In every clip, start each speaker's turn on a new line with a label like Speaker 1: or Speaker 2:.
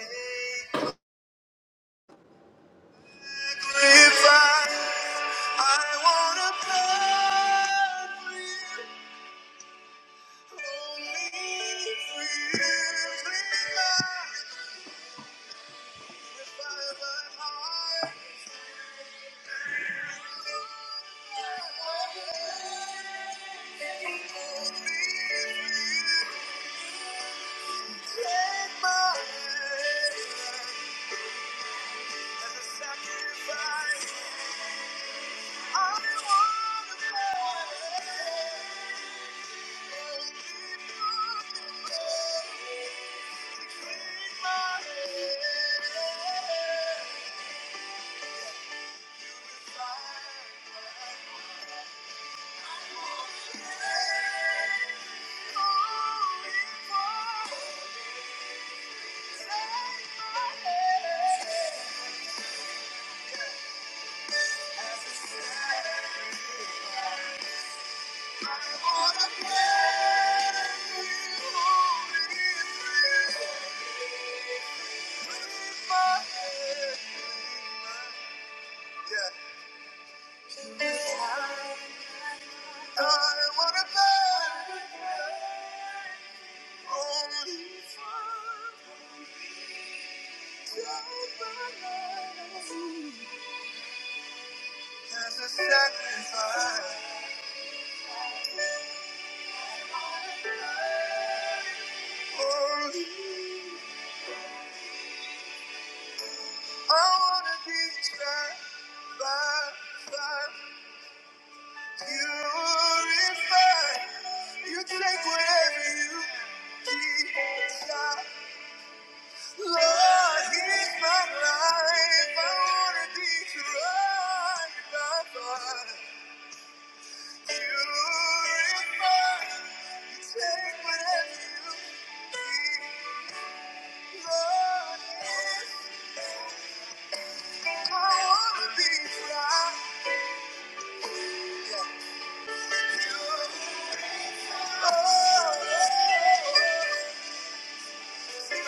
Speaker 1: If I, I wanna play for you, only for you, please, God. If take my hand as a sacrifice. Thank you. As a sacrifice, Only I wanna be tried by fire. Purify. You take whatever you desire. Lord, here's my life. I wanna be surrounded by fire. Purify. You take whatever you need. Lord, yes, I wanna be fly. You, oh, oh, oh. Thank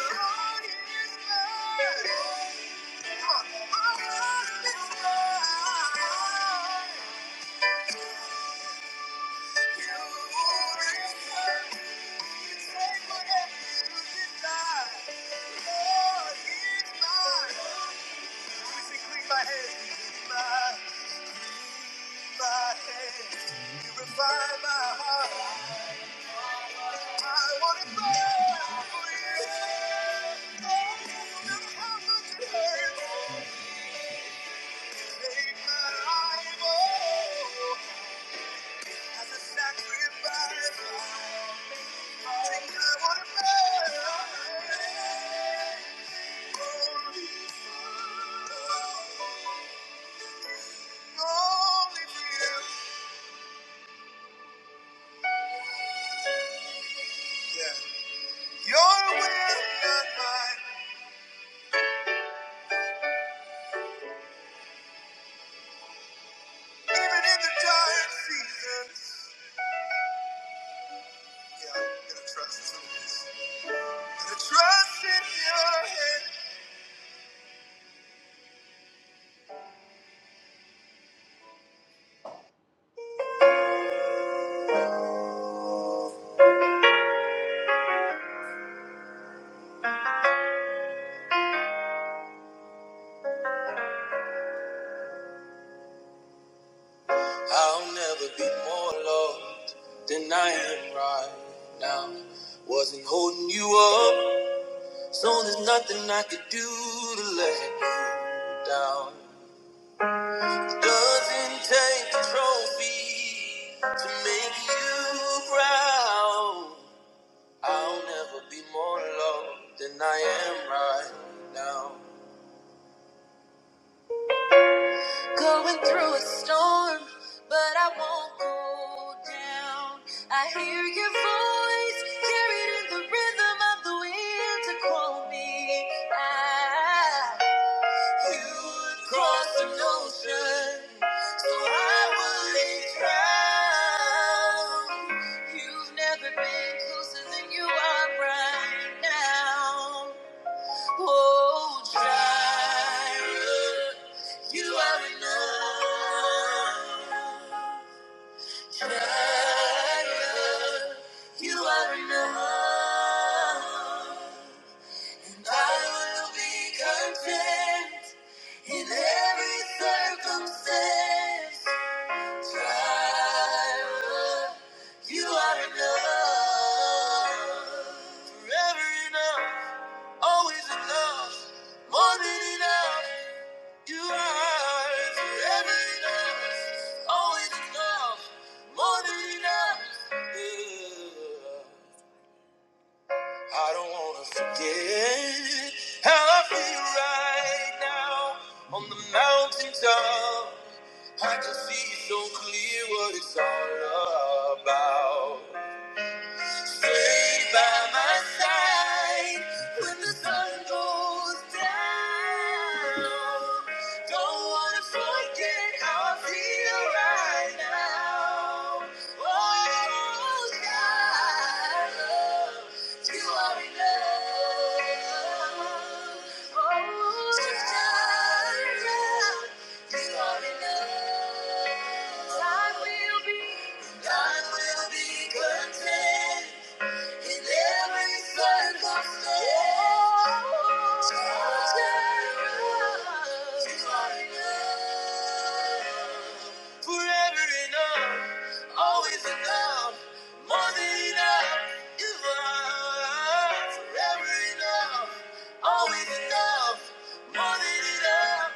Speaker 1: you. Trust in your hand. I'll never be more loved than I am right now. Wasn't holding you up, so there's nothing I could do to let you down. Doesn't take a trophy to make you proud. I'll never be more loved than I am right now. Going through a storm, but I won't go down. I hear your voice carried in the rhythm of the wind to call me out. You would cross an ocean, so I wouldn't drown. You've never been closer than you are right now. Oh, Jireh, you are enough. Jireh, you are enough. And I will be content in every circumstance. Jireh, you are enough. Forever enough, always enough, more than enough. You are forever enough, always enough, more than enough. Yeah. I don't wanna forget how I feel right now on the mountaintop. I can see so clear what it's all about. Stay by my side when the sun goes down. Don't wanna forget how I feel right now. Oh, God, you are enough. Oh, God. You are enough. I will be, I will be content. In every circumstance, turn around. You are enough. Forever enough, always enough, more than enough. You are forever enough, always enough, more than enough.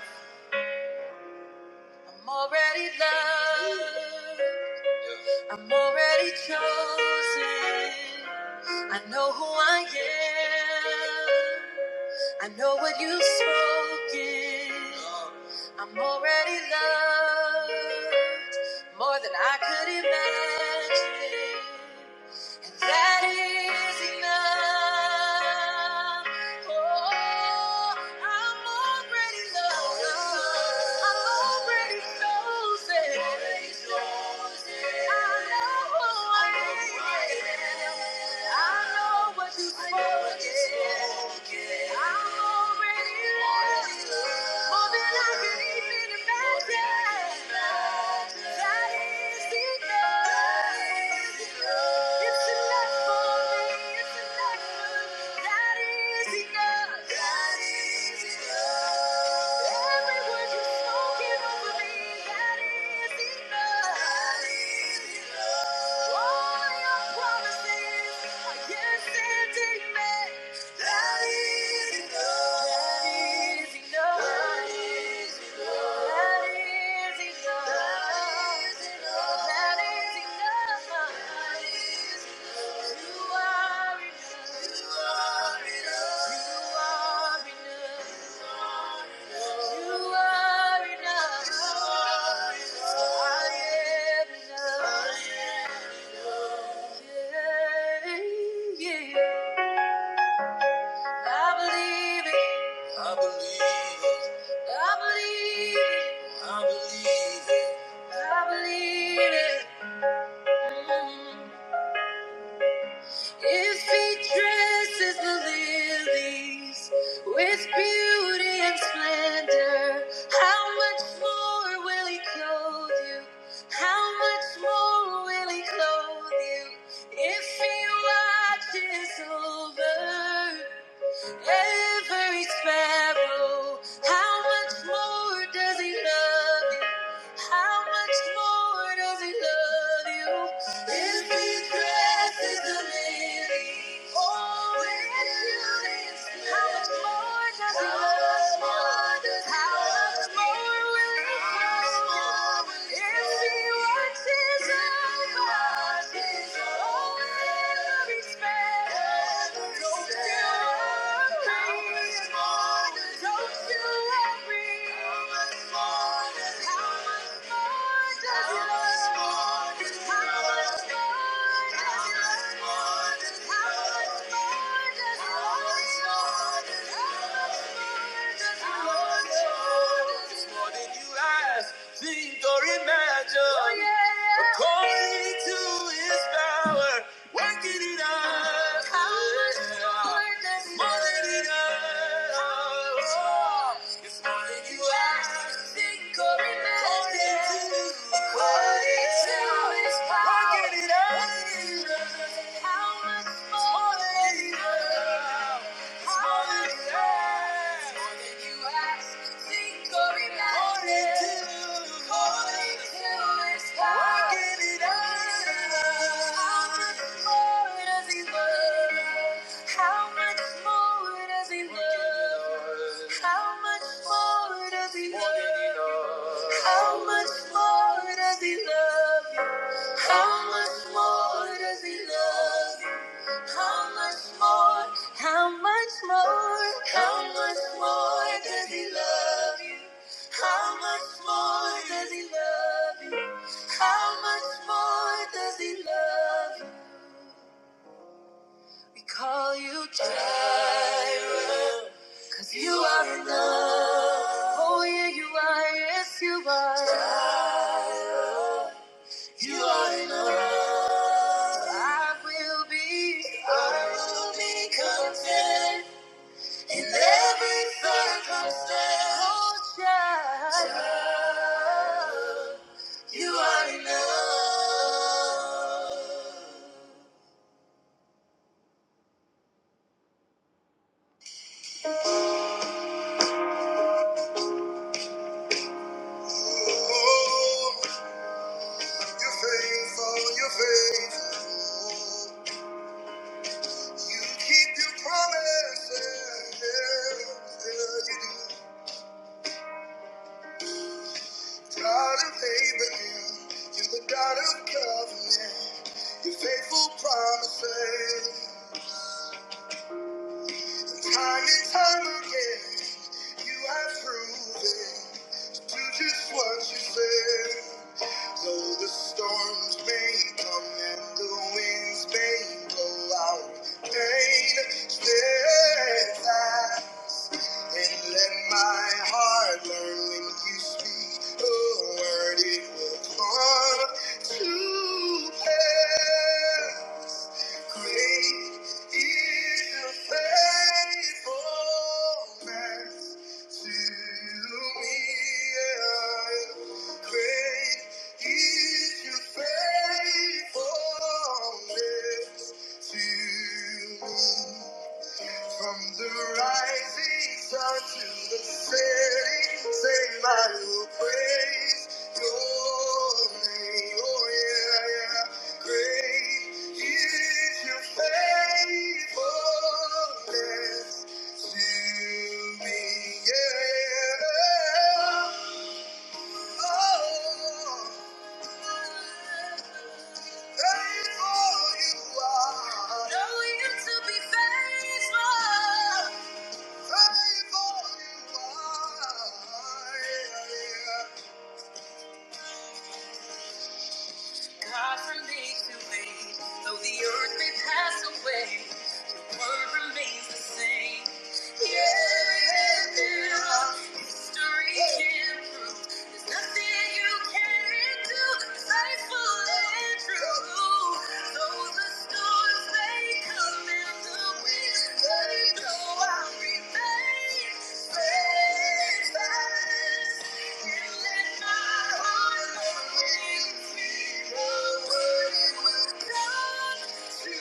Speaker 1: I'm already loved. I'm already chosen. I know who I am. I know what you've spoken. I'm already loved more than I could imagine. And that is enough. Oh, I'm already loved. I'm already chosen. I know who I am. I know what you've spoken. I'm already loved. More than I can even imagine. Yes, and amen. Yeah. yeah. I believe it. I believe it. I believe it. I I believe it. I believe it. Mm. If he dresses the lilies with beauty and splendor, how much more will he clothe you? How much more will he clothe you? If he watches over every sparrow. How much more does he love you? How much more does he love you? His breath is the lily. Oh, with beauty and splendor. How much more does he love you? How much more will he love you? If he works his own causes, oh, every sparrow, don't you worry. Think or imagine, Oh, yeah. according to his power. Working it out. More than enough. It's more than you ask, think, or imagine. According to according to Working it out. How much more than enough. It's more than you ask. More than you ask. How much more does he love you? How much more does he love you? How much more? How much more? How much more does he love you? How much more does he love you? How much more does he love you? We call you Jireh, cause you are enough. Oh yeah, you are, yes you are. Jireh, you are enough. I will be, I will be content. In every circumstance, oh, child, child, you are enough. Oh, you're faithful, you're faithful. You keep your promises. Yeah, you do. God of Abraham, you're the God of covenant. Your faithful promises. Time and time again, you have proven to do just what you said. Though the storms may come and the winds may blow out, pain steadfast. And let my heart learn when you speak a word, it will come to pass. Great is your faithfulness to me. Great is your faithfulness to me. From the rising sun to the setting, same I will praise your name. Oh yeah, yeah. Great is your faithfulness to me. Yeah. Oh. Faithful you are. Know you to be faithful. God, from day to day, though the earth may pass away, word remains the same. Yeah, history can prove there's nothing you can't do. Faithful and true. Though the storms may come and the winds they blow, I remain steadfast and let my heart know it will come. Thank you.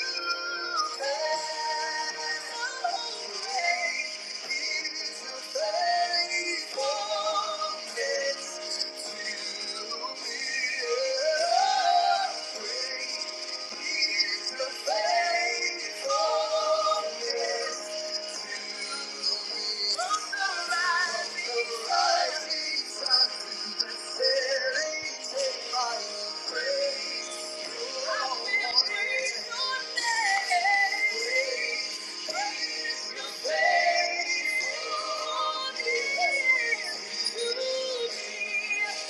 Speaker 1: Thank you.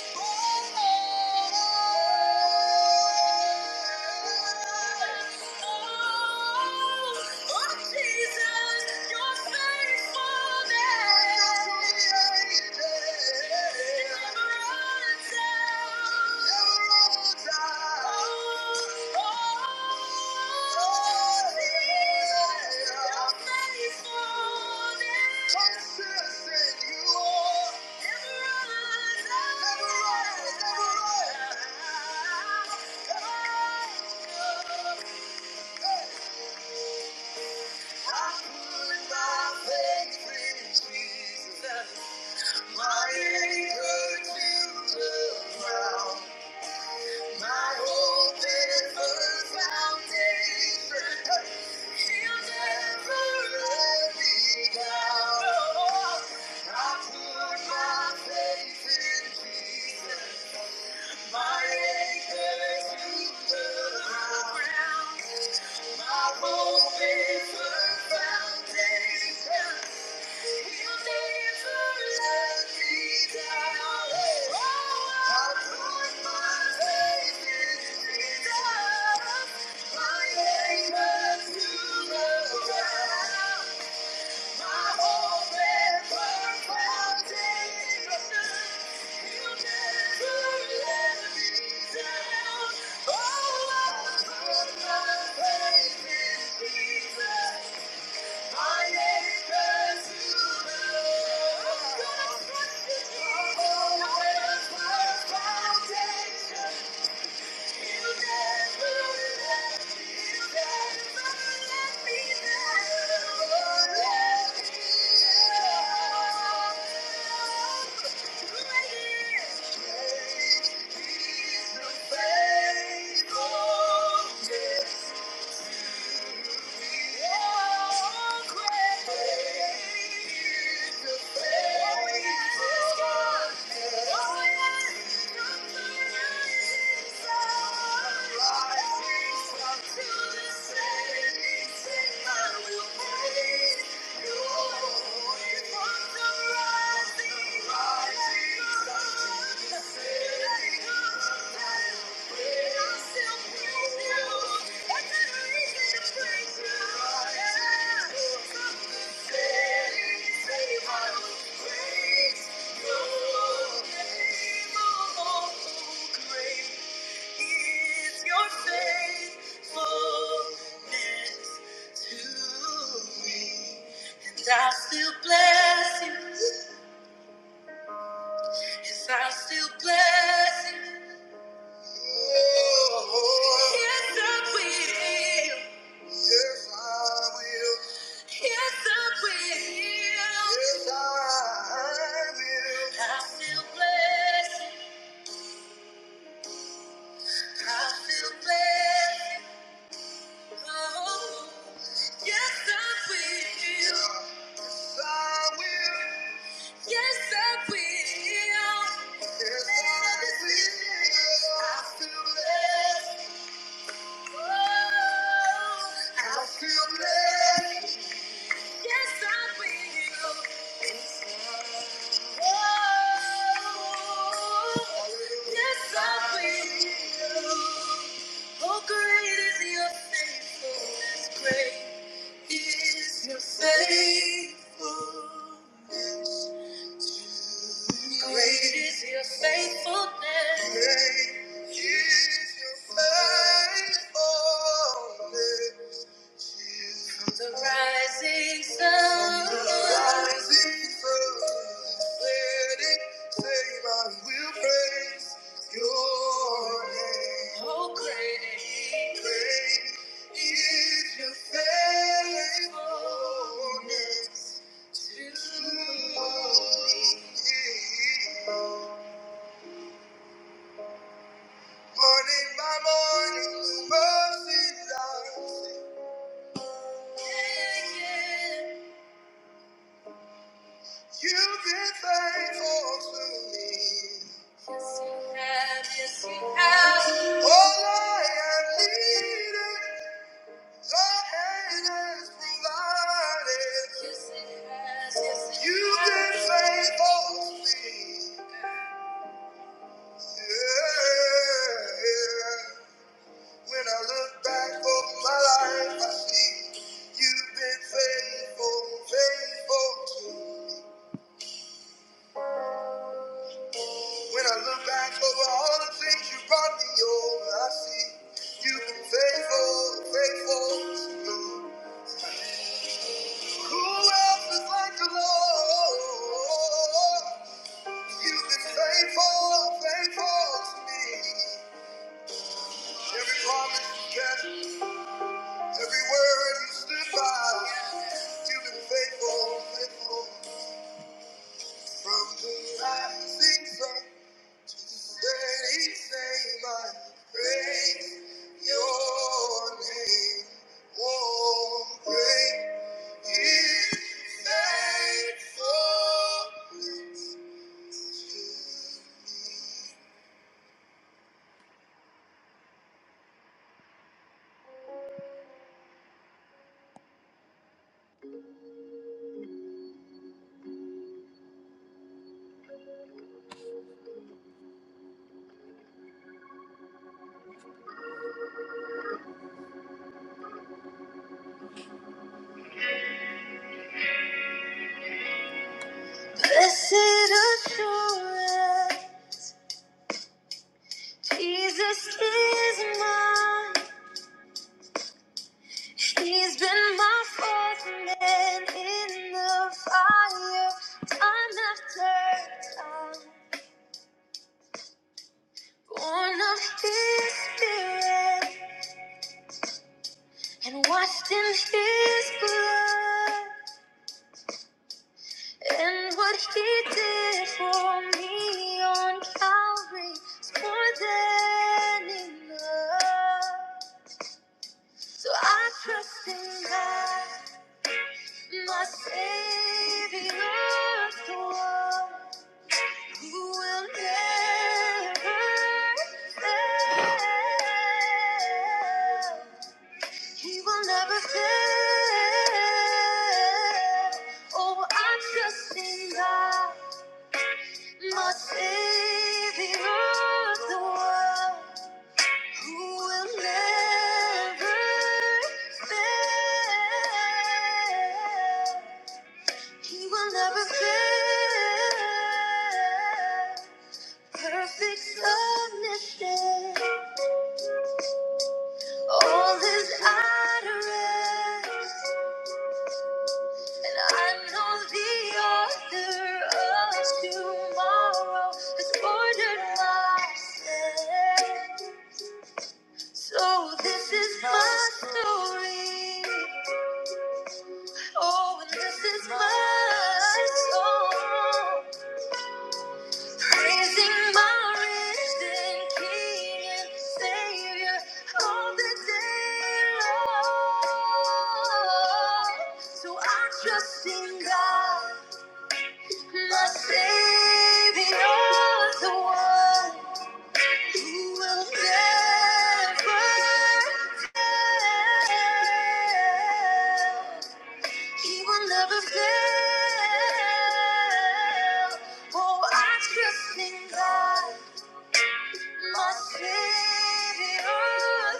Speaker 1: Consistent you are. I put my faith in Jesus. My anchor to the ground foundation. Yeah. Rising sun. I still bless you. Yes, I still bless you. Yes, I will. Yes, Yes, I I I will. will. feel blessed. Great is your faithfulness. Great is your faithfulness. From the rising sun, From the rising sun, setting, same I will praise your name. Oh, great, great is your faithfulness to me. Morning by morning, new mercies I see. Yeah, yeah. You've been faithful to me. Yes, you have. Yes, you have. All I have needed, your hand has provided. Yes, it has. Yes, it You've has. been has. faithful to me. Yeah. yeah. When I look back over my life, I see you've been faithful, faithful to me. When I look back over all the things you brought me over, I see you've been faithful, faithful to me. Who else is like the Lord? You've been faithful, faithful to me. Every promise you kept, every word you stood by. You've been faithful, faithful from the rising sun. Steady say I praise, your name. Oh, great is faithful to me. Blessed assurance, Jesus is mine. He's been my fourth man in the fire, time after time. Born of his spirit. and washed in his blood. And what he did for me on Calvary is more than enough. So I trust in God, my Savior, the one who will never fail. He will never fail. Oh, I trust in God, my Savior of the world, who will never fail. He will never fail. Perfect submission, all his utterance. I know the author of tomorrow has ordered my steps. So this is my story. Oh, and this is my song. Praising my risen King and Savior all the day long. So I trust in God. My Savior, the one who will never fail. He will never fail. Oh, I trust in God, my Savior,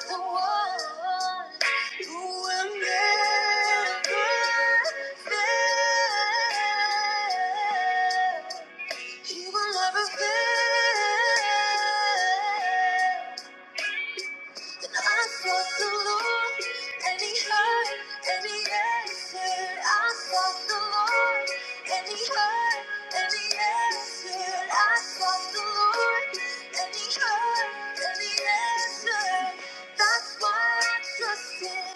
Speaker 1: the one who will never fail. He will never fail. And I sought the Lord, and He heard, and He answered. I sought the Lord, and He heard, and He answered. I sought the Lord, and He heard, and He answered. That's why I trust Him.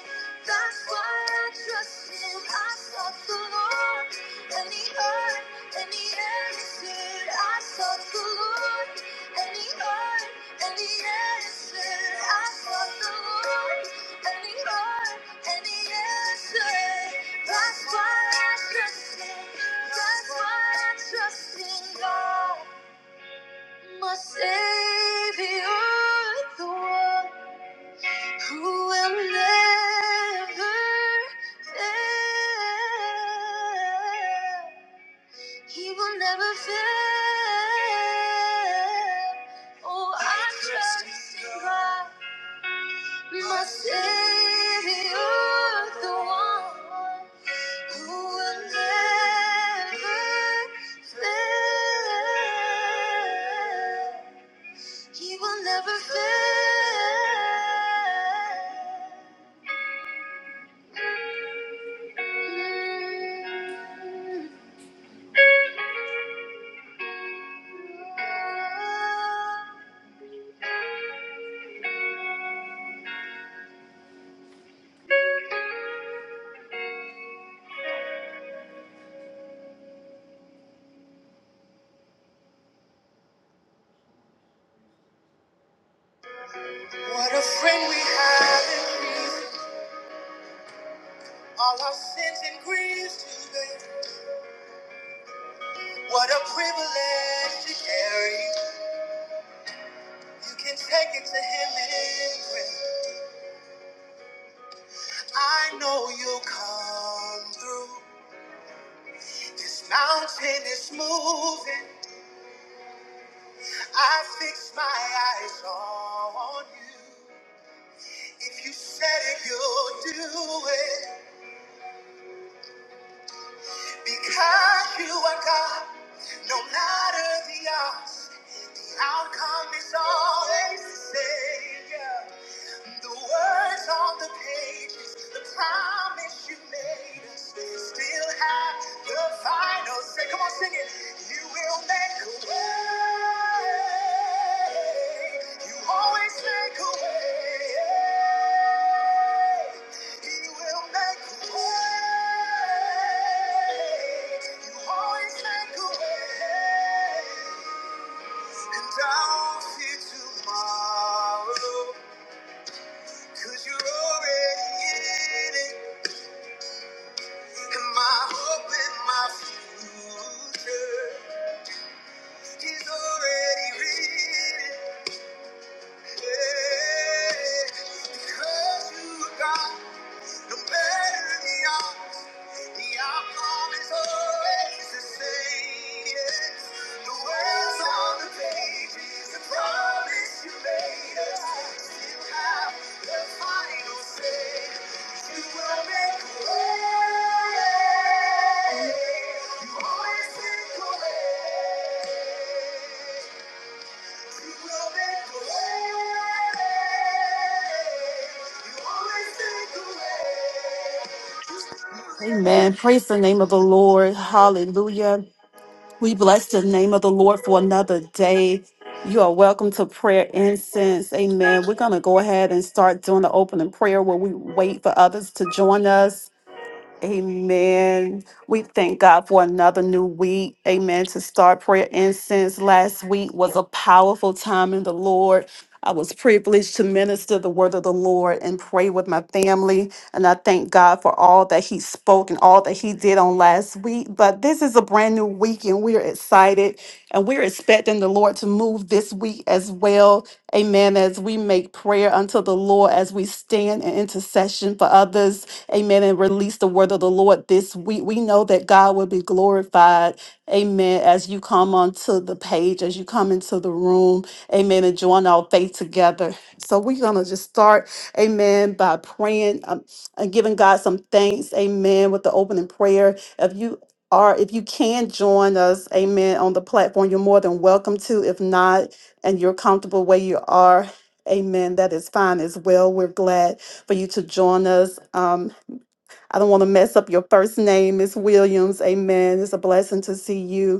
Speaker 1: That's why I trust him. I sought the Lord, and he heard, and he answered. I sought the Lord, and he heard, and he answered. I sought the Lord, and he heard, and he answered. That's why I trust him. That's why I trust in God, my Savior, the one who will never fail. He will never fail. Oh, I trust in God, my Savior, the one who will never fail. He will never fail. What a friend we have in Jesus. All our sins and griefs to bear. What a privilege to carry. You can take it to him in prayer. I know you'll come through. This mountain is moving. I fix my eyes on you. If you said it, you'll do it because you are God. No matter the odds, the outcome is always the same. The words on the pages, the promise you made us, still have the final say. Come on, sing it. You will make a way. You always make a way. You will make a way. You always make a way. And I'll see tomorrow. Cause you're already in it, and my hope and my future. He's already written. Because you are God, no matter the odds, the outcome is always the same. Yes. The words on the page is the promise you made us. You have the final say. You will make a way. You always make a way.
Speaker 2: Amen. Praise the name of the Lord. Hallelujah. We bless the name of the Lord for another day. You are welcome to prayer incense. Amen. We're going to go ahead and start doing the opening prayer where we wait for others to join us. Amen. We thank God for another new week. Amen. To start prayer incense last week was a powerful time in the Lord. I was privileged to minister the word of the Lord and pray with my family. And I thank God for all that He spoke and all that He did on last week. But this is a brand new week, and we're excited and we're expecting the Lord to move this week as well. Amen. As we make prayer unto the Lord, as we stand in intercession for others Amen. And release the word of the Lord this week. We know that God will be glorified. Amen. As you come onto the page, as you come into the room. Amen. And join our faith together. So we're going to just start. Amen. By praying um, and giving God some thanks. Amen. With the opening prayer. If you are, if you can join us, amen, on the platform, you're more than welcome to. If not, and you're comfortable where you are, amen, that is fine as well. We're glad for you to join us. Um. I don't want to mess up your first name, Miss Williams. Amen. It's a blessing to see you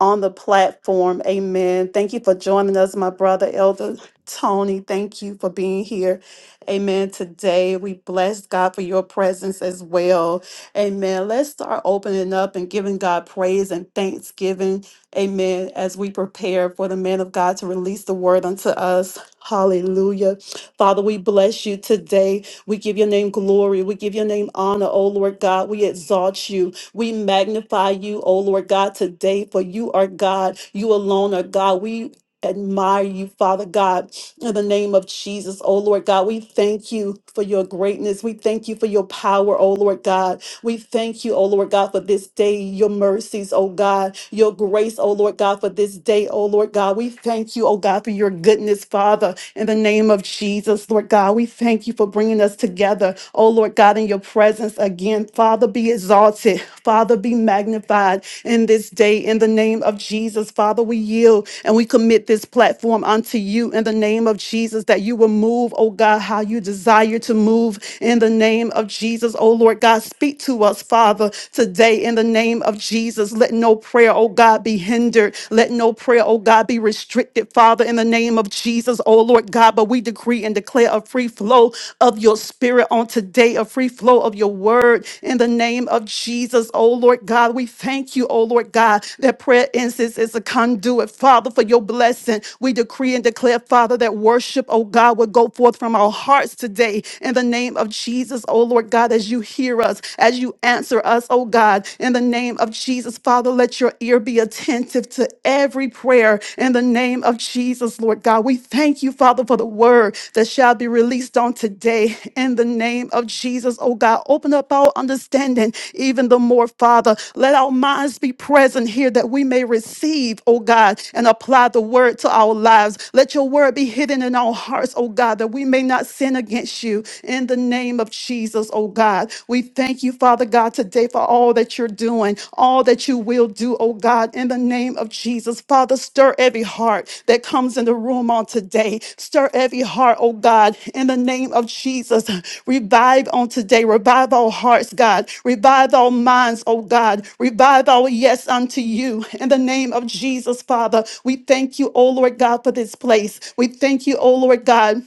Speaker 2: on the platform. Amen. Thank you for joining us, my brother, Elder Tony. Thank you for being here. Amen. Today, we bless God for your presence as well. Amen. Let's start opening up and giving God praise and thanksgiving. Amen. As we prepare for the man of God to release the word unto us. Hallelujah. Father, we bless you today. We give your name glory. We give your name honor, O Lord God. We exalt you. We magnify you, O Lord God, today, for you are God. You alone are God. We admire you, Father God, in the name of Jesus, O Lord God. We thank you for your greatness. We thank you for your power, O Lord God. We thank you, O Lord God, for this day, your mercies, O God, your grace, O Lord God, for this day, O Lord God. We thank you, O God, for your goodness, Father, in the name of Jesus, Lord God. We thank you for bringing us together, O Lord God, in your presence again. Father, be exalted. Father, be magnified in this day in the name of Jesus. Father, we yield and we commit this platform unto you in the name of Jesus that you will move, oh God, how you desire to move in the name of Jesus. Oh Lord God, speak to us, Father, today in the name of Jesus. Let no prayer, oh God, be hindered. Let no prayer, oh God, be restricted, Father, in the name of Jesus, oh Lord God. But we decree and declare a free flow of your spirit Spirit, on today, a free flow of your word in the name of Jesus. Oh Lord God, we thank you, oh Lord God, that prayer incense is a conduit, Father, for your blessing. We decree and declare, Father, that worship, oh God, will go forth from our hearts today in the name of Jesus, oh Lord God, as you hear us, as you answer us, oh God, in the name of Jesus, Father, let your ear be attentive to every prayer in the in the name of Jesus, Lord God. We thank you, Father, for the word that shall be released on today in the name of Jesus, oh God. Open up our understanding even the more, Father. Let our minds be present here that we may receive, oh God, and apply the word to our lives. Let your word be hidden in our hearts, oh God, that we may not sin against you in the name of Jesus, oh God. We thank you, Father God. today today for all that you're doing, all that you will do, oh God, in the name of Jesus. Father, stir every heart that comes in the room on today. Stir every heart, oh God, in the name of Jesus. Revive on today. Revive our hearts, God. Revive our minds, oh God. Revive our yes unto you in the name of Jesus, Father. We thank you, oh Lord God, for this place. We thank you, oh Lord God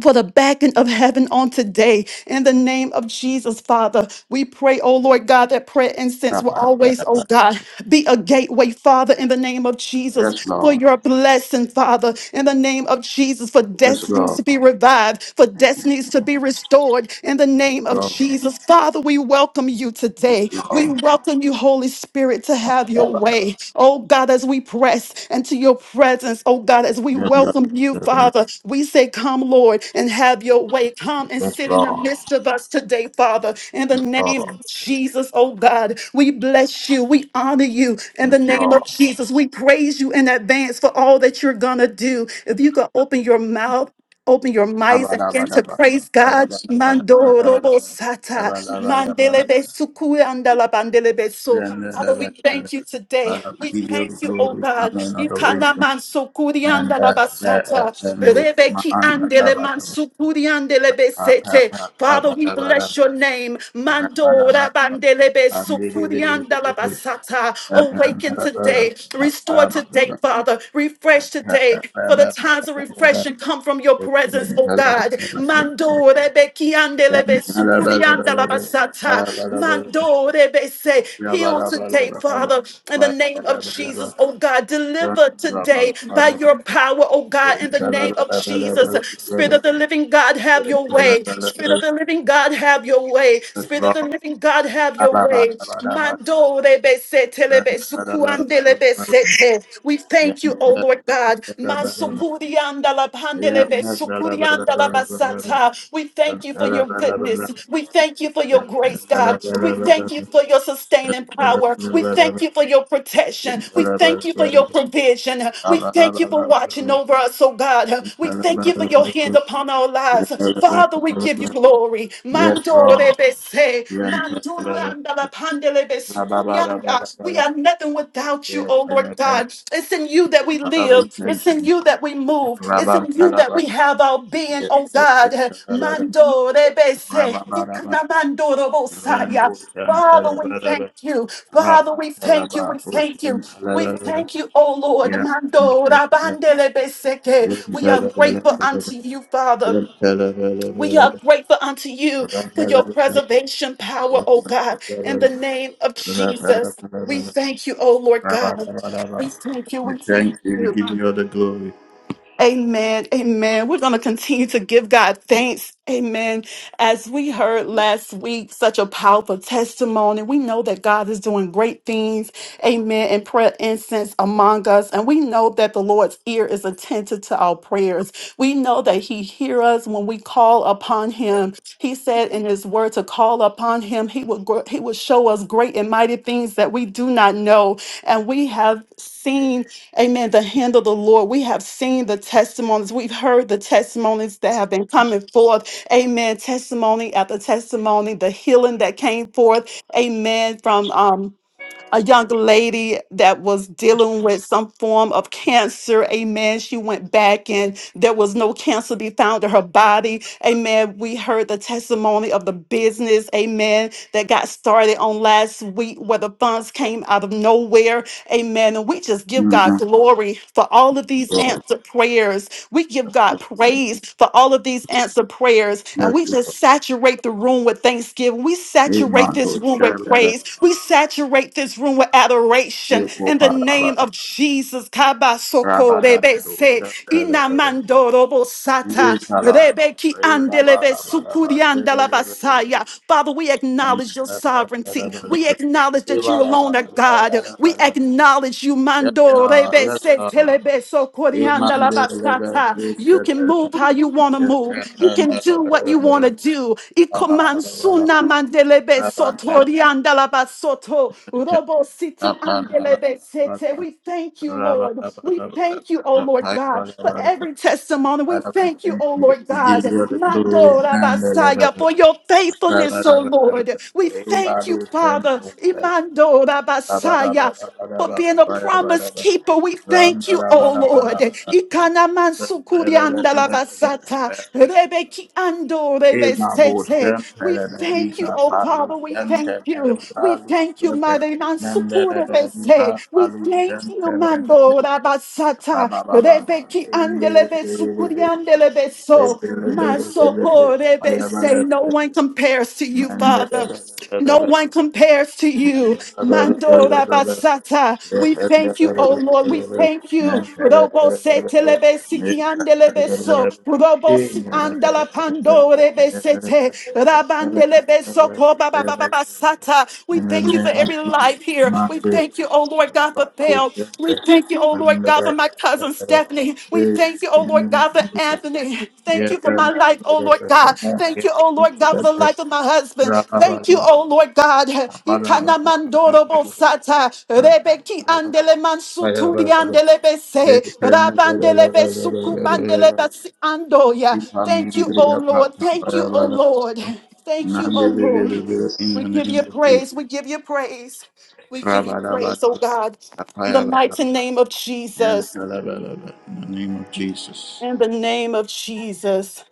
Speaker 2: for the backing of heaven on today. In the name of Jesus, Father, we pray, oh Lord God, that prayer
Speaker 1: How
Speaker 2: incense will
Speaker 1: about it?
Speaker 2: always, oh God, be a gateway, Father, in the name of Jesus,
Speaker 1: Yes,
Speaker 2: for
Speaker 1: Lord.
Speaker 2: your blessing, Father, in the name of Jesus, for
Speaker 1: Yes,
Speaker 2: destinies
Speaker 1: Lord.
Speaker 2: to be revived, for destinies to be restored, in the name of
Speaker 1: Lord.
Speaker 2: Jesus. Father, we welcome you
Speaker 1: Yes,
Speaker 2: today. We
Speaker 1: Lord.
Speaker 2: welcome you, Holy Spirit, to have your way. Oh God, as we press into your presence, oh God, as we
Speaker 1: Yes, Lord.
Speaker 2: welcome you,
Speaker 1: Yes, Lord.
Speaker 2: Father, we say, Come, Lord, and have your way. Come and
Speaker 1: Yes,
Speaker 2: sit in the
Speaker 1: Lord.
Speaker 2: midst of us today, Father, in the name
Speaker 1: Lord.
Speaker 2: of Jesus, oh God. We bless you. We honor you in the
Speaker 1: Yes,
Speaker 2: name
Speaker 1: Lord.
Speaker 2: of Jesus. We praise you in advance for all that you're going to do. If you could open your mouth Open your minds and begin to
Speaker 1: Abadabadaba.
Speaker 2: praise God. Mando
Speaker 1: Ayabadabadabadaba.
Speaker 2: robo sata.
Speaker 1: Abadabadabada.
Speaker 2: Mandele suku andala bandele so. Father, we
Speaker 1: Yandadabadabada.
Speaker 2: thank you today.
Speaker 1: Father,
Speaker 2: We
Speaker 1: we give you
Speaker 2: thank
Speaker 1: the
Speaker 2: you, oh
Speaker 1: glory,
Speaker 2: God.
Speaker 1: honor, and
Speaker 2: Ikana
Speaker 1: adoration.
Speaker 2: man sukuri
Speaker 1: And
Speaker 2: andala
Speaker 1: that, that,
Speaker 2: basata.
Speaker 1: that, and
Speaker 2: Rebe ki andele man
Speaker 1: my
Speaker 2: sukuri andele
Speaker 1: Yes,
Speaker 2: sete. Father, we bless your name. Mando rabandele sukuri andala basata awaken today, restore today, Father, refresh today, for the times of refreshing come from your presence, oh God. Mando rebe kiande lebe sukurianda la basata. Mando rebe se heal today, Father, in the name of Jesus, oh God. Deliver
Speaker 1: Lord.
Speaker 2: today by your power, oh God, in the name of Jesus. Spirit of the living God, have your way. Spirit of the the living God, have your way. Spirit of the living God, have your way. Mando rebe se telebe sukuande lebe sete. We
Speaker 1: Yeah. Yes,
Speaker 2: thank you, O Lord God. Masukurianda la pandelebe sukurianda la basata. We thank you for your goodness. We thank you for your grace, God. We thank you for your sustaining power. We thank you for your protection. We thank you for your provision. We we thank you for watching over us, oh God. We thank you for your hand upon our lives. Father, we give you glory. Mando
Speaker 1: bro.
Speaker 2: rebese, mando randala pandele besukuyanga. We are nothing without you, oh Lord God. It's in you that we
Speaker 1: Father, we
Speaker 2: live.
Speaker 1: thank
Speaker 2: It's in
Speaker 1: you.
Speaker 2: you that we
Speaker 1: Rabba,
Speaker 2: move. It's in you that we have our being, oh God. Mando
Speaker 1: Rabba, Rabba,
Speaker 2: rebese,
Speaker 1: Rabba, Rabba,
Speaker 2: ikunamando robosaya.
Speaker 1: Rango
Speaker 2: Father, we thank
Speaker 1: Shantalabadaba,
Speaker 2: you. Father, we thank you.
Speaker 1: Rabatalaba,
Speaker 2: We thank you. We
Speaker 1: Shantalabadaba,
Speaker 2: thank you, O Lord. Mando
Speaker 1: Yantalabadaba,
Speaker 2: rabandele beseke. We are grateful
Speaker 1: Yantalabadaba,
Speaker 2: unto you, Father. We
Speaker 1: Yantalabadaba,
Speaker 2: are grateful unto you for your
Speaker 1: Rangalabadaba,
Speaker 2: preservation power, O God, in the name of Jesus. We
Speaker 1: Rangalabadaba,
Speaker 2: thank you, O Lord God. We
Speaker 1: Rabalabadaba.
Speaker 2: thank you.
Speaker 1: We
Speaker 2: We thank
Speaker 1: thank you,
Speaker 2: you.
Speaker 1: we give you all the glory.
Speaker 2: Amen. Amen. We're going to continue to give God thanks. Amen. As we heard last week, such a powerful testimony. We know that God is doing great things. Amen. And prayer incense among us. And we know that the Lord's ear is attentive to our prayers. We know that he hears us when we call upon him. He said in his word to call upon him. He will, gr- he will show us great and mighty things that we do not know. And we have seen Amen. The hand of the Lord. We have seen the testimonies. We've heard the testimonies that have been coming forth. Amen. Testimony after testimony, the healing that came forth. Amen. From um, a young lady that was dealing with some form of cancer. Amen. She went back and there was no cancer to be found in her body. Amen. We heard the testimony of the business. Amen. That got started on last week where the funds came out of nowhere. Amen. And we just give God
Speaker 1: Amen.
Speaker 2: glory for all of these
Speaker 1: Lord,
Speaker 2: answered prayers. We give God
Speaker 1: Lord,
Speaker 2: praise for all of these answered prayers. And
Speaker 1: Yes,
Speaker 2: we just
Speaker 1: Lord.
Speaker 2: saturate the room with thanksgiving. We saturate
Speaker 1: Amen.
Speaker 2: this
Speaker 1: Lord,
Speaker 2: room with
Speaker 1: Shantalabadaba,
Speaker 2: praise. We saturate this room with adoration in the name
Speaker 1: Rabalabadaba,
Speaker 2: of Jesus.
Speaker 1: Rabadabadaba,
Speaker 2: Kabasokorebese,
Speaker 1: Shantalabadaba. Ye
Speaker 2: inamandorobosata,
Speaker 1: kalaba,
Speaker 2: rebeki
Speaker 1: ye baba baba baba, ye baba baba baba,
Speaker 2: andelebesukuriandalabasaya. Father, we
Speaker 1: ye
Speaker 2: acknowledge your sovereignty sovereignty. We acknowledge that you
Speaker 1: baba baba
Speaker 2: alone are God.
Speaker 1: baba
Speaker 2: We
Speaker 1: baba.
Speaker 2: acknowledge you,
Speaker 1: Yes,
Speaker 2: Mando,
Speaker 1: sir,
Speaker 2: Rebe,
Speaker 1: yes,
Speaker 2: Se,
Speaker 1: sir.
Speaker 2: Telebe, So, Corianda,
Speaker 1: Iman
Speaker 2: La
Speaker 1: de lebe,
Speaker 2: Basata.
Speaker 1: yes,
Speaker 2: You
Speaker 1: sir.
Speaker 2: can move how you want to
Speaker 1: Yes, sir, yes,
Speaker 2: move. You
Speaker 1: sir. Bala
Speaker 2: can do what
Speaker 1: bala
Speaker 2: you want to
Speaker 1: bala,
Speaker 2: do.
Speaker 1: bala bala,
Speaker 2: Ikomansuna, Mandelebe, So, Torianda, La Basoto, Robo, City, Andelebe, Sete. We thank you,
Speaker 1: bala bala
Speaker 2: Lord. We thank you, oh Lord God,
Speaker 1: bala.
Speaker 2: for
Speaker 1: bala.
Speaker 2: every testimony.
Speaker 1: I
Speaker 2: We
Speaker 1: will
Speaker 2: thank you,
Speaker 1: thank
Speaker 2: oh
Speaker 1: you.
Speaker 2: Lord
Speaker 1: We give
Speaker 2: God.
Speaker 1: you the glory and
Speaker 2: Mando,
Speaker 1: the
Speaker 2: Messiah,
Speaker 1: love.
Speaker 2: for your
Speaker 1: Thank
Speaker 2: faithfulness, O Lord. We thank you, Father, Imando Rabasaya, for being a promise keeper. We thank you, O Lord. Ikanaman sukurianda labasata, rebeki ando rebesete. We thank you, O Father. We thank you. We thank you, Mother Mansukure Bese. We thank you, Mando Rabasata, Rebeki Andele Kuriandele beso, masokore bese. No one compares to you, Father. No one
Speaker 1: you.
Speaker 2: compares to you.
Speaker 1: Thank
Speaker 2: Mandora basata. We thank you, oh Lord. We thank you. Robo se telebesi kiandele beso. Robo si andala pandore besete. Rabandele beso ko ba ba ba ba basata. We thank you for every life here. We thank you, oh Lord God, for Bell. We thank you you, oh Lord God, for my cousin Stephanie. We thank you, oh Lord God, for Anthony. Thank you for my life, oh Lord God. Thank you, oh Lord God, for the life of my husband. Thank you, oh Lord God. Ikana mandoro
Speaker 1: you.
Speaker 2: bosata.
Speaker 1: In
Speaker 2: Rebeki andele
Speaker 1: the
Speaker 2: mansuturi andele bese. Rabandele besuku mandele basi andoya. Thank you, oh Lord. Thank you, oh Lord. Thank you, oh Lord. We give you praise. We give you praise. We give you praise, oh God. In the mighty name of Jesus.
Speaker 1: name of Jesus.
Speaker 2: In the name of Jesus.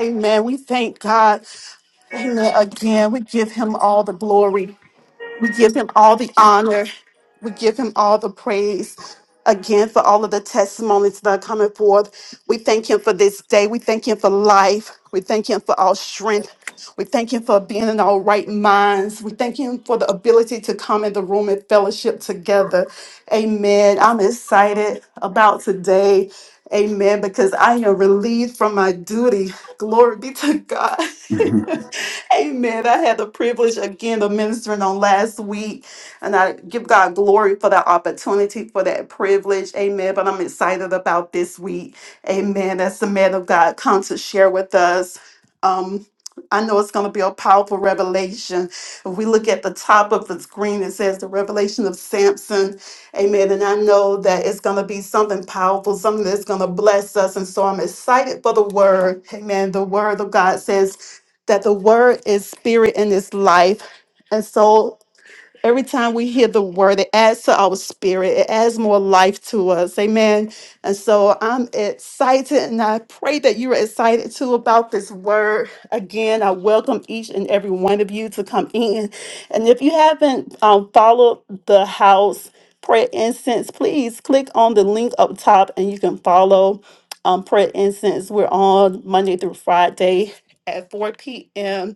Speaker 2: Amen. We thank God. Amen. Again, we give him all the glory. We give him all the honor. We give him all the praise again for all of the testimonies that are coming forth. We thank him for this day. We thank him for life. We thank him for our strength. We thank him for being in our right minds. We thank him for the ability to come in the room and fellowship together. Amen. I'm excited about today. Amen. Because I am relieved from my duty. Glory be to God. Amen. I had the privilege again of ministering on last week. And I give God glory for that opportunity, for that privilege. Amen. But I'm excited about this week. Amen. As the man of God comes to share with us. Um, I know it's going to be a powerful revelation. If we look at the top of the screen, it says the revelation of Samson. Amen. And I know that it's going to be something powerful, something that's going to bless us. And so I'm excited for the word. Amen. The word of God says that the word is spirit and is life. And so Every time we hear the word, it adds to our spirit, it adds more life to us. Amen. And so I'm excited, and I pray that you're excited too about this word. Again, I welcome each and every one of you to come in. And if you haven't um, followed the house prayer incense, please click on the link up top and you can follow um, prayer incense. We're on Monday through Friday at 4 p.m.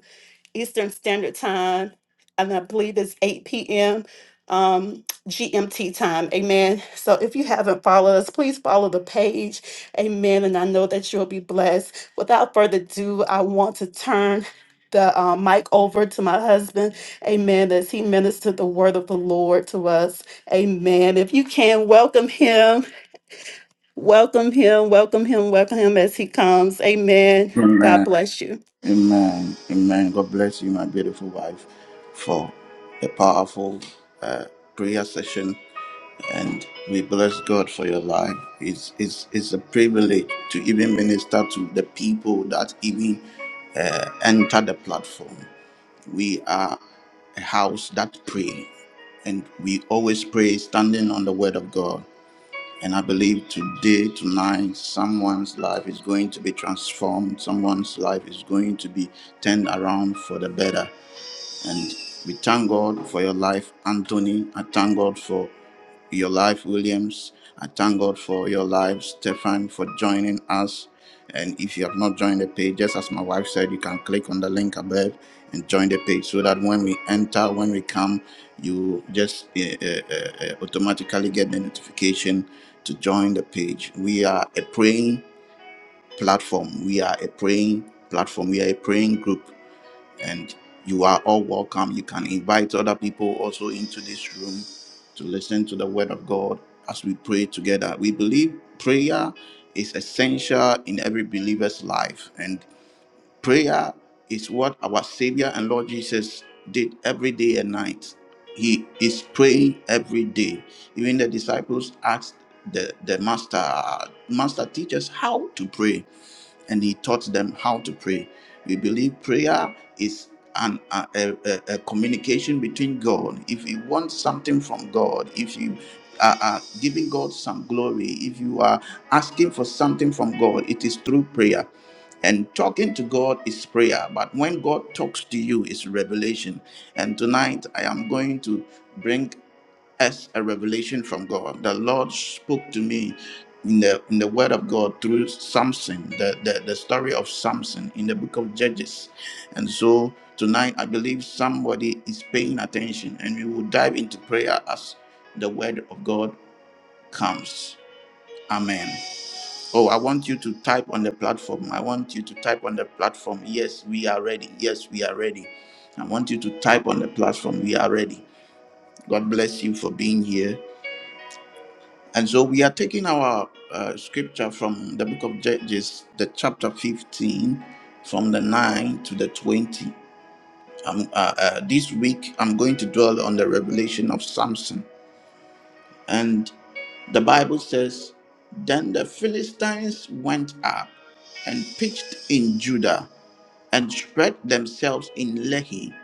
Speaker 2: Eastern Standard Time, and I believe it's 8 p.m. Um, GMT time. Amen. So if you haven't followed us, please follow the page. Amen. And I know that you'll be blessed. Without further ado, I want to turn the uh, mic over to my husband. Amen. As he ministered the word of the Lord to us. Amen. If you can, welcome him. Welcome him. Welcome him. Welcome him as he comes. Amen. God
Speaker 1: Amen.
Speaker 2: bless you.
Speaker 1: Amen. Amen. God bless you, my beautiful wife, for a powerful uh, prayer session. and we bless God for your life. It's it's it's a privilege to even minister to the people that even uh, enter the platform. We are a house that pray, and we always pray standing on the word of God. And I believe today, tonight, someone's life is going to be transformed. Someone's life is going to be turned around for the better. And we thank God for your life, Anthony. I thank God for your life, Williams. I thank God for your life, Stefan, for joining us. And if you have not joined the page, just as my wife said, you can click on the link above and join the page so that when we enter, when we come, you just uh, uh, uh, uh, automatically get the notification to join the page. We are a praying platform. We are a praying platform. We are a praying group and you are all welcome. You can invite other people also into this room to listen to the word of God as we pray together. We believe prayer is essential in every believer's life, and prayer is what our Savior and Lord Jesus did every day and night. He is praying every day. Even the disciples asked the, the master, Master, teach us how to pray and he taught them how to pray. We believe prayer is an, a, a, a- communication between God. If you want something from God, if you are, are giving God some glory, if you are asking for something from God, it is through prayer. And talking to God is prayer, but when God talks to you, it's revelation. And tonight I am going to bring as a revelation from God. The Lord spoke to me in the in the Word of God through Samson, the, the, the story of Samson in the book of Judges. And so tonight I believe somebody is paying attention and we will dive into prayer as the word of God comes. Amen. Oh, I want you to type on the platform. I want you to type on the platform. Yes, we are ready. Yes, we are ready. I want you to type on the platform. We are ready. God bless you for being here. And so we are taking our uh, scripture from the book of Judges, the chapter 15, from the 9 to the 20. Um, uh, uh, this week, I'm going to dwell on the revelation of Samson. And the Bible says, Then the Philistines went up and pitched in Judah and spread themselves in Lehi.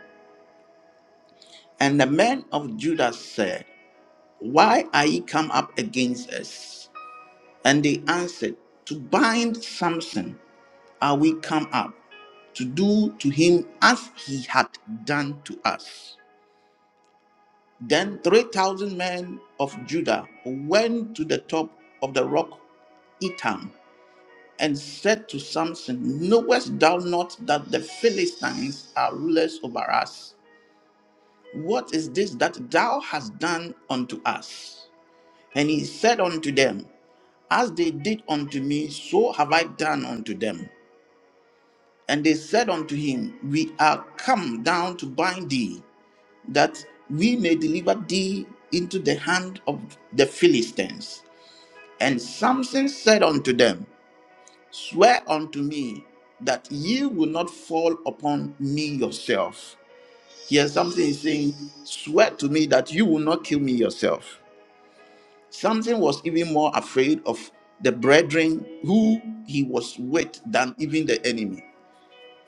Speaker 1: And the men of Judah said, Why are ye come up against us? And they answered, To bind Samson are we come up to do to him as he had done to us. Then 3,000 men of Judah went to the top of the rock Etam and said to Samson, Knowest thou not that the Philistines are rulers over us? What is this that thou hast done unto us? And he said unto them, As they did unto me, so have I done unto them. And they said unto him, We are come down to bind thee, that we may deliver thee into the hand of the Philistines. And Samson said unto them, Swear unto me that ye will not fall upon me yourself. Here Samson is saying, Swear to me that you will not kill me yourself. Samson was even more afraid of the brethren who he was with than even the enemy.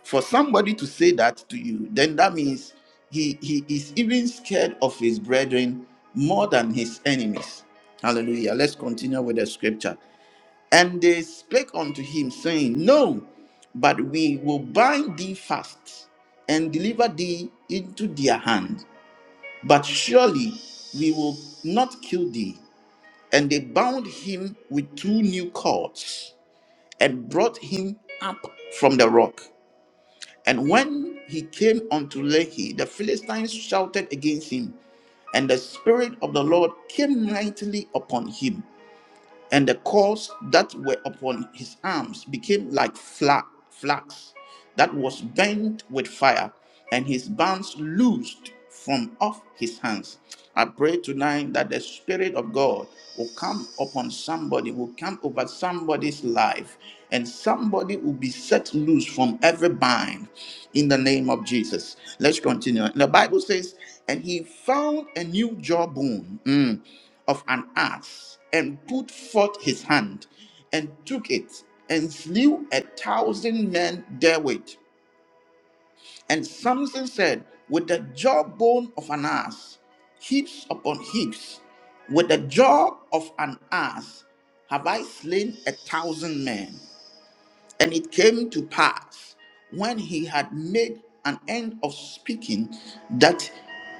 Speaker 1: For somebody to say that to you, then that means he, he is even scared of his brethren more than his enemies. Hallelujah. Let's continue with the scripture. And they spake unto him, saying, No, but we will bind thee fast and deliver thee into their hand. But surely we will not kill thee. And they bound him with two new cords and brought him up from the rock. And when he came unto Lehi, the Philistines shouted against him, and the Spirit of the Lord came mightily upon him and the cords that were upon his arms became like fla- flax that was burnt with fire, and his bands loosed from off his hands. I pray tonight that the Spirit of God will come upon somebody, will come over somebody's life, and somebody will be set loose from every bind in the name of Jesus. Let's continue. The Bible says, and he found a new jawbone. Mm of an ass and put forth his hand and took it and slew a thousand men therewith. And Samson said, With the jawbone of an ass, heaps upon heaps, with the jaw of an ass have I slain a thousand men. And it came to pass when he had made an end of speaking that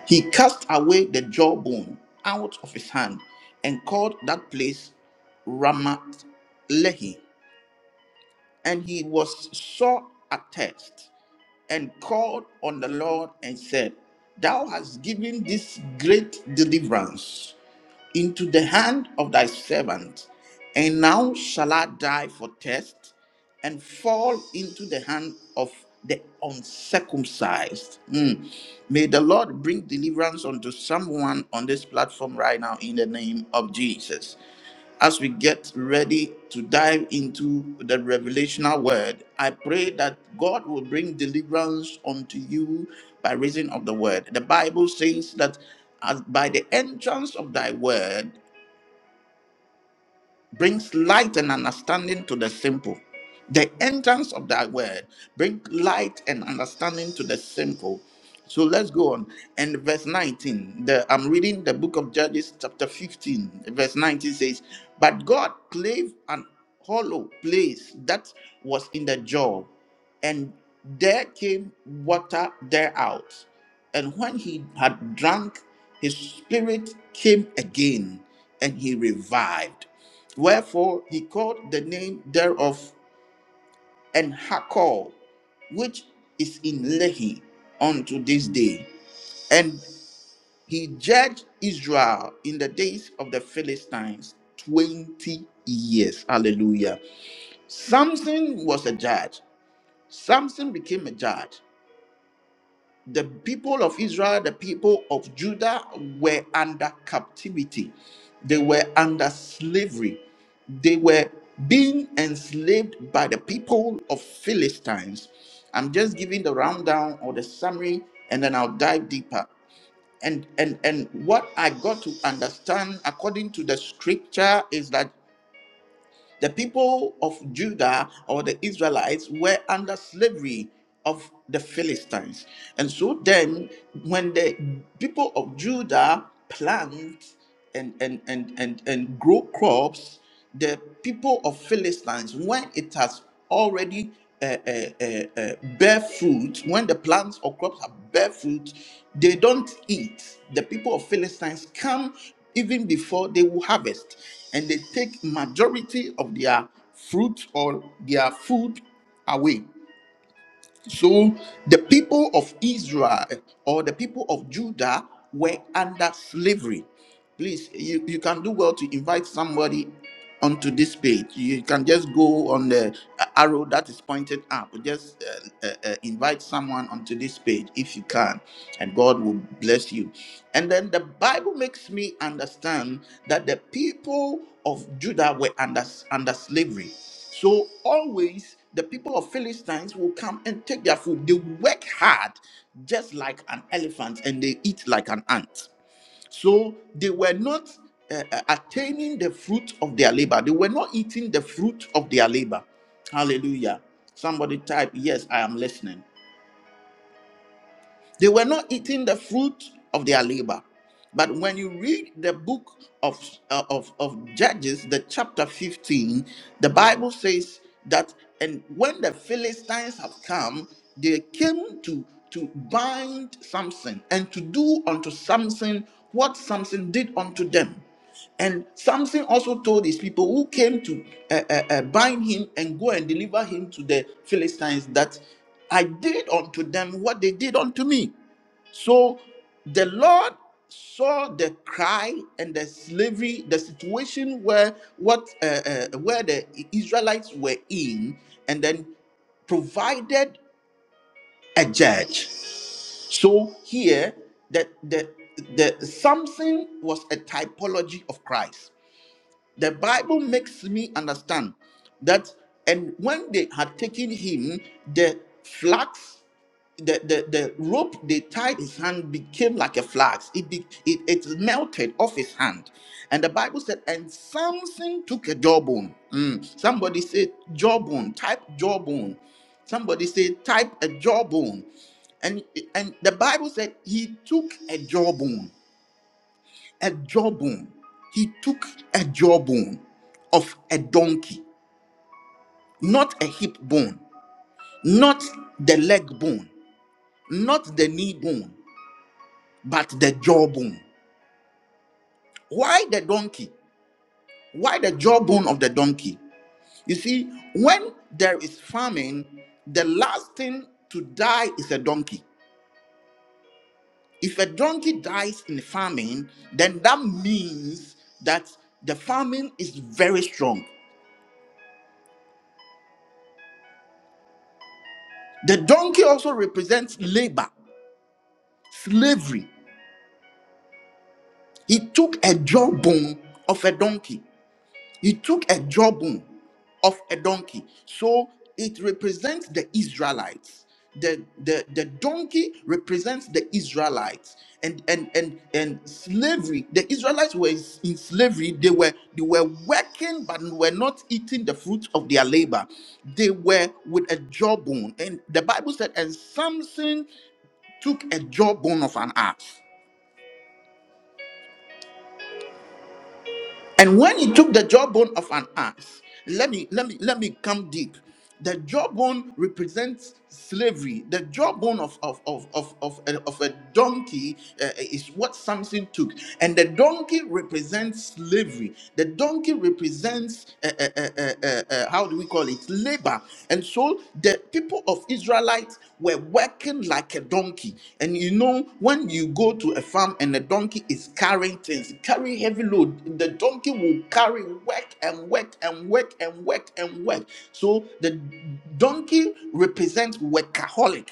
Speaker 1: he cast away the jawbone out of his hand and called that place Ramat Lehi. And he was sore athirst and called on the Lord and said, Thou hast given this great deliverance into the hand of thy servant, and now shall I die for thirst, and fall into the hand of the uncircumcised. Mm. May the Lord bring deliverance unto someone on this platform right now in the name of Jesus. As we get ready to dive into the revelational word, I pray that God will bring deliverance unto you by reason of the word. The Bible says that as by the entrance of thy word brings light and understanding to the simple. The entrance of that word bring light and understanding to the simple. So let's go on. And verse 19, the, I'm reading the book of Judges, chapter 15, verse 19 says, But God clave an hollow place that was in the jaw, and there came water thereout. And when he had drunk, his spirit came again, and he revived. Wherefore he called the name thereof En Hakol, which is in Lehi unto this day. And he judged Israel in the days of the Philistines 20 years. Hallelujah. Samson was a judge. Samson became a judge. the people of Israel, the people of Judah were under captivity. They were under slavery. They were being enslaved by the people of Philistines. I'm just giving the rundown or the summary, and then I'll dive deeper. And and and what I got to understand according to the scripture is that the people of Judah or the Israelites were under slavery of the Philistines. And so then, when the people of Judah plant and, and, and, and, and grow crops, the people of Philistines, when it has already uh, uh, uh, uh, bear fruit, when the plants or crops are bear fruit, they don't eat. The people of Philistines come even before they will harvest, and they take majority of their fruit or their food away. So the people of Israel or the people of Judah were under slavery. Please, you, you can do well to invite somebody onto this page. You can just go on the arrow that is pointed up. Just uh, uh, uh, invite someone onto this page if you can, and God will bless you. And then the Bible makes me understand that the people of Judah were under, under slavery. So always the people of Philistines will come and take their food. They work hard, just like an elephant, and they eat like an ant. So they were not uh, uh, attaining the fruit of their labor. They were not eating the fruit of their labor. Hallelujah. Somebody type, Yes, I am listening. They were not eating the fruit of their labor. But when you read the book of, uh, of, of Judges, the chapter 15, the Bible says that, and when the Philistines have come, they came to, to bind Samson and to do unto Samson what Samson did unto them. And Samson also told his people who came to uh, uh, uh, bind him and go and deliver him to the Philistines that I did unto them what they did unto me. So the Lord saw the cry and the slavery, the situation where what uh, uh, where the Israelites were in, and then provided a judge. So here that the the Samson was a typology of Christ the Bible makes me understand that, and when they had taken him, the flax the, the, the rope they tied his hand became like a flax. It, be, it it melted off his hand. And the Bible said, and Samson took a jawbone. Mm. Somebody said jawbone, type jawbone. Somebody said type a jawbone. And, and the Bible said he took a jawbone a jawbone. He took a jawbone of a donkey, not a hip bone, not the leg bone, not the knee bone, but the jawbone. Why the donkey? Why the jawbone of the donkey? You see, when there is famine, the last thing to die is a donkey. If a donkey dies in famine, then that means that the famine is very strong. The donkey also represents labor. slavery. He took a jawbone of a donkey. He took a jawbone of a donkey. So it represents the Israelites. The, the, the donkey represents the Israelites and and and and slavery. The Israelites were in slavery. They were they were working but were not eating the fruit of their labor. They were with a jawbone. And the Bible said, and Samson took a jawbone of an ass. And when he took the jawbone of an ass, let me let me let me come deep. The jawbone represents slavery. The jawbone of of of of of a, of a donkey uh, is what Samson took, and the donkey represents slavery. The donkey represents uh, uh, uh, uh, uh, uh, how do we call it? call it labor and so the people of israelites were working like a donkey and you know when you go to a farm and a donkey is carrying things carrying heavy load the donkey will carry work and work and work and work and work so the donkey represents workaholic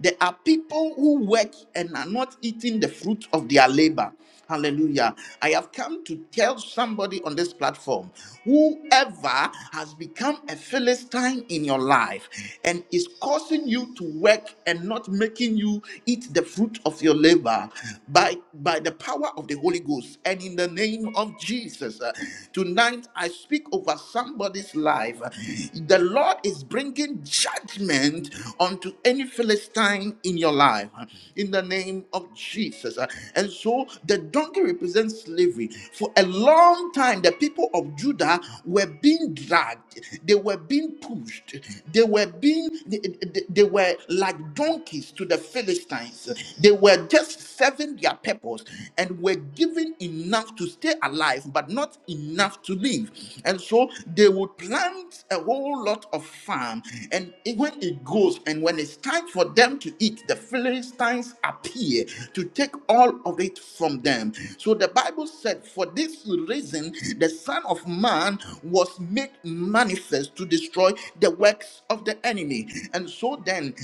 Speaker 1: there are people who work and are not eating the fruit of their labor. Hallelujah. I have come to tell somebody on this platform whoever has become a Philistine in your life and is causing you to work and not making you eat the fruit of your labor by, by the power of the Holy Ghost and in the name of Jesus. uh, Tonight, I speak over somebody somebody's life. The Lord is bringing judgment unto any Philistine in your life in the name of Jesus. And so the donkey represents slavery. For a long time, the people of Judah were being dragged, they were being pushed, they were being, they, they- they were like donkeys to the Philistines. They were just serving their purpose and were given enough to stay alive, but not enough to live. And so they would plant a whole lot of farm. And it- when it goes, and when it's time for them to eat, the Philistines appear to take all of it from them. So the Bible said, For this reason, the Son of Man was made manifest to destroy the works of the enemy. And so then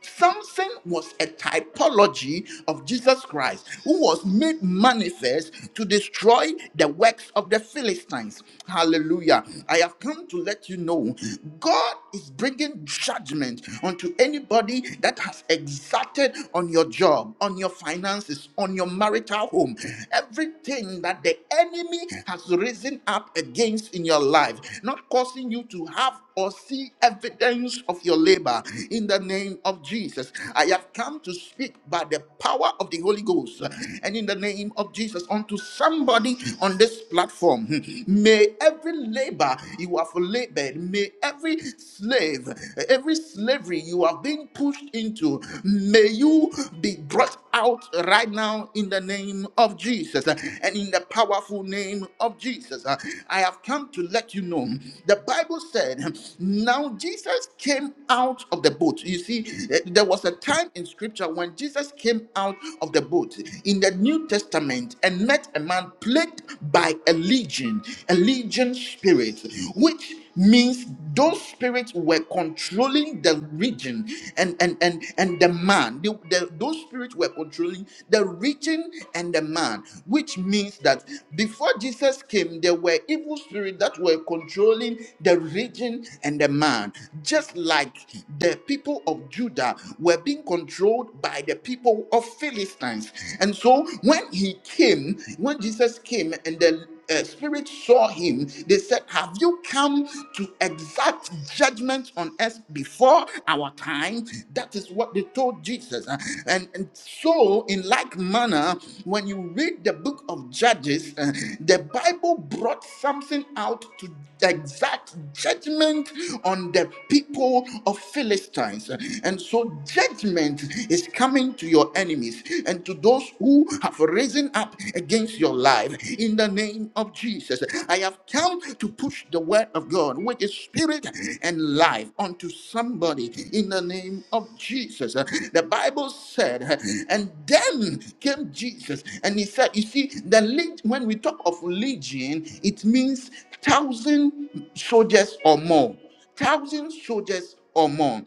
Speaker 1: Samson was a typology of Jesus Christ who was made manifest to destroy the works of the Philistines. Hallelujah. I have come to let you know God is bringing judgment unto anybody that has exacted on your job, on your finances, on your marital home, everything that the enemy has risen up against in your life, not causing you to have or see evidence of your labor in the name of name of Jesus. I have come to speak by the power of the Holy Ghost and in the name of Jesus unto somebody on this platform. May every labor you have labored, may every slave, every slavery you have been pushed into, may you be brought out right now in the name of Jesus uh, and in the powerful name of Jesus. Uh, I have come to let you know. The Bible said, Now Jesus came out of the boat. You see see, eh, there was a time in scripture when Jesus came out of the boat in the New Testament and met a man plagued by a legion, a legion spirit, which means those spirits were controlling the region and and and and the man the, the- those spirits were controlling the region and the man which means that before jesus came there were evil spirits that were controlling the region and the man just like the people people of Judah were being controlled by the people of Philistines. And so when he came, when Jesus came and the uh, spirit saw him, they said, Have you come to exact judgment on us before our time? That is what they told Jesus. Uh, And, and so, in like manner, when you read the book of Judges, uh, the Bible brought something out to exact judgment on the people of Philistines. And so judgment is coming to your enemies and to those who have risen up against your life in the name of Jesus. I have come to push the word of God, which is spirit and life unto somebody in the name of Jesus. Uh, The Bible said, uh, and then came Jesus, and he said, You see, the leg- when we talk of legion, it means thousand soldiers or more thousand soldiers or more.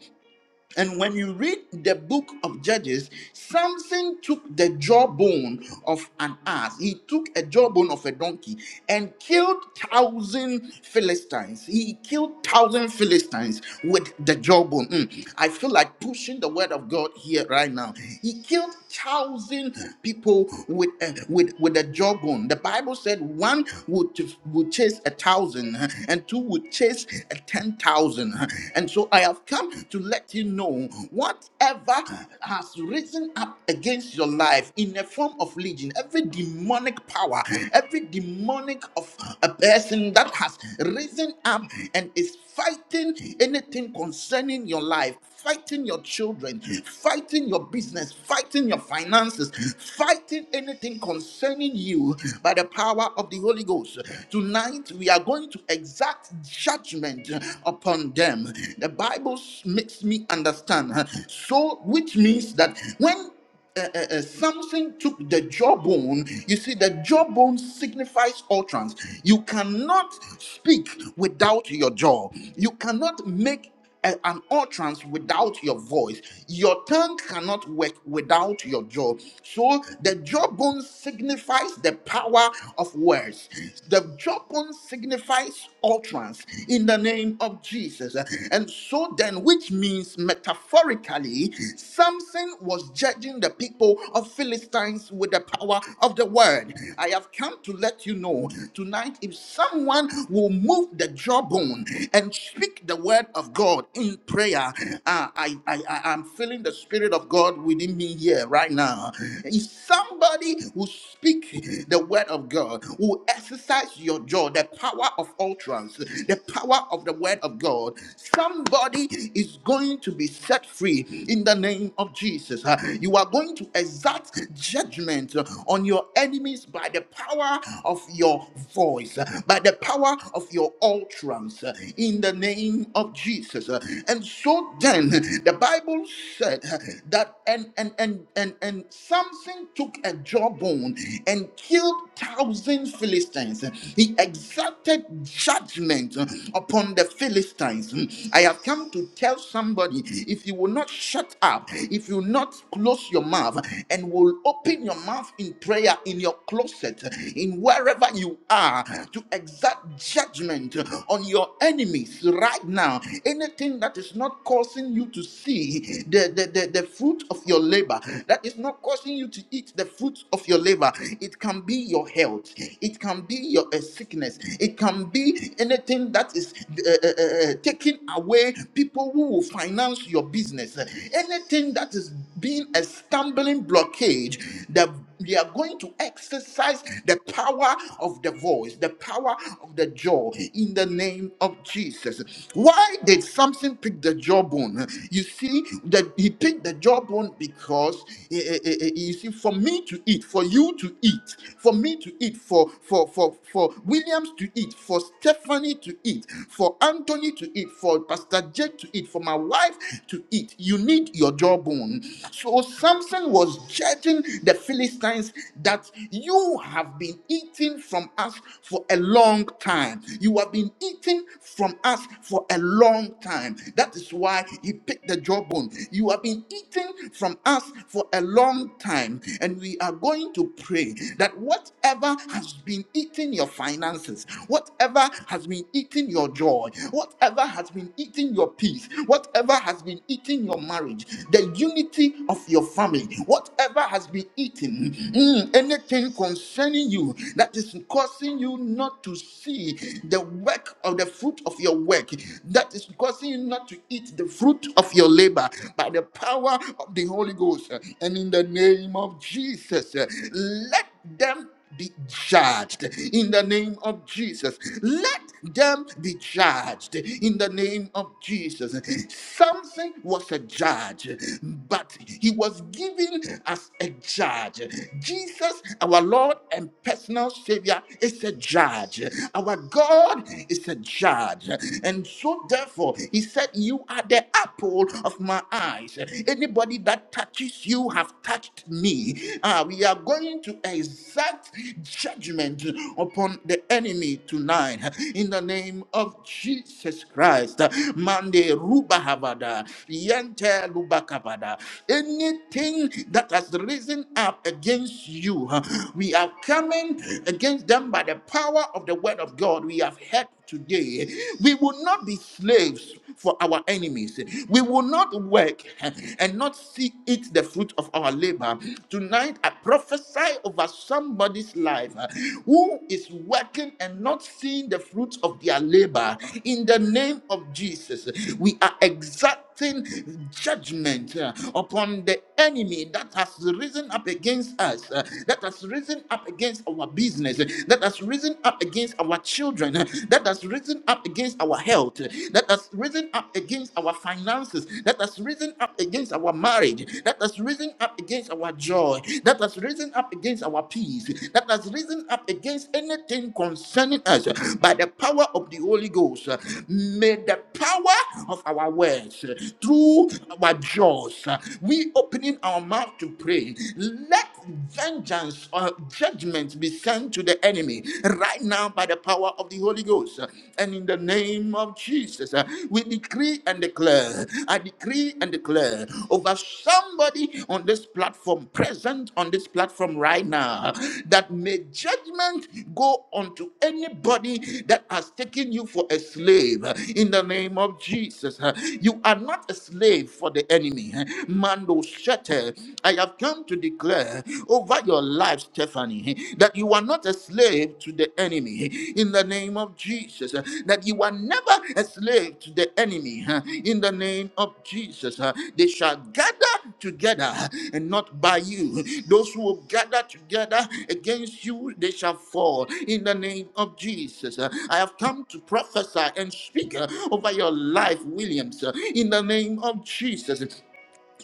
Speaker 1: And when you read the book of Judges, Samson took the jawbone of an ass. He took a jawbone of a donkey and killed thousand Philistines. He killed thousand Philistines with the jawbone. Mm, I feel like pushing the word of God here right now. He killed thousand people with a, with with a jawbone. The Bible said one would would chase a thousand huh, and two would chase a ten thousand. huh. And so I have come to let you know whatever has risen up against your life in a form of legion, every demonic power, every demonic of a person that has risen up and is fighting anything concerning your life, fighting your children, fighting your business, fighting your finances, fighting anything concerning you by the power of the Holy Ghost. Tonight, we are going to exact judgment upon them the Bible s- makes me understand. huh? So, which means that when uh, uh, uh, Samson took the jawbone. You see, the jawbone signifies utterance. You cannot speak without your jaw. You cannot make a- an utterance without your voice. Your tongue cannot work without your jaw. So the jawbone signifies the power of words. The jawbone signifies utterance in the name of Jesus. And so then, which means metaphorically, Samson was judging the people of Philistines with the power of the word. I have come to let you know tonight if someone will move the jawbone bone and speak the word of God in prayer. Uh, I, I, I am feeling the spirit of God within me here right now. If somebody who speak the word of God, who exercise your jaw, the power of utterance, the power of the word of God, somebody is going to be set free in the name of Jesus. Uh, You are going to exact judgment on your enemies by the power of your voice by the power of your utterance uh, in the name of Jesus. Uh, And so then the Bible said uh, that and and and and, and Samson took a jawbone and killed thousand Philistines. He exacted judgment uh, upon the Philistines. I have come to tell somebody if you will not shut up, if you will not close your mouth and will open your mouth in prayer in your closet, earth, in wherever you are, to exact judgment on your enemies right now. Anything that is not causing you to see the, the, the, the fruit of your labor, that is not causing you to eat the fruit of your labor, it can be your health, it can be your uh, sickness, it can be anything that is uh, uh, uh, uh, taking away people who will finance your business, anything that is being a stumbling blockade that they are going to exercise the power of the voice, the power of the jaw in the name of Jesus. Why did Samson pick the jawbone? You see, that he picked the jawbone because eh, eh, eh, eh, you see, for me to eat, for you to eat, for me to eat, for for for for Williams to eat, for Stephanie to eat, for Anthony to eat, for Pastor Jake to eat, for my wife to eat, you need your jawbone. So Samson was judging the Philistines that you have been eating from us for a long time. You have been eating from us for a long time. That is why he picked the jawbone. You have been eating from us for a long time. And we are going to pray that whatever has been eating your finances, whatever has been eating your joy, whatever has been eating your peace, whatever has been eating your marriage, the unity of your family, whatever has been eaten, mm, anything concerning you that is causing you not to see the work of the fruit of your work, that is causing you not to eat the fruit of your labor by the power of the Holy Ghost. And in the name of Jesus, let them be judged in the name of Jesus. Let them be judged in the name of Jesus. Something was a judge, but he was given as a judge. Jesus, our Lord and personal Savior, is a judge. Our God is a judge. And so, therefore, he said, You are the apple of my eyes. Anybody that touches you have touched me. Ah, we are going to to exact judgment upon the enemy tonight in the name of Jesus Christ. Mande rubahabada, yente lubakabada. Anything that has risen up against you, we are coming against them by the power of the word of God. We have heard today. We will not be slaves for our enemies. We will not work and not see it the fruit of our labor. Tonight, I prophesy over somebody's life uh, who is working and not seeing the fruits of their labor. In the name of Jesus, we are exacting judgment uh, upon the enemy that has risen up against against us, uh, that has risen up against our business, uh, that has risen up against our children, uh, that has risen up against our health, uh, that has risen up against our finances, that has risen up against our marriage, that has risen up against our joy, that has risen up against our peace, that has risen up against anything concerning us uh, by the power of the Holy Ghost. uh, May the power our words, uh, through our jaws. uh, We opening our mouth to pray. Let vengeance or judgment be sent to the enemy right now by the power of the Holy Ghost. uh, And in the name of Jesus, uh, we decree and declare, I decree and declare over somebody on this platform, present on this platform right now, that may judgment don't go unto anybody that has taken you for a slave in the name of Jesus. huh? You are not a slave for the enemy. huh? Mando Shete, I have come to declare over your life, Stephanie, huh, that you are not a slave to the enemy huh? in the name of Jesus, huh? that you are never a slave to the enemy huh? in the name of Jesus. huh? They shall gather together and not by you. Those who will gather together against you, they shall fall in the name of Jesus. Uh, I have come to prophesy and speak uh, over your life, Williams, uh, in the name of Jesus.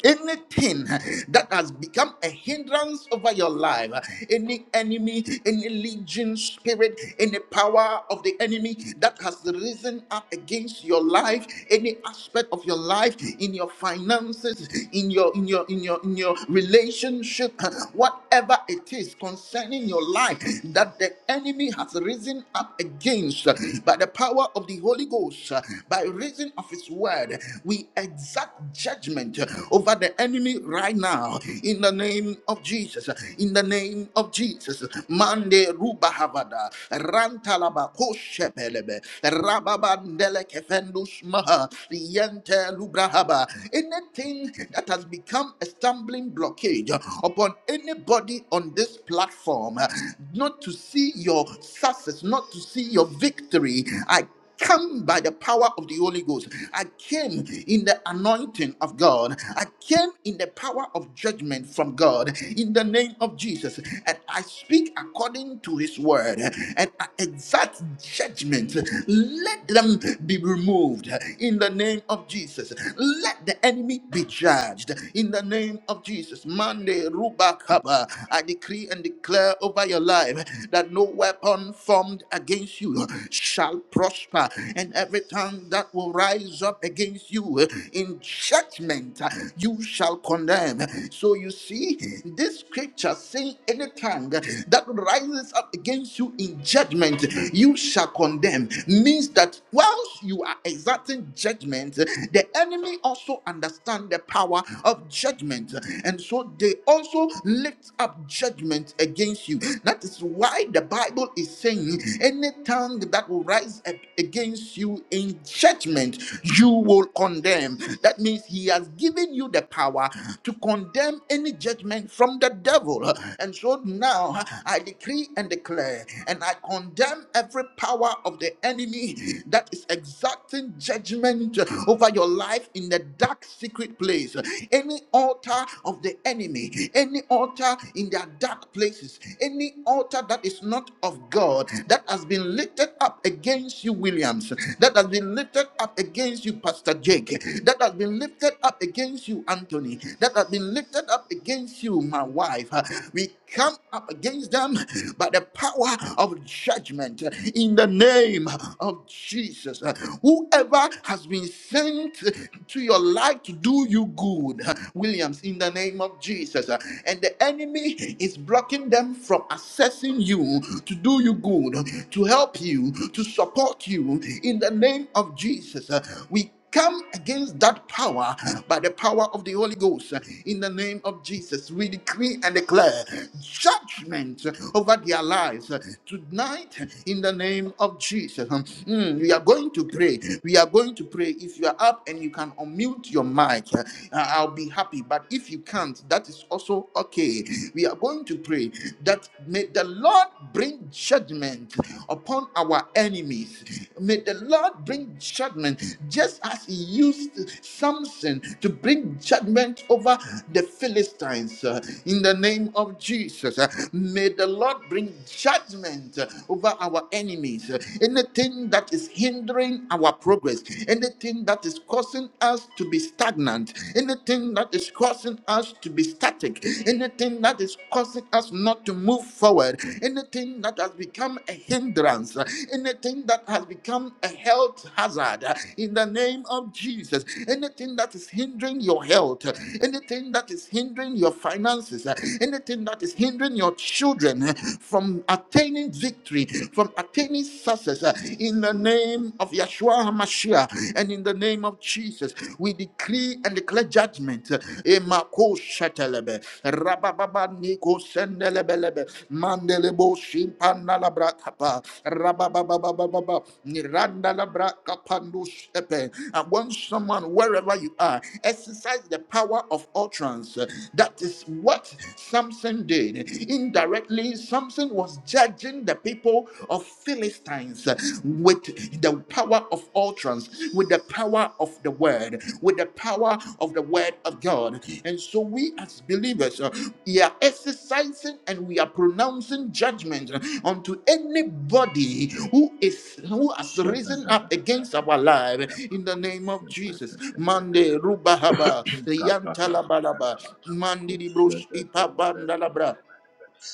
Speaker 1: Anything that has become a hindrance over your life, any enemy, any legion spirit, any power of the enemy that has risen up against your life, any aspect of your life, in your finances, in your in your in your in your relationship, whatever it is concerning your life that the enemy has risen up against by the power of the Holy Ghost, by reason of his word word. We exact judgment over the enemy right now in the name of Jesus. In the name of Jesus. Mande Rubahavada rantalaba koshepelebe rababandele kefendus maha yente lubrahaba. Anything that has become a stumbling blockage upon anybody on this platform, not to see your success, not to see your victory. I come by the power of the Holy Ghost. I came in the anointing of God. I came in the power of judgment from God in the name of Jesus. And I speak according to his word and I exact judgment. Let them be removed in the name of Jesus. Let the enemy be judged in the name of Jesus. Monday, Rubakaba, I decree and declare over your life that no weapon weapon formed against you uh, shall prosper, and every tongue that will rise up against you uh, in judgment uh, you shall condemn. So you see, this scripture saying any tongue that rises up against you in judgment you shall condemn means that whilst you are exerting judgment, the enemy also understand the power of judgment, and so they also lift up judgment judgment against you. That is why the Bible is saying, any tongue that will rise up against you in judgment, you will condemn. That means he has given you the power to condemn any judgment from the devil. And so now I decree and declare, and I condemn every power of the enemy that is exacting judgment over your life in the dark secret place. Any altar altar of the enemy, any altar in their dark places, any altar that is not of God, that has been lifted up against you, Williams, that has been lifted up against you, Pastor Jake, that has been lifted up against you, Anthony, that has been lifted up against you, my wife. Uh, We come up against them by the power of judgment uh, in the name of Jesus. Uh, Whoever has been sent to your life to do you good, Williams, in the name of Jesus. Uh, And the enemy is blocking them from assessing you to do you good, huh, to help you, to support you, in the name of Jesus. Uh, We come against that power by the power of the Holy Ghost. huh. In the name of Jesus, we decree and declare judgment over their lives huh, tonight. huh, In the name of Jesus, huh. Mm, we are going to pray. We are going to pray. If you are up and you can unmute your mic, uh, I'll be happy. But if you can't, that is also okay. We are going to pray that may the Lord bring judgment upon our enemies. May the Lord bring judgment just as he used Samson to bring judgment over the Philistines uh, in the name of Jesus. uh, May the Lord bring judgment uh, over our enemies. Uh, Anything that is hindering hindering our progress, anything that is causing us to be stagnant, anything that is causing us to be static, anything that is causing us not to move forward, anything that has become a hindrance, anything that has become a health hazard, in the name of Jesus, anything that is hindering your health, anything that is hindering your finances, anything that is hindering your children from attaining victory, from attaining success, in the name of Yeshua HaMashiach and in the name of Jesus. We decree and declare judgment. Emako shetelebe, rabababa niko sendelebelebe, mandelebo shimpanalabra kapa, rababababababa, nirandalabra kapandu shepe. And when someone, wherever you are, exercise the power of utterance, that is what Samson did. Indirectly, Samson was judging the people of Philistines with the power of utterance, with the power of the word, with the power of the word of God. And so we as believers, uh, we are exercising and we are pronouncing judgment uh, unto anybody who is who has
Speaker 3: Shut
Speaker 1: risen up against our life in the name of Jesus. Mande rubahaba yantalaba Mandiri brush ipapandalabra.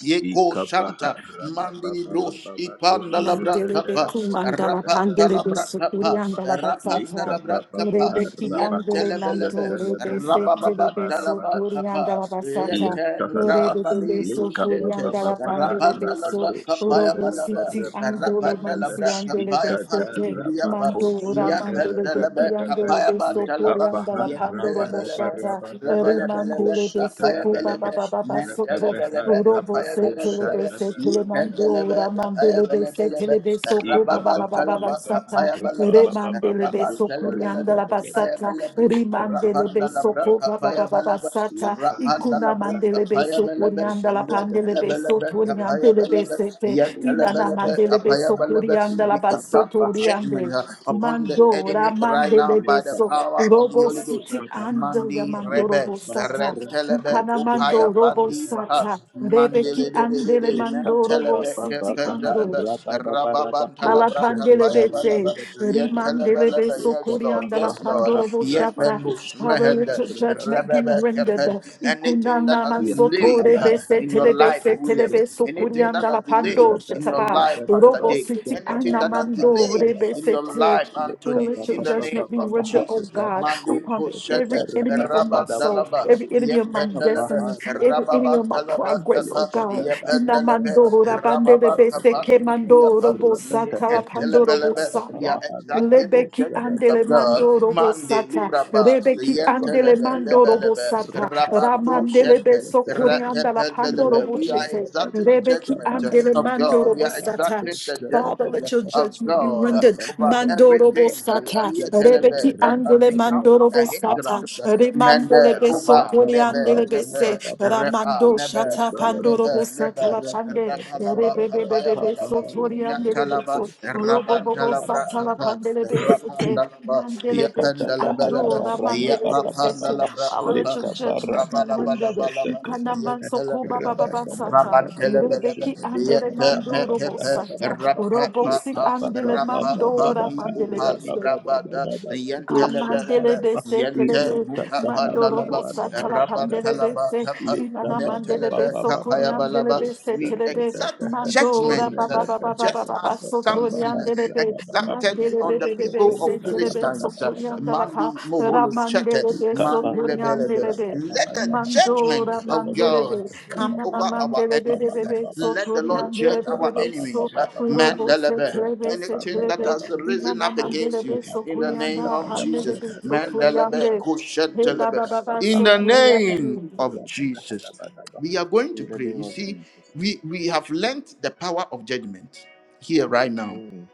Speaker 1: Yeko Shanta Mandini Bros Ipanda Labra
Speaker 2: Mandele Mandelebe
Speaker 1: Kappa
Speaker 2: kumandala
Speaker 1: Rapata
Speaker 2: pandelebe
Speaker 1: Labra
Speaker 2: sukuri
Speaker 1: Kappa
Speaker 2: andala
Speaker 1: Rapanda
Speaker 2: basata.
Speaker 1: Labra Kappa
Speaker 2: Rebe ki andele
Speaker 1: Yentelebelebe
Speaker 2: nanto rebe
Speaker 1: Rababa
Speaker 2: setelebe sukuri
Speaker 1: Kappa
Speaker 2: andala
Speaker 3: Iya
Speaker 2: basata.
Speaker 1: Yeterabi
Speaker 3: Tahalaba
Speaker 2: Rebe
Speaker 3: Lika
Speaker 2: sukuri
Speaker 1: Rusete
Speaker 3: Baba
Speaker 2: andala
Speaker 3: Baba
Speaker 1: Rapanda
Speaker 2: pandelebe so.
Speaker 1: Labra
Speaker 3: Harabako
Speaker 1: Kappa
Speaker 2: Orobu
Speaker 3: Shetelebe
Speaker 1: Yabalaba
Speaker 2: siti andolo
Speaker 1: Rapanda
Speaker 3: Bebe
Speaker 2: mansi
Speaker 1: Labra Kappa
Speaker 2: andelebe
Speaker 3: Ika
Speaker 1: Yapandi
Speaker 2: sete.
Speaker 1: Briapa
Speaker 3: Darabako
Speaker 2: Mandora
Speaker 3: Shetelebe
Speaker 2: mandelebe ki
Speaker 3: Bebe
Speaker 2: andelebe
Speaker 3: Lika
Speaker 2: sukuri
Speaker 1: Kapantalaba,
Speaker 3: Baha
Speaker 2: andala pandoro
Speaker 3: Rabadaba
Speaker 1: Yentelebelebe,
Speaker 2: moshata.
Speaker 3: Rabadaba
Speaker 1: Rebelebelebe,
Speaker 3: Rabako
Speaker 2: Rimandelebe soko
Speaker 3: Shetelebe
Speaker 2: baba
Speaker 1: Kapayabelebe,
Speaker 2: baba basoto.
Speaker 3: Rebebe
Speaker 1: Mentelebelebe,
Speaker 2: Urobo se
Speaker 3: Harabako
Speaker 1: Kapayabelebelebe,
Speaker 2: telebe se
Speaker 3: Shetelebe
Speaker 2: telemando
Speaker 1: Yipendelebe,
Speaker 2: ramandelebe se
Speaker 1: Kapayabelebelebe,
Speaker 2: telebe soku
Speaker 3: Ika
Speaker 2: baba
Speaker 3: Baha
Speaker 2: baba
Speaker 1: Rababantalaba,
Speaker 2: baba
Speaker 3: Lebaha
Speaker 2: sata
Speaker 1: Kapayabalaba,
Speaker 3: Rabababa
Speaker 2: remandelebe
Speaker 3: Bako
Speaker 2: soku
Speaker 1: Rabantelebelebe,
Speaker 2: riandala
Speaker 3: Shetelebe
Speaker 2: basata
Speaker 1: Kapayabelebe,
Speaker 3: Lika
Speaker 2: rimandelebe
Speaker 1: Rapandalabra,
Speaker 2: soku
Speaker 3: Baha
Speaker 2: baba baba baba
Speaker 1: Kapayabalaba,
Speaker 3: Rabba
Speaker 2: sata ikuna
Speaker 1: Rapandalabra,
Speaker 2: mandelebe soku
Speaker 1: Kapayabelebe,
Speaker 2: riandala pandelebe
Speaker 1: Yentelebelebe,
Speaker 2: soto riandelebe
Speaker 1: Kapayabelebe,
Speaker 2: sete inana
Speaker 1: Yentelebelebe,
Speaker 2: mandelebe soku
Speaker 1: Kapayabelebe.
Speaker 2: rianda
Speaker 1: We
Speaker 2: la
Speaker 1: exact
Speaker 2: basoto
Speaker 1: judgment
Speaker 2: riande
Speaker 1: uh, upon the
Speaker 2: mandora
Speaker 1: enemy right now by
Speaker 2: mandelebe
Speaker 1: the
Speaker 2: so
Speaker 1: power of the
Speaker 2: urobo
Speaker 1: Holy Ghost. uh,
Speaker 2: siti ando
Speaker 1: Mandi Rebe,
Speaker 2: yamandorobo sata
Speaker 1: Rentelebe, Upaya
Speaker 2: Ukanamando robo
Speaker 1: Vandi Maha,
Speaker 2: sata, rebeki
Speaker 1: Mandele de de de
Speaker 2: andele
Speaker 1: de,
Speaker 2: mando robo
Speaker 1: Mentelebe,
Speaker 2: siti ando,
Speaker 1: Kependelebe, Rababantalabra,
Speaker 2: Alapandele
Speaker 1: Kapaya Balaba,
Speaker 2: bese, rimandele
Speaker 1: Yetelebelebe,
Speaker 2: beso
Speaker 1: yes Lord,
Speaker 2: kurianda la
Speaker 1: yes Lord,
Speaker 2: pandorobo shata.
Speaker 1: Yependus
Speaker 2: Father, let
Speaker 1: Mehende,
Speaker 2: your judgment be
Speaker 1: Rebebe
Speaker 2: rendered.
Speaker 1: Kepen, anything that
Speaker 2: Ikunana
Speaker 1: has delayed
Speaker 2: mansotore
Speaker 1: uh,
Speaker 2: bese
Speaker 1: in your life,
Speaker 2: telebese
Speaker 1: Williams,
Speaker 2: telebeso
Speaker 1: anything that
Speaker 2: kurianda
Speaker 1: that
Speaker 2: la
Speaker 1: has delayed
Speaker 2: pando
Speaker 1: in your
Speaker 2: shetaba.
Speaker 1: life, Pastor
Speaker 2: Robo
Speaker 1: Jake,
Speaker 2: siti
Speaker 1: anything that has
Speaker 2: anamando
Speaker 1: delayed in
Speaker 2: rebese
Speaker 1: your
Speaker 2: te.
Speaker 1: life, Anthony,
Speaker 2: Let your
Speaker 1: in the name
Speaker 2: judgment be
Speaker 1: of
Speaker 2: rendered, oh
Speaker 1: Jesus.
Speaker 2: God,
Speaker 1: Mandi
Speaker 2: upon
Speaker 1: Kushete,
Speaker 2: every enemy of my soul,
Speaker 1: Rabandalaba,
Speaker 3: Rabba
Speaker 2: every enemy of my
Speaker 1: Yependelebe,
Speaker 2: destiny, every enemy of my
Speaker 1: Rababantalaba,
Speaker 2: progress, oh God.
Speaker 1: Yependelebe,
Speaker 2: Namandora bandele bese ke mandoro
Speaker 1: Rababakapandibriapa,
Speaker 2: bosa tala pandoro
Speaker 1: Yetelebelebe.
Speaker 2: bosa
Speaker 1: We
Speaker 2: ya.
Speaker 1: are exacting the
Speaker 2: Lebeki
Speaker 1: judgment
Speaker 2: andele
Speaker 1: of God.
Speaker 2: mandoro
Speaker 1: Mande
Speaker 2: bosata,
Speaker 1: Lubraba,
Speaker 2: rebeki andele
Speaker 1: Yentelebe,
Speaker 2: mandoro bosata,
Speaker 1: Lebelebe, Rabanto
Speaker 2: ramandele
Speaker 1: Shente,
Speaker 2: beso korianda la pandoro
Speaker 1: Ratependelebe. We are
Speaker 2: boshete,
Speaker 1: exacting
Speaker 2: rebeki
Speaker 1: judgment
Speaker 2: andele
Speaker 1: of God.
Speaker 2: mandoro
Speaker 1: We are
Speaker 2: bosata.
Speaker 1: exacting the
Speaker 2: Father, let
Speaker 1: judgment
Speaker 2: your
Speaker 1: of
Speaker 2: judgment be
Speaker 1: God
Speaker 2: rendered.
Speaker 1: over
Speaker 2: Mandoro
Speaker 1: everything uh,
Speaker 2: bosata, rebeki
Speaker 1: Yetelebe, that has
Speaker 2: andele
Speaker 1: become
Speaker 2: mandoro
Speaker 1: a
Speaker 3: Rabba
Speaker 2: bosata,
Speaker 1: hindrance.
Speaker 2: remandele
Speaker 1: Mende,
Speaker 2: beso
Speaker 3: Leka
Speaker 1: Ruba, nebe
Speaker 2: koriandele bese.
Speaker 1: Nebe, Repa,
Speaker 2: Ramando
Speaker 1: Nebe,
Speaker 2: Shata Pandoro
Speaker 1: Repe, Nebe,
Speaker 2: Satala Pande,
Speaker 1: Rapalaba,
Speaker 2: Rebebebebe
Speaker 1: Papayabalaba,
Speaker 2: Sotoriande
Speaker 1: Nyatalaba,
Speaker 2: Beso, Robobo
Speaker 1: Rabantalabra,
Speaker 2: Satala Pandele Besete,
Speaker 1: Rapa pa ya
Speaker 2: Mandele Beki
Speaker 1: panda la ba la ba
Speaker 2: Ando,
Speaker 1: ya
Speaker 2: Ramandele
Speaker 1: pa panda
Speaker 2: Besete,
Speaker 1: la bra ta
Speaker 2: Power
Speaker 1: pa
Speaker 2: of your judgment be
Speaker 1: raba la ba la
Speaker 2: rendered.
Speaker 1: ba la ba ya
Speaker 2: Ukanaman
Speaker 1: ba
Speaker 2: Sokoba
Speaker 1: la ba
Speaker 2: Baba Sata,
Speaker 1: raba ba la ba
Speaker 2: Rebeki
Speaker 1: ya
Speaker 2: Andele
Speaker 1: me
Speaker 2: Mando
Speaker 1: te
Speaker 2: Robo
Speaker 1: pa
Speaker 2: Sata,
Speaker 1: pa
Speaker 2: Robo
Speaker 1: pa
Speaker 2: Si
Speaker 1: pa
Speaker 2: Andele
Speaker 1: pa pa
Speaker 2: Mando
Speaker 1: ni pa li
Speaker 2: Ramandele
Speaker 1: bra ba da ya
Speaker 2: God
Speaker 1: ba la ba
Speaker 2: mandele
Speaker 1: ya
Speaker 2: bese
Speaker 3: Rabba
Speaker 2: telebe
Speaker 1: mu ka panda
Speaker 2: mandoro
Speaker 1: la ba
Speaker 2: bosa tala
Speaker 1: raba ta
Speaker 2: pandele
Speaker 1: la ba
Speaker 2: bese inana mandele
Speaker 1: Metelebe
Speaker 2: beso kuriandele
Speaker 1: kapayabalaba.
Speaker 2: bese
Speaker 1: We
Speaker 2: telebe
Speaker 1: exact
Speaker 2: mandora
Speaker 1: judgment
Speaker 2: ba
Speaker 1: uh,
Speaker 2: ba ba ba ba ba
Speaker 1: just
Speaker 2: ba
Speaker 1: as
Speaker 2: ba so
Speaker 1: Samson uh,
Speaker 2: toriandele be
Speaker 1: exacted
Speaker 2: mandele
Speaker 1: on
Speaker 2: be
Speaker 1: the
Speaker 2: be be be
Speaker 1: people of
Speaker 2: se telebe so
Speaker 1: Philistines. Uh,
Speaker 2: kuriandala
Speaker 1: Mandi
Speaker 2: pa
Speaker 1: moholo shete,
Speaker 2: ramandele beso
Speaker 1: mandi
Speaker 3: Kapa
Speaker 2: kuriandele
Speaker 1: lebelebe.
Speaker 2: be
Speaker 3: raba raba
Speaker 1: Let the
Speaker 3: raba
Speaker 1: judgment
Speaker 3: kusha
Speaker 2: mandora
Speaker 3: da
Speaker 1: of
Speaker 3: da
Speaker 1: of
Speaker 3: da
Speaker 2: mandele
Speaker 3: da
Speaker 2: be
Speaker 1: God, come
Speaker 3: raba ba
Speaker 2: inana
Speaker 1: over
Speaker 3: ba ba
Speaker 1: our
Speaker 2: mandele be
Speaker 3: ba ba
Speaker 2: be
Speaker 3: ba
Speaker 1: enemies.
Speaker 2: be
Speaker 3: ba
Speaker 2: be
Speaker 3: ba ba
Speaker 2: so
Speaker 1: Let the Lord
Speaker 3: lika
Speaker 1: judge
Speaker 2: toriandele be
Speaker 3: ba
Speaker 2: be
Speaker 1: our
Speaker 3: ba
Speaker 2: be
Speaker 3: ba ba
Speaker 2: so
Speaker 1: enemies.
Speaker 3: ba ba ba ha
Speaker 2: robo se
Speaker 1: Mandelebe.
Speaker 2: telebe
Speaker 3: raba
Speaker 2: se
Speaker 3: ba ba
Speaker 1: Anything that
Speaker 3: ba
Speaker 2: telebe
Speaker 3: ba
Speaker 1: has
Speaker 3: ba ba
Speaker 1: risen
Speaker 2: Imana
Speaker 3: ba
Speaker 1: up
Speaker 2: mandele
Speaker 1: against
Speaker 3: kusha
Speaker 2: be
Speaker 1: you
Speaker 3: ha
Speaker 2: so
Speaker 1: in the
Speaker 3: raba
Speaker 2: kurianda
Speaker 1: name
Speaker 3: da ba
Speaker 1: of
Speaker 3: da ba
Speaker 2: pandele
Speaker 1: Jesus.
Speaker 3: da
Speaker 2: be
Speaker 3: ba
Speaker 2: so
Speaker 3: da ba da ba da
Speaker 2: turiande.
Speaker 1: Mandelebe.
Speaker 3: ba da ba
Speaker 2: Hey, baba
Speaker 1: Kushentelebe.
Speaker 3: lika ba
Speaker 2: baba
Speaker 3: ba
Speaker 1: In
Speaker 2: so
Speaker 1: the
Speaker 3: ba ba ba ha
Speaker 1: name
Speaker 2: turiande.
Speaker 1: of
Speaker 3: raba da ha
Speaker 1: Jesus.
Speaker 3: da ba da ba.
Speaker 1: We are going to
Speaker 3: in the
Speaker 1: pray.
Speaker 3: name
Speaker 1: You
Speaker 3: of
Speaker 1: see,
Speaker 3: Jesus.
Speaker 1: we, we have learnt the power of judgment here right now
Speaker 3: Mm,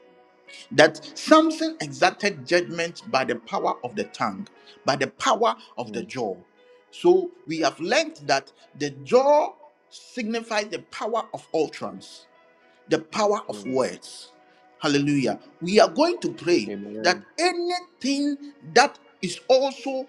Speaker 1: that Samson exacted judgment by the power of the tongue, by the power of the
Speaker 3: mm,
Speaker 1: jaw. So we have learned that the jaw signifies the power of utterance, the power of
Speaker 3: mm.
Speaker 1: words. Hallelujah. We are going to pray that
Speaker 3: Amen.
Speaker 1: anything that is also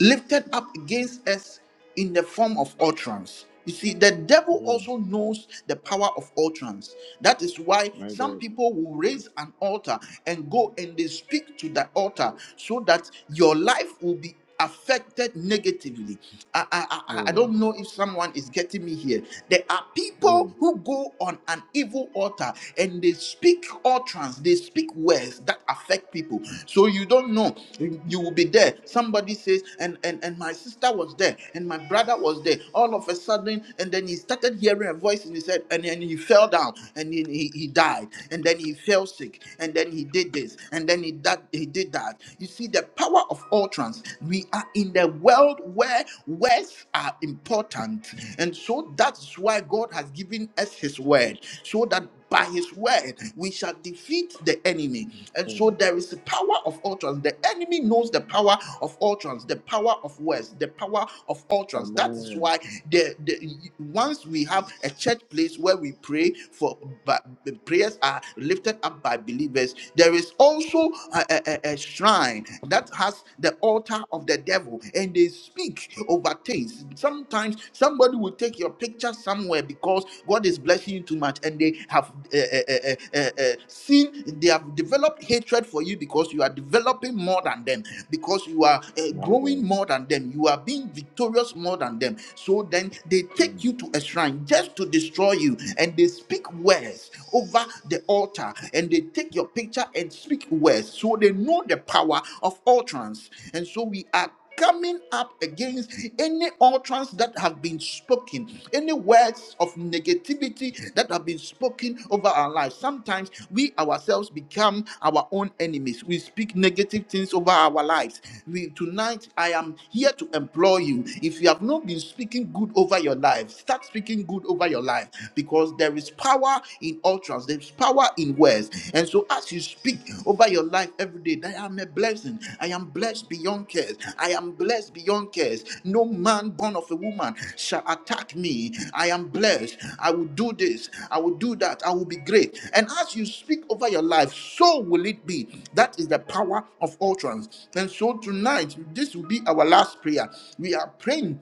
Speaker 1: lifted up against us in the form of utterance. You see, the devil
Speaker 3: Mm,
Speaker 1: also knows the power of utterance. That is why
Speaker 3: my
Speaker 1: some
Speaker 3: God.
Speaker 1: people will raise an altar and go and they speak to the altar so that your life will be affected negatively I, I, I I
Speaker 3: Mm,
Speaker 1: don't know if someone is getting me here. There are people
Speaker 3: mm,
Speaker 1: who go on an evil altar and they speak utterance, they speak words that affect people. So you don't know. You you will be there. Somebody says, and, and, and my sister was there, and my brother was there. All of a sudden, and then he started hearing a voice and he said, and then he fell down and then he, he died, and then he fell sick, and then he did did this and then he that he did that you see the power of utterance we are in the world where words are important and so that's why god has given us his word so that by his word we shall defeat the enemy and so
Speaker 3: mm.
Speaker 1: there is the power of utterance the enemy knows the power of utterance the power of words the power of utterance that is
Speaker 3: Amen.
Speaker 1: why the, the once we have a church place where we pray for but the prayers are lifted up by believers there is also a, a a- a shrine that has the altar of the devil and they speak over things sometimes somebody will take your picture somewhere because god is blessing you too much and they have uh, uh, uh, uh, uh, seen they have developed hatred for you because you are developing more than them because you are uh,
Speaker 3: My God.
Speaker 1: growing more than them. You are being victorious more than them. So then they take you to a shrine just to destroy you, and they speak words over the altar, and they take your picture and speak words. So they know the power of utterance, and so we are coming up against any utterance that have been spoken, any words of negativity that have been spoken over our lives. Sometimes we ourselves become our own enemies. We speak negative things over our lives. We, tonight, I am here to implore you. If you have not been speaking good over your life, start speaking good over your life because there is power in utterance. There is power power in words. And so as you speak over your life every day, that I am a blessing. I am blessed beyond cares. I am blessed beyond cares. No man born of a woman shall attack me. I am blessed. I will do this. I will do that. I will be great. And as you speak over your life, so will it be. That is the power of utterance. And so tonight, this will be our last prayer. We are praying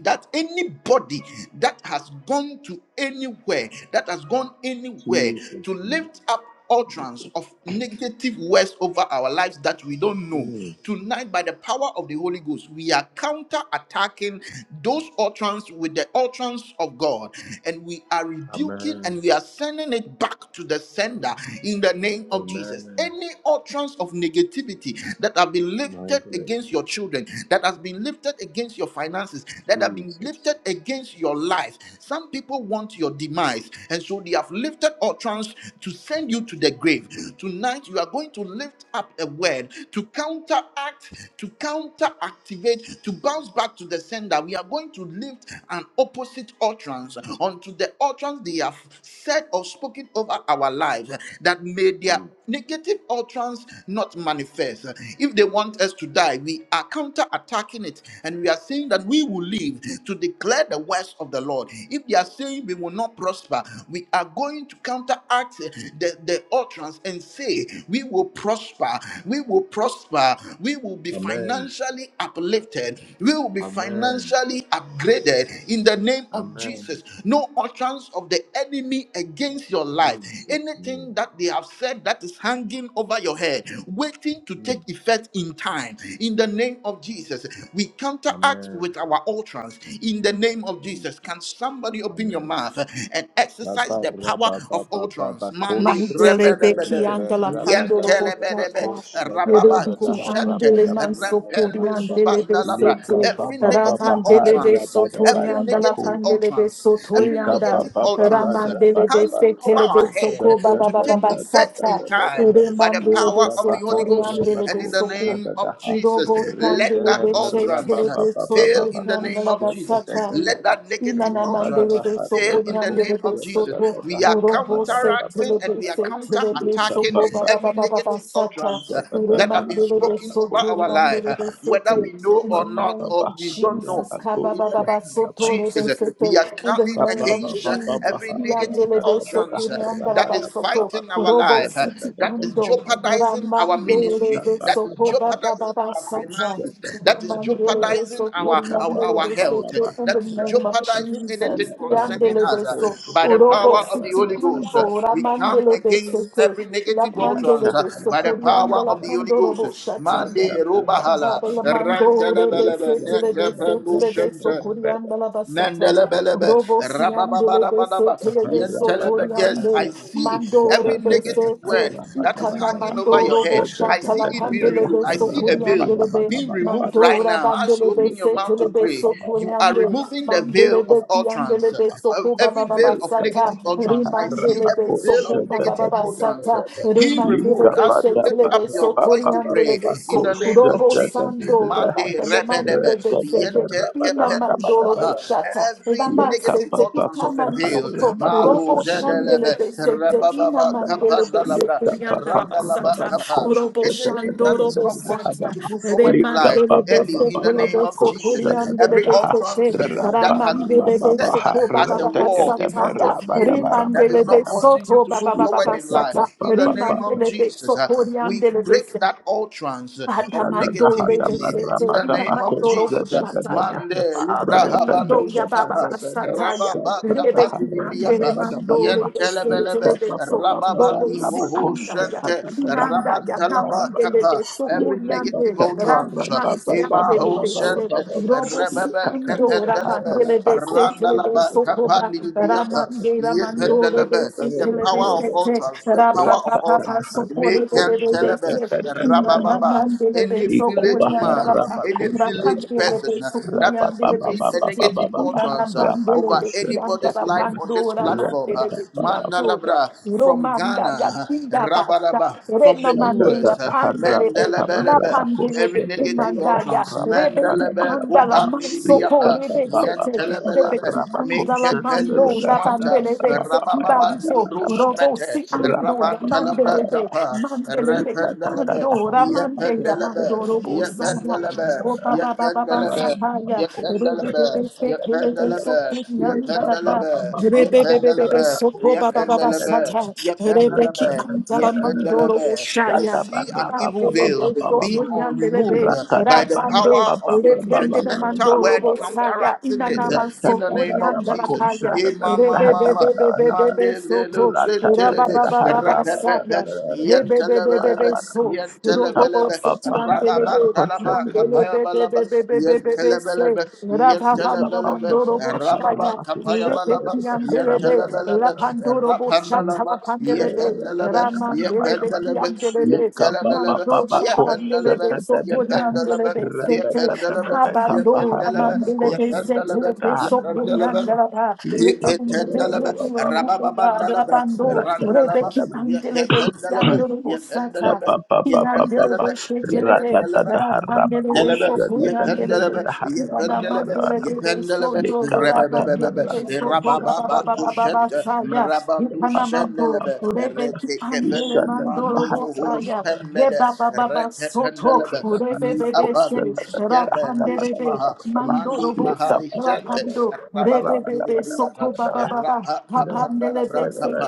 Speaker 1: that anybody that has gone to anywhere, that has gone anywhere to
Speaker 3: Jesus' name.
Speaker 1: lift up utterance of negative words over our lives that we don't know
Speaker 3: Mm.
Speaker 1: tonight by the power of the holy ghost we are counter attacking those utterance with the utterance of god and we are rebuking
Speaker 3: Amen.
Speaker 1: and we are sending it back to the sender in the name of jesus
Speaker 3: Amen.
Speaker 1: any utterance of negativity that have been
Speaker 3: My
Speaker 1: lifted
Speaker 3: God.
Speaker 1: against your children that has been lifted against your finances, that have been
Speaker 3: Jesus.
Speaker 1: lifted against your life. Some people want your demise, and so they have lifted utterance to send you to the grave. Tonight, you are going to lift up a word to counteract, to counteractivate, to bounce back to the sender. We are going to lift an opposite utterance unto the utterance they have said or spoken over our lives that may their
Speaker 3: Jesus.
Speaker 1: negative utterance not manifest. If they want us to die, we are counter attacking it and we are saying that we will live to declare the words of the Lord. If they are saying we will not prosper, we are going to counteract the, the utterance and say we will prosper, we will prosper, we will be
Speaker 3: Amen.
Speaker 1: financially uplifted, we will be
Speaker 3: Amen.
Speaker 1: financially upgraded in the name of
Speaker 3: Amen.
Speaker 1: Jesus. No utterance of the enemy against your life.
Speaker 3: Jesus'
Speaker 1: Anything
Speaker 3: name.
Speaker 1: that they have said that is hanging over your head, waiting to take
Speaker 3: Mm.
Speaker 1: effect in time, in the name of Jesus, we counteract
Speaker 3: Amen.
Speaker 1: with our utterance in the name of Jesus.
Speaker 3: Jesus.
Speaker 1: Can somebody open your
Speaker 3: Amen.
Speaker 1: mouth and exercise
Speaker 3: Baba
Speaker 1: the power
Speaker 3: raba
Speaker 1: of
Speaker 3: baba baba
Speaker 1: utterance? Monday,
Speaker 3: kosha da
Speaker 2: Mandele
Speaker 3: da da
Speaker 2: beki
Speaker 1: rebedebedebe,
Speaker 3: ba
Speaker 2: andala
Speaker 3: raba da
Speaker 2: pandoro
Speaker 3: ba raba
Speaker 1: yentelebedebe,
Speaker 2: bochata,
Speaker 3: kosha da
Speaker 2: ere
Speaker 3: da
Speaker 1: rababa,
Speaker 3: da da
Speaker 2: biki
Speaker 3: ha
Speaker 1: kushente,
Speaker 3: raba
Speaker 2: andele
Speaker 3: da ba
Speaker 2: manso
Speaker 3: raba da
Speaker 2: pori
Speaker 3: ba da
Speaker 1: rempelus,
Speaker 3: ba
Speaker 2: andele
Speaker 3: le
Speaker 1: pandalaba.
Speaker 3: ga
Speaker 2: besete,
Speaker 3: ba
Speaker 1: every
Speaker 3: ba ba ba
Speaker 1: negative
Speaker 3: ha
Speaker 2: ramandele
Speaker 1: utterance
Speaker 3: raba
Speaker 2: beso
Speaker 3: da ba
Speaker 2: tori
Speaker 1: every
Speaker 3: raba
Speaker 2: andala
Speaker 1: negative
Speaker 3: ko
Speaker 2: pandele
Speaker 1: utterance,
Speaker 2: beso
Speaker 1: every
Speaker 2: tori
Speaker 3: Rabba
Speaker 2: anda,
Speaker 1: negative utterance
Speaker 2: ramandele
Speaker 1: hanging
Speaker 2: besete
Speaker 1: over
Speaker 2: le
Speaker 1: our
Speaker 2: beso
Speaker 1: head
Speaker 2: ko ba ba
Speaker 1: to
Speaker 2: ba ba
Speaker 1: take effect in time
Speaker 2: ere
Speaker 1: by the
Speaker 2: mandele
Speaker 1: power of
Speaker 2: beso
Speaker 1: the Holy
Speaker 2: tori
Speaker 1: Ghost
Speaker 2: andele
Speaker 1: and in the
Speaker 2: beso ko.
Speaker 1: name of Jesus.
Speaker 2: Robo
Speaker 1: Let
Speaker 2: candele
Speaker 1: that
Speaker 2: besete
Speaker 1: utterance
Speaker 2: le
Speaker 1: uh,
Speaker 2: beso
Speaker 1: fail
Speaker 2: tori
Speaker 1: in the name
Speaker 2: andala
Speaker 1: of Jesus.
Speaker 2: basata,
Speaker 1: Let that negative
Speaker 2: inana
Speaker 1: utterance
Speaker 2: mandele beso
Speaker 1: fail
Speaker 2: ko
Speaker 1: in the name
Speaker 2: andele
Speaker 1: of Jesus.
Speaker 2: beso
Speaker 1: We are
Speaker 2: Urobo se
Speaker 1: counteracting and
Speaker 2: telebe
Speaker 1: we are
Speaker 2: se telebe
Speaker 1: counterattacking
Speaker 2: soko ba ba ba
Speaker 1: every
Speaker 2: ba ba ba
Speaker 1: negative
Speaker 2: sata.
Speaker 1: utterance. uh, That have been
Speaker 2: Uremandelebe
Speaker 1: spoken over
Speaker 2: soto
Speaker 1: our life, uh,
Speaker 2: remandelebe
Speaker 1: whether
Speaker 2: sete.
Speaker 1: we know
Speaker 2: In the
Speaker 1: or not,
Speaker 2: name
Speaker 1: or
Speaker 2: of
Speaker 1: we don't know.
Speaker 2: Jesus, kaba
Speaker 1: In
Speaker 2: ba
Speaker 1: the
Speaker 2: ba ba
Speaker 1: name of
Speaker 2: soto
Speaker 1: Jesus,
Speaker 2: rebe
Speaker 1: uh, we
Speaker 2: sete.
Speaker 1: are
Speaker 2: In the
Speaker 1: coming
Speaker 2: name of
Speaker 1: against uh,
Speaker 2: Jesus,
Speaker 1: every negative
Speaker 2: yandelebe soko
Speaker 1: utterance uh,
Speaker 2: yandala
Speaker 1: that
Speaker 2: ba
Speaker 1: is
Speaker 2: soto.
Speaker 1: fighting our
Speaker 2: Urobo
Speaker 1: life, uh,
Speaker 2: siti
Speaker 1: that is
Speaker 2: ando.
Speaker 1: jeopardizing our ministry,
Speaker 2: Ramandelebe
Speaker 1: that is
Speaker 2: soko ba ba ba
Speaker 1: jeopardizing
Speaker 2: ba
Speaker 1: our
Speaker 2: sata.
Speaker 1: finances, that is
Speaker 2: Uremandelebe
Speaker 1: jeopardizing
Speaker 2: soko
Speaker 1: our, our, our
Speaker 2: remandelebe
Speaker 1: health health uh,
Speaker 2: sete. In
Speaker 1: that
Speaker 2: the
Speaker 1: is
Speaker 2: name of
Speaker 1: jeopardizing anything
Speaker 2: Jesus,
Speaker 1: concerning us
Speaker 2: yandelebe
Speaker 1: uh,
Speaker 2: so.
Speaker 1: by the
Speaker 2: Urobo
Speaker 1: power of the
Speaker 2: siti
Speaker 1: Holy Ghost. uh,
Speaker 2: kundo
Speaker 1: We come
Speaker 2: ramandelo
Speaker 1: against
Speaker 3: Thank
Speaker 2: besete
Speaker 1: every
Speaker 2: la
Speaker 1: negative
Speaker 2: pandele
Speaker 1: utterance uh,
Speaker 2: beso
Speaker 1: by the
Speaker 2: kurianda
Speaker 1: power
Speaker 2: la
Speaker 1: of the Holy
Speaker 2: pandoro
Speaker 1: Ghost.
Speaker 2: bo shataya.
Speaker 1: Mande Robahala,
Speaker 2: Baba la mando re besete le besete le beso
Speaker 1: Rantalabalaba,
Speaker 2: kurianda la basata.
Speaker 1: Mandelebelebe,
Speaker 2: Robo siande le
Speaker 1: rababababababa,
Speaker 2: besete le
Speaker 3: Rabba
Speaker 2: beso
Speaker 1: yentelebe. Yes, I
Speaker 2: toriande.
Speaker 1: see
Speaker 2: Mando
Speaker 1: every
Speaker 2: re
Speaker 1: negative
Speaker 2: besete.
Speaker 1: word that is
Speaker 2: Ikana
Speaker 1: hanging over
Speaker 2: mando
Speaker 1: your head.
Speaker 2: robo
Speaker 1: I
Speaker 2: shata
Speaker 1: see
Speaker 2: la
Speaker 1: it being
Speaker 2: pandele
Speaker 1: removed. I
Speaker 2: beso
Speaker 1: see a veil
Speaker 2: kuriande
Speaker 1: being removed right
Speaker 2: Mandora
Speaker 1: now. As you
Speaker 2: bandole
Speaker 1: open your
Speaker 2: bese
Speaker 1: mouth
Speaker 2: tele
Speaker 1: to pray,
Speaker 2: beso
Speaker 1: you are
Speaker 2: kuriande
Speaker 1: removing the
Speaker 2: mandele
Speaker 1: veil of
Speaker 2: beki andele
Speaker 1: utterance,
Speaker 2: beso
Speaker 1: of
Speaker 2: kuba
Speaker 1: every
Speaker 2: baba
Speaker 1: veil of
Speaker 3: Lika
Speaker 2: basata
Speaker 1: negative
Speaker 3: bada
Speaker 1: utterance.
Speaker 3: baha
Speaker 1: I see
Speaker 3: raba
Speaker 2: rimandele
Speaker 1: every
Speaker 2: beso
Speaker 1: veil
Speaker 3: kosa
Speaker 1: of
Speaker 2: kuba
Speaker 3: da da
Speaker 2: baba
Speaker 1: negative
Speaker 3: da da da
Speaker 1: utterance
Speaker 3: da.
Speaker 2: basata
Speaker 3: da
Speaker 1: being
Speaker 2: rimandele
Speaker 3: Lika
Speaker 1: removed as you
Speaker 2: bese
Speaker 3: bada
Speaker 1: lift
Speaker 2: tele
Speaker 1: up
Speaker 3: bara
Speaker 1: your
Speaker 2: beso
Speaker 3: ba
Speaker 1: voice
Speaker 3: ba
Speaker 1: to
Speaker 3: ba ba
Speaker 2: kuriandele
Speaker 1: pray
Speaker 3: ba
Speaker 1: in
Speaker 2: beso
Speaker 1: the name
Speaker 3: kosa
Speaker 1: of
Speaker 2: robo
Speaker 3: da da
Speaker 1: Jesus.
Speaker 3: da da.
Speaker 2: sando
Speaker 3: da
Speaker 1: Monday,
Speaker 2: rabandele
Speaker 3: Ra
Speaker 2: mandele
Speaker 3: da da
Speaker 2: bese
Speaker 3: da
Speaker 2: ke
Speaker 1: Yente
Speaker 3: ra ba da.
Speaker 2: ina
Speaker 3: ba da ba
Speaker 1: kependus
Speaker 3: da
Speaker 2: mandolo
Speaker 3: ba da ba da ba.
Speaker 2: boshata la
Speaker 1: Every
Speaker 3: Lika
Speaker 2: manse
Speaker 1: negative
Speaker 3: ba
Speaker 2: te
Speaker 3: ba
Speaker 1: utterance
Speaker 3: ba
Speaker 1: of a
Speaker 2: ikaman
Speaker 3: baha
Speaker 1: veil.
Speaker 2: soto
Speaker 3: raba
Speaker 1: Malo
Speaker 3: kosa
Speaker 2: robo
Speaker 3: da da da da da
Speaker 2: shandele
Speaker 1: zedelebe.
Speaker 3: da. da
Speaker 2: bese
Speaker 3: da
Speaker 2: te
Speaker 3: da
Speaker 2: ina
Speaker 3: ba
Speaker 1: Rabababa
Speaker 3: da ba.
Speaker 2: mandele bese
Speaker 1: kapandalabra.
Speaker 3: Lika ba ba ba
Speaker 2: kurianda
Speaker 3: ba
Speaker 2: la
Speaker 3: ba
Speaker 1: Randalaba
Speaker 2: basata
Speaker 3: ba
Speaker 1: kapa.
Speaker 2: robo
Speaker 3: kosa da da
Speaker 1: Anything
Speaker 3: da
Speaker 2: shando
Speaker 1: that
Speaker 3: da
Speaker 1: is
Speaker 3: da da.
Speaker 2: robo
Speaker 1: not
Speaker 3: Lika Lika
Speaker 1: causing
Speaker 2: sata
Speaker 1: you to move
Speaker 3: Lika
Speaker 1: forward in
Speaker 3: Lika
Speaker 1: life.
Speaker 3: ba
Speaker 2: Remandele
Speaker 3: ba
Speaker 1: Early
Speaker 3: ba
Speaker 2: beso
Speaker 1: in
Speaker 3: ba
Speaker 1: the
Speaker 3: ba
Speaker 2: kule
Speaker 3: ba
Speaker 1: name of
Speaker 2: beso
Speaker 1: Jesus.
Speaker 3: kosa da da
Speaker 2: kuriandele
Speaker 1: Every
Speaker 3: da.
Speaker 2: beso te
Speaker 1: utterance uh, that has been
Speaker 2: ramandele
Speaker 1: set
Speaker 2: beso
Speaker 1: uh,
Speaker 3: Rabababaha,
Speaker 2: to
Speaker 1: as
Speaker 2: baba
Speaker 1: a
Speaker 2: baba
Speaker 1: wall in
Speaker 3: radakadaba,
Speaker 1: front
Speaker 2: sataya
Speaker 1: of you that is
Speaker 2: remandele
Speaker 1: not
Speaker 2: beso
Speaker 1: causing you
Speaker 2: to
Speaker 1: to
Speaker 2: baba
Speaker 1: move
Speaker 2: baba
Speaker 1: forward
Speaker 2: baba
Speaker 1: in life.
Speaker 2: sata
Speaker 1: In the
Speaker 3: rabadabarabadabarabadaba.
Speaker 1: name of
Speaker 2: remandele
Speaker 1: Jesus,
Speaker 2: beso
Speaker 1: uh, we
Speaker 2: kuriandele
Speaker 1: break
Speaker 2: beso
Speaker 1: that utterance uh,
Speaker 3: Shut
Speaker 1: of negativity
Speaker 2: Kadamandore
Speaker 1: negativity in
Speaker 2: besete
Speaker 1: the name of
Speaker 2: mandoro
Speaker 1: Jesus.
Speaker 2: kushataya.
Speaker 1: Mande
Speaker 2: Father, the
Speaker 1: Lubrahaban haban
Speaker 2: mandoya baba
Speaker 1: luskapa
Speaker 2: basataya.
Speaker 1: rababa kapan
Speaker 2: Rebeki andere
Speaker 1: libriapa
Speaker 2: mandore besete
Speaker 1: yentelebelebe
Speaker 2: lebeso. Dobo
Speaker 1: rababandi
Speaker 2: si
Speaker 1: moho
Speaker 2: andaya.
Speaker 1: shente
Speaker 2: Inandaya
Speaker 1: rabantalaba
Speaker 2: namandele
Speaker 1: kapa
Speaker 2: beso
Speaker 1: every negative
Speaker 2: koriande.
Speaker 1: utterance
Speaker 2: Rangamansi andele
Speaker 1: emaho
Speaker 2: bese.
Speaker 1: shente
Speaker 2: Robo si
Speaker 1: rababa
Speaker 2: andora
Speaker 1: kapendelebe
Speaker 2: mandele besete
Speaker 1: randalaba
Speaker 2: lebeso
Speaker 1: kapan
Speaker 2: koba.
Speaker 1: libriapa
Speaker 2: Ramande ramandore
Speaker 1: yependelebe the
Speaker 2: besete
Speaker 1: power of
Speaker 2: lebesete.
Speaker 1: utterance the power
Speaker 2: Romanda
Speaker 1: of utterance Telebe, Rabababa, any village man,
Speaker 3: Rabba
Speaker 1: any village person uh, that has decreed a negative utterance uh, over anybody's life on this platform, uh, Mandalabra, from
Speaker 2: ya
Speaker 1: Ghana, uh,
Speaker 2: kinda basta
Speaker 1: Rabaraba, from
Speaker 2: Rena
Speaker 1: the
Speaker 2: mandeya
Speaker 1: US, uh,
Speaker 2: pandelebe la
Speaker 1: Mandelebelebe,
Speaker 2: pandelebe
Speaker 1: every negative
Speaker 2: kumandaya
Speaker 1: utterance,
Speaker 2: rebeti
Speaker 1: Mandelebe,
Speaker 2: andala
Speaker 1: Kupa
Speaker 2: mansoko
Speaker 1: Nidibriapa,
Speaker 2: rebe sete debeti
Speaker 1: Yentelebelebe, Make
Speaker 2: andala mando la
Speaker 1: Penusmanta,
Speaker 2: pandelebe
Speaker 1: Rabababa
Speaker 2: sekibariso
Speaker 1: Nidibros
Speaker 2: robo si
Speaker 1: Mete,
Speaker 2: ando ya
Speaker 1: Rabantalabra
Speaker 2: mandelebe
Speaker 1: Tapa,
Speaker 2: mandelebe ki
Speaker 1: Rependalabe,
Speaker 2: ando la mandeya
Speaker 1: Yependalabe,
Speaker 2: mando robo saya
Speaker 1: Yependalabe,
Speaker 2: o ba ba ba ba ba
Speaker 3: Rakata
Speaker 1: Yependalabe.
Speaker 2: sakaya
Speaker 1: Yependalabe,
Speaker 2: rebebebe sekelebe
Speaker 1: yependalabe,
Speaker 2: sokunyanda la ba
Speaker 1: yependalabe,
Speaker 2: rebebebebe
Speaker 1: yependalabe,
Speaker 2: soko ba ba ba ba
Speaker 1: yependalabe,
Speaker 2: sataya. Rebeki
Speaker 1: yependalabe,
Speaker 2: antala mandoro
Speaker 1: Yependelebe. I
Speaker 2: oshaya.
Speaker 1: see an evil
Speaker 2: Bandele
Speaker 1: veil
Speaker 2: beso
Speaker 1: being uh,
Speaker 2: punyandele
Speaker 1: removed
Speaker 2: be
Speaker 1: uh, by the
Speaker 2: rapande
Speaker 1: power of your
Speaker 2: leprende de
Speaker 1: judgmental
Speaker 2: mandoro
Speaker 1: word
Speaker 2: bosaya
Speaker 1: counteracting it uh,
Speaker 2: inanama
Speaker 1: in
Speaker 2: so
Speaker 1: the name of
Speaker 2: punyandala
Speaker 1: Jesus.
Speaker 2: kaya
Speaker 1: Eh, ma, ma,
Speaker 2: rebe
Speaker 1: ma,
Speaker 2: be
Speaker 1: ma.
Speaker 2: be be be be be
Speaker 1: Mandelele,
Speaker 2: soto raba
Speaker 1: sentelele.
Speaker 2: ba ba ba ba saya
Speaker 1: Rapepepe.
Speaker 2: rebe be be be
Speaker 1: Yentelebelebe.
Speaker 2: be so robo bo
Speaker 1: Yentelebelebe.
Speaker 2: siti andele be
Speaker 1: Rababandalaba.
Speaker 2: mandele
Speaker 1: Kapaya
Speaker 2: be be
Speaker 1: balaba,
Speaker 2: be be be be
Speaker 1: yen
Speaker 2: be be se
Speaker 1: telebelebe, yen
Speaker 2: raba
Speaker 3: Lika
Speaker 2: bando
Speaker 1: telebelebe,
Speaker 3: pata
Speaker 2: mandoro
Speaker 1: rababa
Speaker 2: bosaya
Speaker 3: marama
Speaker 1: kapaya balaba,
Speaker 2: leprende
Speaker 1: yen
Speaker 2: andele
Speaker 1: telebelebe,
Speaker 2: Rapandoro Bosha
Speaker 1: rapandalaba, yen
Speaker 2: Talapandelebe,
Speaker 1: pendelebe, yen
Speaker 2: Ramandelebe,
Speaker 1: pendelebe, yen
Speaker 2: Yandelebe,
Speaker 1: telebelebe,
Speaker 2: Mando
Speaker 1: yen pendelebe,
Speaker 2: Shabandelebe,
Speaker 1: yen pendelebe,
Speaker 2: Soponiandelebe,
Speaker 1: yen
Speaker 2: Sete,
Speaker 1: pendelebe, yen
Speaker 2: Habando,
Speaker 1: pendelebe, yen
Speaker 2: Ramandelebe,
Speaker 3: kosha
Speaker 1: pendelebe,
Speaker 2: Setelebe,
Speaker 1: yen pendelebe,
Speaker 2: Soponiandelaba, Living the
Speaker 1: Yekendelebe,
Speaker 2: Villa, be removed, O God,
Speaker 1: rabababandalebe,
Speaker 2: Rabando,
Speaker 1: randalaba,
Speaker 2: Rebeki Andelebe,
Speaker 1: yekendelebe,
Speaker 2: Yandelebo Sata,
Speaker 1: yekendelebe, yekendelebe,
Speaker 2: Yandelebe, Setelebe,
Speaker 1: yekendelebe,
Speaker 2: Rapandelebe,
Speaker 1: Nelebe, yependelebe,
Speaker 2: Soponiandelebe,
Speaker 3: tata
Speaker 2: Mandoro
Speaker 1: yependelebe, yependelebe, rebebebebebe, rabababa, kushente,
Speaker 3: hana
Speaker 1: mrabandu shendelebe, rete kefendu mandi moholo spembede, rete pendelebe, mi apa nuskebe, nusmaha, mandi mahali sente, rababandu de briapa, rapa kapanda la bra
Speaker 3: Rapa
Speaker 1: kapa,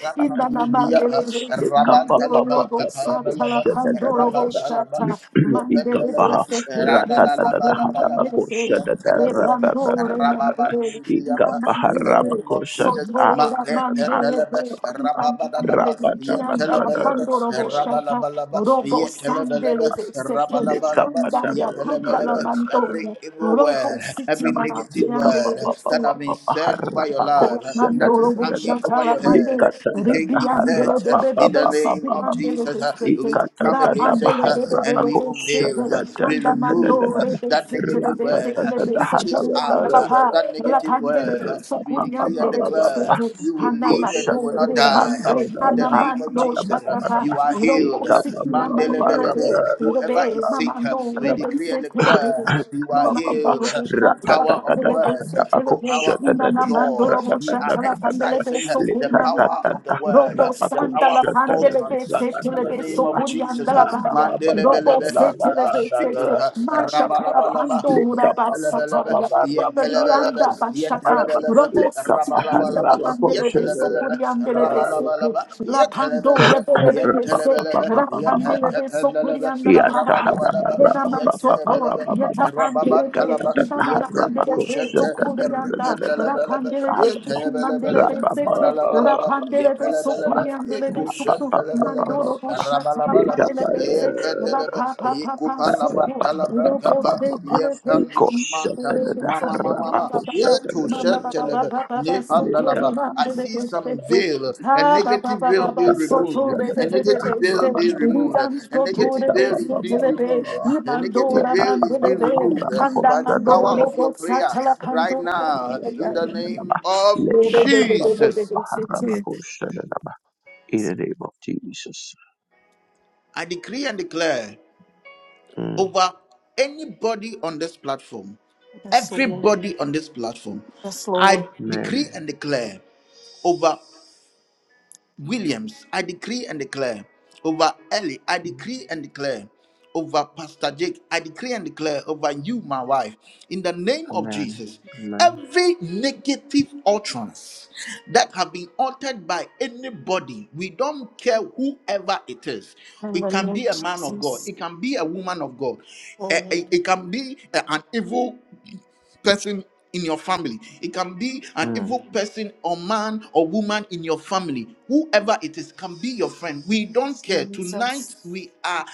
Speaker 1: rapandu de briapa, rabantalaba, kapaya
Speaker 2: Satala
Speaker 1: balaba,
Speaker 2: Pandoro
Speaker 1: rabantalaba,
Speaker 2: Shata Mandele de
Speaker 1: Yantelebe,
Speaker 2: sekele de sakun
Speaker 1: radadalabalaba,
Speaker 2: mandele de de
Speaker 1: yantelebelebe,
Speaker 2: mandore mandele ina
Speaker 1: rababandilibriyapa. In the
Speaker 2: mandele
Speaker 1: name of Jesus,
Speaker 2: sotora mandele de
Speaker 1: Makepenelebe,
Speaker 2: ina
Speaker 1: rababadalaba,
Speaker 2: mandele de kianda la
Speaker 1: yantelebelebe,
Speaker 2: pandoro boshata
Speaker 1: rabalabalaba,
Speaker 2: robo
Speaker 1: yetelebelebe,
Speaker 2: sandele de sekle
Speaker 1: rabalabalaba,
Speaker 2: kanda ya kanda la
Speaker 1: yepelebelebe. Every
Speaker 2: mandoya
Speaker 1: evil
Speaker 2: robo
Speaker 1: word,
Speaker 2: siti
Speaker 1: every
Speaker 2: na
Speaker 3: Daba,
Speaker 1: negative
Speaker 3: leka pa
Speaker 2: tiandele
Speaker 1: word
Speaker 3: pa
Speaker 2: de
Speaker 3: pa
Speaker 2: se
Speaker 1: that
Speaker 3: pa
Speaker 1: have
Speaker 3: pa
Speaker 1: been
Speaker 3: pa
Speaker 1: said over
Speaker 3: harra
Speaker 1: your
Speaker 3: pa
Speaker 1: life,
Speaker 3: kosha da
Speaker 1: that
Speaker 3: da
Speaker 1: is
Speaker 2: Dalamandoro
Speaker 3: da da da
Speaker 1: hanging
Speaker 3: da.
Speaker 1: over
Speaker 2: Boshatala
Speaker 1: your head,
Speaker 2: Pande,
Speaker 3: Leka da
Speaker 1: to
Speaker 3: da da
Speaker 1: take
Speaker 3: harra
Speaker 2: Ribiandele
Speaker 1: effect
Speaker 2: de
Speaker 3: pa pa
Speaker 1: in the
Speaker 2: Bebe
Speaker 3: pa pa
Speaker 1: name
Speaker 2: Siti
Speaker 3: pa
Speaker 1: of
Speaker 3: pa pa.
Speaker 2: Bandele
Speaker 1: Jesus.
Speaker 2: de Sete,
Speaker 3: Leka
Speaker 1: We
Speaker 3: da
Speaker 1: come
Speaker 2: La
Speaker 3: da da
Speaker 1: against
Speaker 3: ba
Speaker 1: it
Speaker 2: Pandele
Speaker 1: uh,
Speaker 2: de
Speaker 3: harra
Speaker 2: Bebe
Speaker 3: pa
Speaker 1: and we
Speaker 2: de
Speaker 3: kosha
Speaker 1: unveil,
Speaker 2: Sete,
Speaker 1: uh,
Speaker 3: da da
Speaker 1: we remove uh,
Speaker 2: Andamandore de
Speaker 1: that
Speaker 2: Sete
Speaker 1: negative
Speaker 2: de
Speaker 1: word,
Speaker 2: Sete
Speaker 1: uh,
Speaker 2: de
Speaker 1: we chase
Speaker 2: Sokurian de
Speaker 1: out uh,
Speaker 2: Papa,
Speaker 1: that
Speaker 2: La
Speaker 1: negative word,
Speaker 2: Pandele de
Speaker 1: uh, we
Speaker 2: Sokurian
Speaker 1: decree and
Speaker 2: de
Speaker 1: declare uh,
Speaker 2: Sete,
Speaker 1: you will live and you will not
Speaker 2: Anamandore
Speaker 1: die. uh,
Speaker 2: Mande,
Speaker 1: In the name of
Speaker 2: Anamando
Speaker 1: Jesus, uh,
Speaker 2: Shatapa,
Speaker 1: you are healed.
Speaker 2: Robo
Speaker 1: uh,
Speaker 2: Siti Namandele de,
Speaker 1: Mandelebelebe. Whoever is
Speaker 2: Irobe
Speaker 1: sick, uh, we
Speaker 2: Mamandore de
Speaker 1: decree and declare
Speaker 2: Sete
Speaker 1: uh, you are healed.
Speaker 2: Namandoro
Speaker 1: uh, The
Speaker 2: Busha Tala
Speaker 1: power of
Speaker 2: pandele
Speaker 1: words, uh,
Speaker 2: Bese
Speaker 1: the
Speaker 2: Telepe,
Speaker 1: power of the
Speaker 2: Imana
Speaker 1: jaw,
Speaker 2: Mandoro
Speaker 1: we
Speaker 2: Busha
Speaker 1: are
Speaker 2: Talapandele
Speaker 1: exercising uh,
Speaker 2: Beso
Speaker 1: the
Speaker 2: Kurianda,
Speaker 1: power of the word,
Speaker 2: Robo
Speaker 1: uh, the power
Speaker 2: Sandala
Speaker 1: of all
Speaker 2: Pandele
Speaker 1: utterance uh,
Speaker 2: Bese
Speaker 1: in the
Speaker 2: Telebe
Speaker 1: name of Jesus.
Speaker 2: Sokurianda
Speaker 1: uh,
Speaker 2: Labaya, Robo
Speaker 1: Mandelebelebe, we
Speaker 2: Setele
Speaker 1: are speaking.
Speaker 2: Bese,
Speaker 1: uh,
Speaker 2: Masha
Speaker 1: Rabalabalaba,
Speaker 2: Kalapando
Speaker 1: yetelebelebe,
Speaker 2: Rabasataya.
Speaker 1: yetelebelebe,
Speaker 2: Rianda Bashaka,
Speaker 1: yetelebelebe,
Speaker 2: Robo City Handa
Speaker 1: rabalabalaba,
Speaker 2: Lavandele Beso
Speaker 3: let
Speaker 1: yetelebelebe,
Speaker 2: Kuriandele Bese,
Speaker 1: rabalabalaba,
Speaker 2: Lapando
Speaker 1: yetelebelebe,
Speaker 2: Yadelebe Bese,
Speaker 1: yetelebelebe,
Speaker 2: la Rapandele Beso
Speaker 1: yepetelebelebe,
Speaker 2: Kurianda
Speaker 3: Lekaba
Speaker 2: Labaya.
Speaker 1: rabalabalaba,
Speaker 2: Renaman Soto,
Speaker 1: yetelebelebe,
Speaker 2: Yetapandelebe,
Speaker 1: rababatalaba,
Speaker 2: Inananandelebe,
Speaker 1: yetentushete,
Speaker 2: Sokurianda,
Speaker 1: erpendelebelebe,
Speaker 2: Rapandelebe,
Speaker 1: yetelebelebelebe,
Speaker 2: Sukumandelebe, Sete,
Speaker 1: madalabalaba,
Speaker 2: Rapandelebe,
Speaker 1: yepelebelebe, Mama,
Speaker 2: Sokuriandelebe, Mandoro Boshata
Speaker 1: mama,
Speaker 2: Pandelebese, Rapa Papa Soto, Robote Telepe,
Speaker 1: I see some veil, a negative veil be removed, a negative veil be removed, a negative veil is being removed, a negative veil is being removed by the power of your prayer right
Speaker 3: In
Speaker 1: now in the name of Jesus.
Speaker 3: the name of Jesus.
Speaker 1: I decree and declare.
Speaker 3: Mm.
Speaker 1: over anybody on this platform,
Speaker 2: Yes, Lord.
Speaker 1: everybody on this platform.
Speaker 2: Yes, Lord.
Speaker 1: I decree
Speaker 3: Amen.
Speaker 1: and declare over. Williams, I decree and declare over Ellie, I
Speaker 3: Mm.
Speaker 1: decree and declare over Pastor Jake, I decree and declare over you, my wife, in the name of
Speaker 3: Amen.
Speaker 1: Jesus.
Speaker 3: Amen.
Speaker 1: Every negative utterance that have been uttered by anybody, we don't care whoever it is.
Speaker 2: In
Speaker 1: It
Speaker 2: the name
Speaker 1: can
Speaker 2: of
Speaker 1: be a man of God,
Speaker 2: Jesus.
Speaker 1: it can be a woman of God, eh,
Speaker 2: Oh,
Speaker 1: eh, it, can be eh, an evil person in your family. It can be an
Speaker 3: Mm.
Speaker 1: evil person or man or woman in your family. Whoever it is can be your friend. We don't care. Tonight
Speaker 2: Jesus.
Speaker 1: we are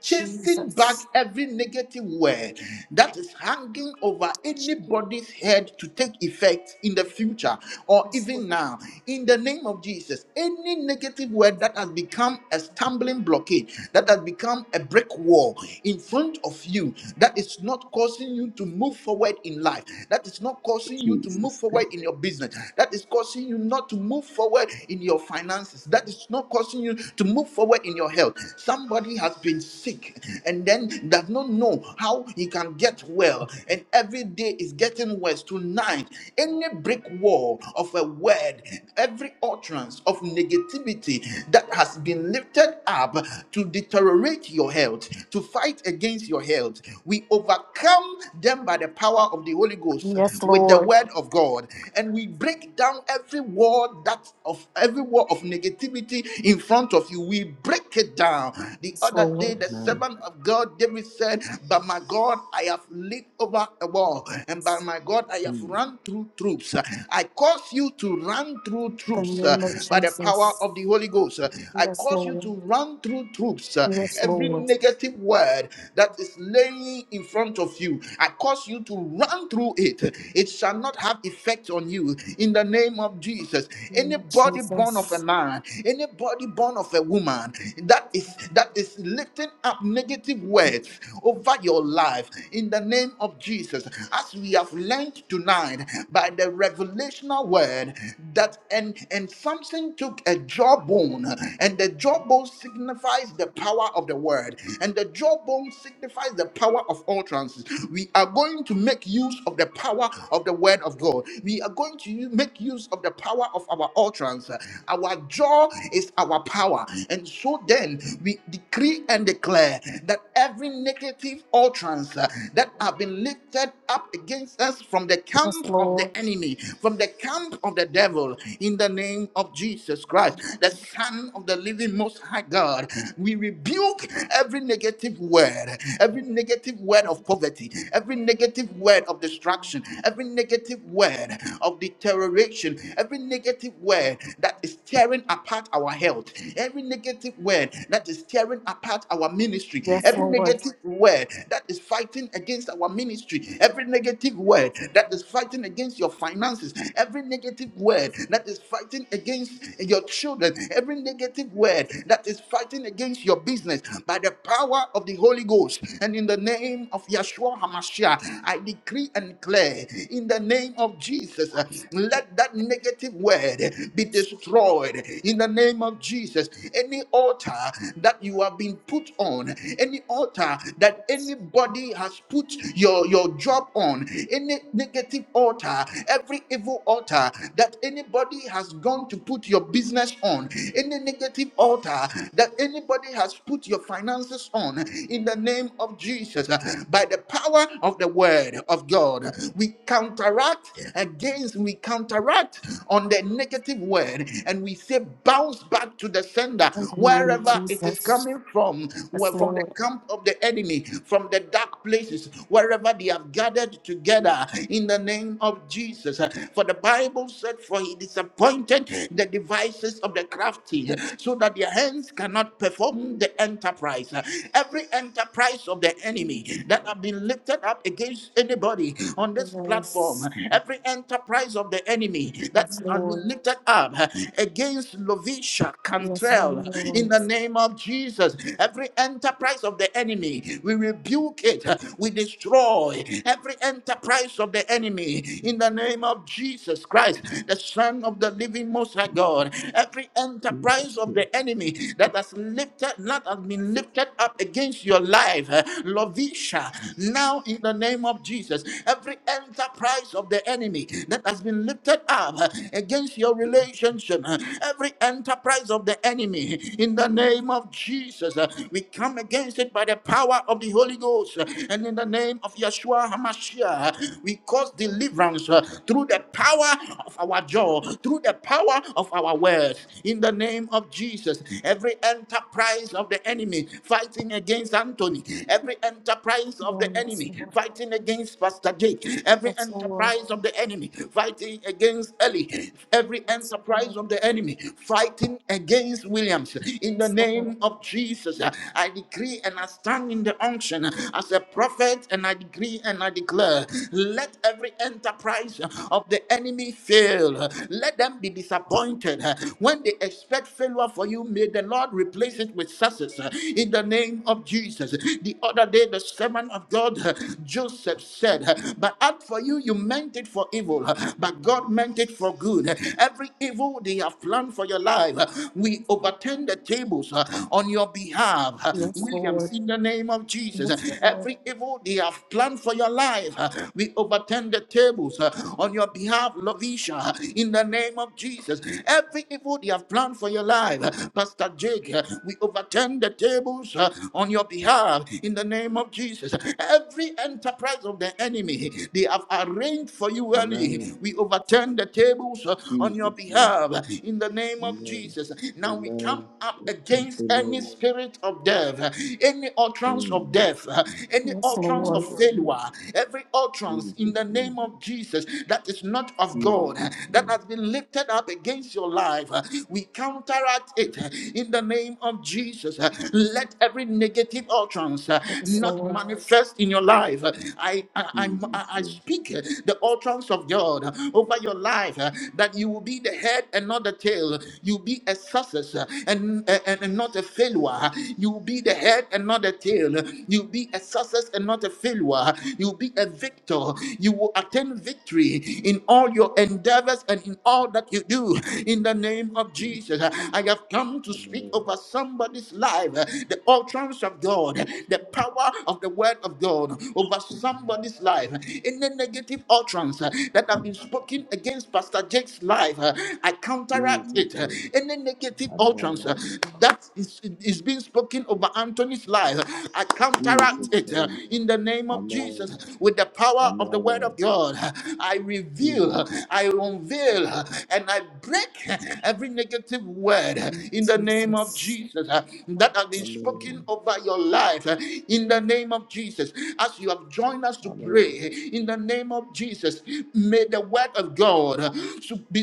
Speaker 1: chasing back
Speaker 2: Jesus.
Speaker 1: every negative word that is hanging over anybody's head to take effect in the future or
Speaker 2: Yes,
Speaker 1: even
Speaker 2: Lord.
Speaker 1: now in the name of jesus any negative word that has become a stumbling blockade that has become a brick wall in front of you that is not causing you to move move forward in life, that is not causing you to move
Speaker 3: Jesus name.
Speaker 1: forward in your business, that is causing you not to move forward in your finances, that is not causing you to move forward in your health. Somebody has been sick and then does not know how he can get well, and every day is getting worse. Tonight, any brick wall of a word, every utterance of negativity that has been lifted up to deteriorate your health, to fight against your health, we overcome overcome them by the power of the Holy Ghost
Speaker 2: Yes,
Speaker 1: with the
Speaker 2: Lord.
Speaker 1: word of God. And we break down every word that of every word of negativity in front of you. We break it down. The
Speaker 2: Yes,
Speaker 1: other
Speaker 2: Lord.
Speaker 1: day, the
Speaker 3: Amen.
Speaker 1: servant of God David said, But my God, I have leaped over a wall, and by
Speaker 2: Yes.
Speaker 1: my God, I have
Speaker 3: Mm.
Speaker 1: run through troops. I cause you to run through
Speaker 2: The
Speaker 1: troops uh,
Speaker 2: name of
Speaker 1: by the power
Speaker 2: Jesus.
Speaker 1: of the Holy Ghost. I
Speaker 2: Yes,
Speaker 1: cause you
Speaker 2: Lord.
Speaker 1: to run through troops. uh,
Speaker 2: Yes,
Speaker 1: Every
Speaker 2: Lord.
Speaker 1: negative word that is laying journey in front of you. I cause you to run through it. It shall not have effect on you in the name of Jesus.
Speaker 2: Name of
Speaker 1: Anybody born of a
Speaker 2: Jesus.
Speaker 1: man, anybody born of a woman that is that is lifting up negative words over your life in the name of Jesus. As we have learned tonight by the revelational word that and and something took a jawbone and the jawbone signifies the power of the word and the jawbone signifies signifies the power of utterances. We are going to make use of the power of the word of God. We are going to u- make use of the power of our utterance. Our jaw is our power. And so then we decree and declare that every negative utterance uh, that have been lifted up against us from the
Speaker 2: Yes,
Speaker 1: camp of the
Speaker 2: Lord.
Speaker 1: enemy, from the camp of the devil, in the name of Jesus Christ, the Son of the living most high God, we rebuke every negative negative word, every negative word of poverty, every negative word of destruction, every negative word of deterioration, every negative word that is tearing apart our health, every negative word that is tearing apart our ministry,
Speaker 2: Yes,
Speaker 1: every
Speaker 2: Lord.
Speaker 1: negative word that is fighting against our ministry, every negative word that is fighting against your finances, every negative word that is fighting against your children, every negative word that is fighting against your business by the power of the Holy Ghost and in the name of Yeshua HaMashiach. I decree and declare in the name of Jesus, uh, let that negative word be destroyed in the name of Jesus. Any altar that you have been put on, any altar that anybody has put your, your job on, any negative altar, every evil altar that anybody has gone to put your business on, any negative altar that anybody has put your finances on in the name of Jesus. By the power of the word of God, we counteract against, we counteract on the negative word and we say bounce back to the sender
Speaker 2: In the name of
Speaker 1: wherever it is
Speaker 2: Jesus.
Speaker 1: coming from,
Speaker 2: Yes,
Speaker 1: where- from the
Speaker 2: Lord.
Speaker 1: camp of the enemy, from the dark places, wherever they have gathered together in the name of Jesus. For the Bible said, For he disappointed the devices of the crafty, so that their hands cannot perform the enterprise. Every enterprise of the enemy that have been lifted up against anybody on this platform,
Speaker 2: Yes.
Speaker 1: every enterprise of the enemy that
Speaker 2: Yes,
Speaker 1: has been
Speaker 2: Lord.
Speaker 1: lifted up against Lovisha
Speaker 2: Yes,
Speaker 1: Cantrell
Speaker 2: Lord.
Speaker 1: in the name of Jesus, every enterprise of the enemy, we rebuke it, we destroy every enterprise of the enemy in the name of Jesus Christ, the Son of the living Most High God. Every enterprise
Speaker 3: Jesus
Speaker 1: of the
Speaker 3: name.
Speaker 1: the enemy that has lifted, not has been lifted up against your life, eh, Lovisha. Now, in the name of Jesus, every enterprise of the enemy that has been lifted up eh, against your relationship, eh, every enterprise of the enemy, in the name of Jesus, eh, we come against it by the power of the Holy Ghost, eh, and in the name of Yeshua Hamashiach, uh, we cause deliverance eh, through the power of our jaw, through the power of our words, in the name of Jesus. Every enterprise of the enemy fighting against Anthony, every enterprise
Speaker 2: Yes,
Speaker 1: of the
Speaker 2: Lord.
Speaker 1: enemy fighting against Pastor Jake, every
Speaker 2: Yes, Lord.
Speaker 1: enterprise of the enemy fighting against Ellie, every
Speaker 2: Yes, Lord.
Speaker 1: enterprise of the enemy fighting against Williams. In the name of Jesus, I decree and I stand in the unction as a prophet and I decree and I declare let every enterprise of the enemy fail. Let them be disappointed. When they expect failure for you, may the Lord replace it with success uh, in the name of Jesus. The other day, the servant of God, uh, Joseph said, uh, But as for you, you meant it for evil, uh, but God meant it for good. Every evil they have planned for your life, uh, we overturn the tables uh, on your behalf. uh,
Speaker 2: Yes,
Speaker 1: Williams,
Speaker 2: Lord.
Speaker 1: in the name of Jesus,
Speaker 2: Yes, Lord.
Speaker 1: every evil they have planned for your life, uh, we overturn the tables uh, on your behalf, Lovisha, in the name of Jesus promises, every evil they have planned for your life. Pastor Jake, uh, we overturn the tables uh, on your behalf in the name of Jesus. Every enterprise of the enemy they have arranged for you early,
Speaker 3: Amen.
Speaker 1: we overturn the tables uh, on your
Speaker 3: Jesus name.
Speaker 1: behalf in the name of
Speaker 3: Amen.
Speaker 1: Jesus. Now we come
Speaker 3: Amen.
Speaker 1: up against any
Speaker 3: Amen.
Speaker 1: spirit of death, uh, any utterance
Speaker 3: Mm.
Speaker 1: of death, uh, any
Speaker 2: Yes,
Speaker 1: utterance
Speaker 2: Lord.
Speaker 1: of
Speaker 3: Jesus
Speaker 1: failure,
Speaker 3: name.
Speaker 1: every utterance in the
Speaker 3: Jesus
Speaker 1: name
Speaker 3: name.
Speaker 1: of Jesus that is not of God,
Speaker 3: Jesus
Speaker 1: that
Speaker 3: name.
Speaker 1: has been been lifted up against your life, uh, we counteract it uh, in the name of Jesus. Uh, Let every negative utterance uh,
Speaker 2: Jesus.
Speaker 1: Yes,
Speaker 2: Yes,
Speaker 1: not Lord. manifest in your life. Uh, I, I, I'm- I,
Speaker 3: Jesus
Speaker 1: I
Speaker 3: name.
Speaker 1: speak uh, the utterance of God uh, over your life uh, that you will be the head and not the tail. You'll be a success uh, and, and, and not a failure. You'll be the head and not the tail. You'll be a success and not a failure. You'll be a victor. You will attain victory in all your endeavors endeavors and in all that you do. In the name of
Speaker 3: Jesus
Speaker 1: Jesus,
Speaker 3: name.
Speaker 1: I have come to speak
Speaker 3: Amen.
Speaker 1: over somebody's life, the utterance of God, the power of the word of God over somebody's life. In the negative utterance that have been spoken against Pastor Jake's life, I counteract
Speaker 3: Jesus
Speaker 1: it.
Speaker 3: name.
Speaker 1: Any negative utterance
Speaker 3: Amen.
Speaker 1: that is, is being spoken over Anthony's life, I counteract
Speaker 3: Jesus
Speaker 1: it
Speaker 3: name.
Speaker 1: in the name of
Speaker 3: Amen.
Speaker 1: Jesus with the power
Speaker 3: Amen.
Speaker 1: of the word of God. I reveal
Speaker 3: Mm.
Speaker 1: reveal, I unveil, and I break every negative word in the name of Jesus uh, that have been spoken
Speaker 3: Amen.
Speaker 1: over your life uh, in the name of Jesus. As you have joined us to
Speaker 3: Amen.
Speaker 1: pray in the name of Jesus, may the word of God uh, su- be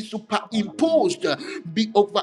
Speaker 3: Amen.
Speaker 1: superimposed, uh, be over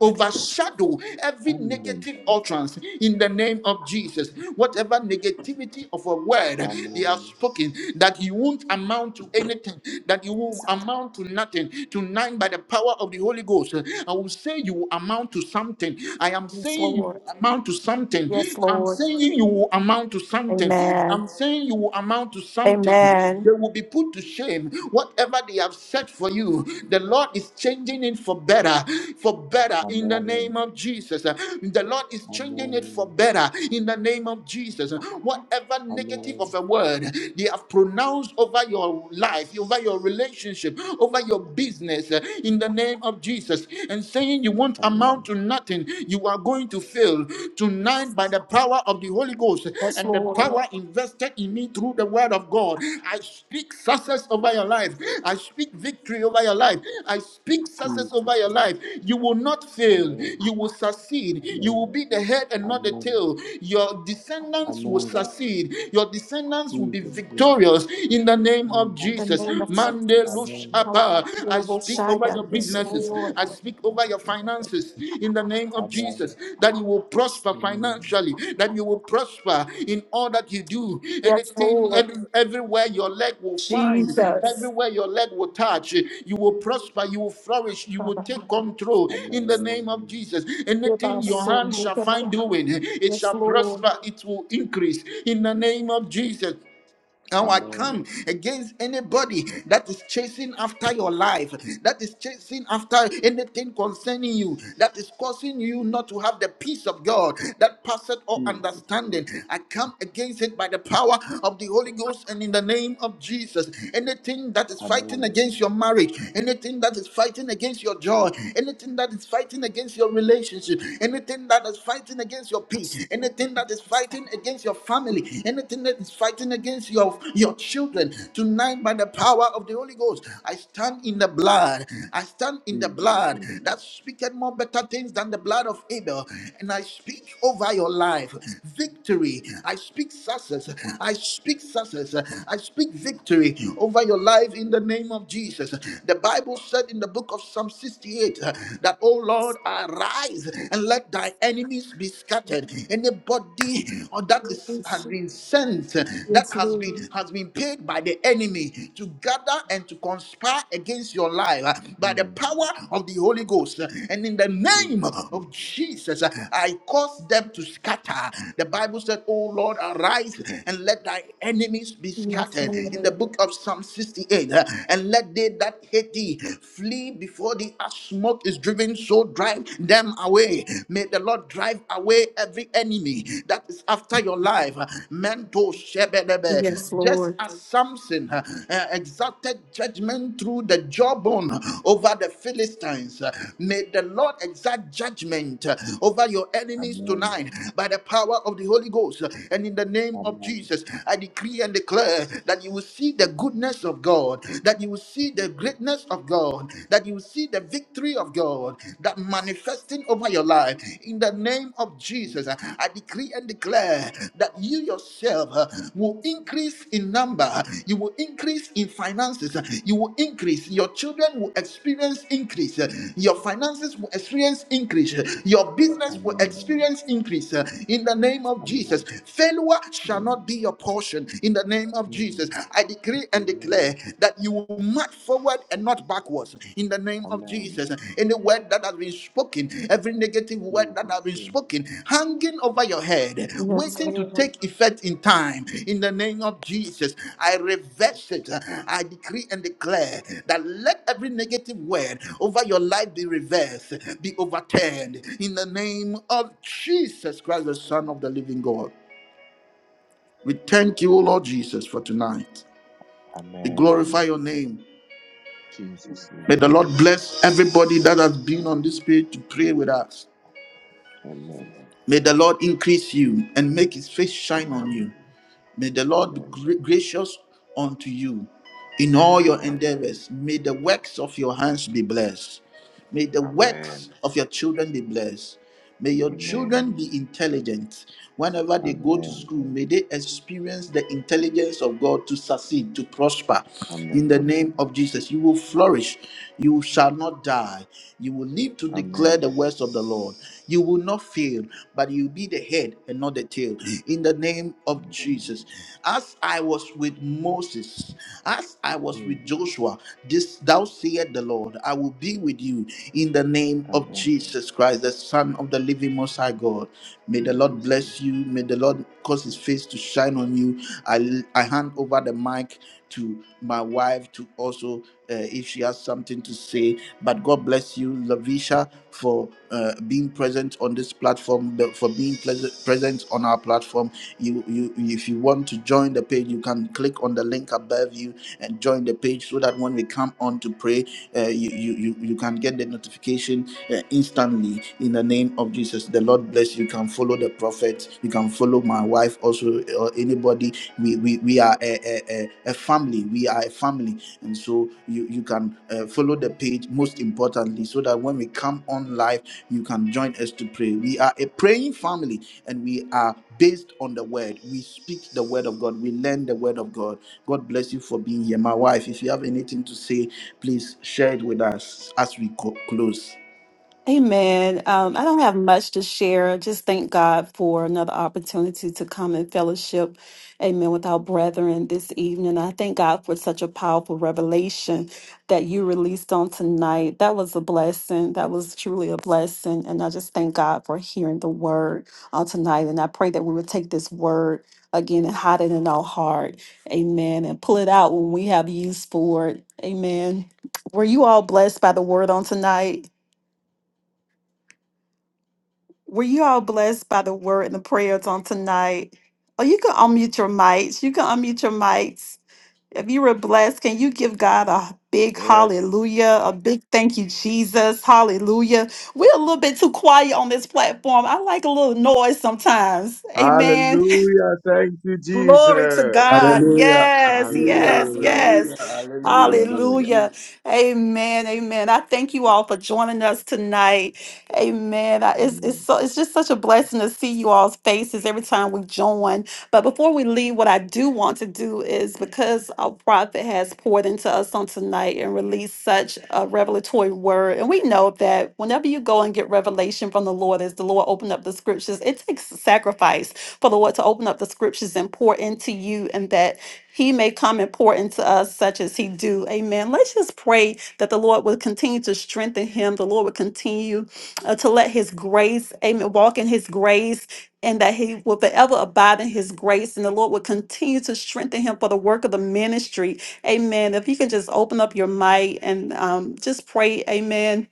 Speaker 1: overshadow every
Speaker 3: Amen.
Speaker 1: negative utterance in the name of Jesus. Whatever negativity of a word they have
Speaker 3: Amen.
Speaker 1: spoken that you won't amount to anything, that you will amount to nothing. Tonight, by the power of the Holy Ghost, I will say you will amount to something. I am saying you will
Speaker 2: Lord.
Speaker 1: amount to something.
Speaker 2: Yes,
Speaker 1: I'm
Speaker 2: Lord.
Speaker 1: saying you will amount to something.
Speaker 2: Amen.
Speaker 1: I'm saying you will amount to something.
Speaker 2: Amen.
Speaker 1: They will be put to shame. Whatever they have said for you, the Lord is changing it for better. For better in the
Speaker 3: Amen.
Speaker 1: name of Jesus. The Lord is changing it for
Speaker 3: Amen.
Speaker 1: better in the name of Jesus. Whatever negative of
Speaker 3: Amen.
Speaker 1: a word they have pronounced over over your life, over your relationship, over your business uh, in the name of Jesus and saying you won't amount
Speaker 3: Amen.
Speaker 1: to nothing. You are going to fail tonight by the power of the Holy Ghost
Speaker 2: Yes,
Speaker 1: and the
Speaker 2: Lord.
Speaker 1: power invested in me through the word of God. I speak success over your life. I speak victory over your life. I speak success over
Speaker 3: Jesus
Speaker 1: your
Speaker 3: name.
Speaker 1: life. You will not fail.
Speaker 3: Amen.
Speaker 1: You will succeed. You will
Speaker 3: Amen.
Speaker 1: be the head and not the
Speaker 3: Amen.
Speaker 1: tail. Your descendants will
Speaker 3: Amen.
Speaker 1: succeed. Your descendants will be
Speaker 3: Jesus
Speaker 1: victorious
Speaker 3: name.
Speaker 1: victorious in the name of
Speaker 3: Amen.
Speaker 2: The
Speaker 1: Jesus.
Speaker 2: name of
Speaker 1: Mande
Speaker 2: Jesus.
Speaker 3: Amen.
Speaker 1: Lushapa. I speak over
Speaker 3: Da,
Speaker 1: your
Speaker 2: Kalabashaya.
Speaker 3: da, da,
Speaker 2: Yes,
Speaker 3: da,
Speaker 1: businesses.
Speaker 3: da, da,
Speaker 2: Lord.
Speaker 1: I
Speaker 3: da,
Speaker 1: speak
Speaker 3: da,
Speaker 1: over
Speaker 3: da,
Speaker 1: your
Speaker 3: da, da, da, da.
Speaker 1: finances in the name of
Speaker 3: Amen.
Speaker 1: Jesus. That you will prosper
Speaker 3: Amen.
Speaker 1: financially, that you will prosper in all that you do.
Speaker 2: Yes,
Speaker 1: Anything,
Speaker 2: Lord.
Speaker 1: every, everywhere your leg will find,
Speaker 2: Jesus.
Speaker 1: everywhere your leg will touch, you will prosper, you will flourish, you will
Speaker 2: Baba.
Speaker 1: take control in the name of
Speaker 3: Amen.
Speaker 1: Jesus.
Speaker 2: Give
Speaker 1: Anything
Speaker 2: us
Speaker 1: your
Speaker 2: soul.
Speaker 1: hand
Speaker 2: Give
Speaker 1: shall
Speaker 2: us our
Speaker 1: find doing, it
Speaker 2: Yes,
Speaker 1: shall
Speaker 2: Lord.
Speaker 1: prosper, it will increase in the name of Jesus. Now I
Speaker 3: Amen.
Speaker 1: come against anybody that is chasing after your life, that is chasing after anything concerning you, that is causing you not to have the peace of God that passeth all
Speaker 3: Jesus.
Speaker 1: understanding. I come against it by the power of the Holy Ghost and in the name of Jesus. Anything that is fighting
Speaker 3: Amen.
Speaker 1: against your marriage, anything that is fighting against your joy, anything that is fighting against your relationship, anything that is fighting against your peace, anything that is fighting fighting against your family, anything that is fighting against your, your children, tonight by the power of the Holy Ghost, I stand in the blood. I stand in the
Speaker 3: Jesus
Speaker 1: blood
Speaker 3: name.
Speaker 1: that speaketh more better things than the blood of Abel. And I speak over your life victory. I speak success. I speak success. I speak victory over your life in the name of Jesus. The Bible said in the book of Psalm 68 uh, that, Oh Lord, arise and let let thy enemies be scattered. Anybody or that is,
Speaker 2: Yes,
Speaker 1: has
Speaker 2: Lord.
Speaker 1: been sent, that
Speaker 2: Yes,
Speaker 1: has been
Speaker 2: Lord.
Speaker 1: has been paid by the enemy to gather and to conspire against your life uh, by the
Speaker 3: Mm.
Speaker 1: power of the Holy Ghost. uh, And in the name
Speaker 3: Jesus
Speaker 1: of
Speaker 3: name.
Speaker 1: Jesus, uh, I cause them to scatter. The Bible said, Oh Lord, arise and let thy enemies be scattered. In the book of Psalm 68, uh, and let they that hate thee flee before the smoke is driven, so drive them away. May the Lord drive away every enemy that is after your life. Mento shebelebe.
Speaker 2: Yes,
Speaker 1: Just
Speaker 2: Lord.
Speaker 1: as Samson uh, uh, exacted judgment through the jawbone over the Philistines, uh, may the Lord exact judgment uh, over your enemies
Speaker 3: Amen.
Speaker 1: tonight by the power of the Holy Ghost. And in the name of
Speaker 3: Amen.
Speaker 1: Jesus, I decree and declare that you will see the goodness of God, that you will see the greatness of God, that you see the victory of God that manifesting over your life. In the name of Jesus, uh, I decree and declare that you yourself uh, will increase in number, you will increase in finances, uh, you will increase, your children will experience increase, uh, your finances will experience increase, uh, your business will
Speaker 3: Amen.
Speaker 1: experience increase. uh, In the name of
Speaker 3: Amen.
Speaker 1: Jesus, failure shall
Speaker 3: Amen.
Speaker 1: not be your portion. In the name of
Speaker 3: Amen.
Speaker 1: Jesus, I decree and
Speaker 3: Amen.
Speaker 1: declare that you will march forward and not backwards in the name of
Speaker 3: Amen.
Speaker 1: Jesus. Any word that has been spoken, every negative word that has
Speaker 3: Jesus
Speaker 1: been
Speaker 3: name.
Speaker 1: spoken, hanging over your head,
Speaker 2: Yes,
Speaker 1: waiting to
Speaker 2: Lord.
Speaker 1: take effect in time, in the name of Jesus, I reverse it. I decree and declare that let every negative word over your life be reversed, be overturned in the name of Jesus Christ, the Son of the living God. We thank you, O Lord Jesus, for tonight. We
Speaker 3: Amen.
Speaker 1: glorify your name.
Speaker 3: Jesus name.
Speaker 1: May the Lord bless everybody that has been on this page to pray with us.
Speaker 3: Amen.
Speaker 1: May the Lord increase you and make his face shine on
Speaker 3: Amen.
Speaker 1: you. May the Lord be
Speaker 3: Amen.
Speaker 1: gra- gracious unto you in all your
Speaker 3: Amen.
Speaker 1: endeavors. May the works of your hands be blessed. May the
Speaker 3: Amen.
Speaker 1: works of your children be blessed. May your
Speaker 3: Amen.
Speaker 1: children be intelligent. Whenever they go to
Speaker 3: Amen.
Speaker 1: school, may they experience the intelligence of God to succeed, to prosper. In the
Speaker 3: Amen.
Speaker 1: name of Jesus, you will flourish. You shall not die. You will live to declare
Speaker 3: Amen.
Speaker 1: the words of the Lord. You will not fail, but you'll be the head and not the tail. In the name of
Speaker 3: Amen.
Speaker 1: Jesus, as I was with Moses, as I was
Speaker 3: Mm.
Speaker 1: with Joshua, this thou sayest the Lord, I will be with you in the name of
Speaker 3: Amen.
Speaker 1: Jesus Christ, the Son of the Living Most High God. May the Lord
Speaker 3: Jesus name.
Speaker 1: bless you. May the Lord cause His face to shine on you. I I hand over the mic to my wife to also, uh, if she has something to say. But God bless you, Lavisha, for uh, being present on this platform, be- for being pleas- present on our platform you you if you want to join the page you can click on the link above you and join the page so that when we come on to pray uh, you, you you you can get the notification uh, instantly in the name of jesus the lord bless you You can follow the prophet you can follow my wife also or anybody we we, we are a, a, a a family we are a family and so you you can uh, follow the page most importantly so that when we come on live you can join us to pray. We are a praying family and we are based on the word. We speak the word of God. We learn the word of God. God bless you for being here. My wife, if you have anything to say, please share it with us as we co- close.
Speaker 2: Amen. Um, I don't have much to share. Just thank God for another opportunity to come and fellowship, amen, with our brethren this evening. I thank God for such a powerful revelation that you released on tonight. That was a blessing. That was truly a blessing. And I just thank God for hearing the word on tonight. And I pray that we would take this word again and hide it in our heart. Amen. And pull it out when we have use for it. Amen. Were you all blessed by the word on tonight? Were you all blessed by the word and the prayers on tonight? Oh, you can unmute your mics. You can unmute your mics. If you were blessed, can you give God a big
Speaker 3: Yes.
Speaker 2: hallelujah, a big thank you, Jesus? Hallelujah. We're a little bit too quiet on this platform. I like a little noise sometimes. Amen.
Speaker 3: Hallelujah. Thank you,
Speaker 2: Glory to
Speaker 3: Jesus.
Speaker 2: God.
Speaker 1: Hallelujah,
Speaker 2: Yes, yes,
Speaker 1: hallelujah,
Speaker 3: Hallelujah.
Speaker 1: hallelujah,
Speaker 2: yes.
Speaker 1: hallelujah.
Speaker 3: Hallelujah.
Speaker 2: Hallelujah.
Speaker 1: hallelujah.
Speaker 2: Amen. Amen. I thank you all for joining us tonight. Amen. I- It's,
Speaker 3: Amen.
Speaker 2: it's, so, it's just such a blessing to see you all's faces every time we join. But before we leave, what I do want to do is because our prophet has poured into us on tonight and released such a revelatory word. And we know that whenever you go and get revelation from the Lord, as the Lord opened up the scriptures, it takes sacrifice for the Lord to open up the scriptures and pour into you and that he may come and pour into us such as he do. Amen. Let's just pray that the Lord will continue to strengthen him. The Lord will continue uh, to let his grace, amen, walk in his grace and that he will forever abide in his grace and the Lord will continue to strengthen him for the work of the ministry. Amen. If you can just open up your mic and um, just pray, amen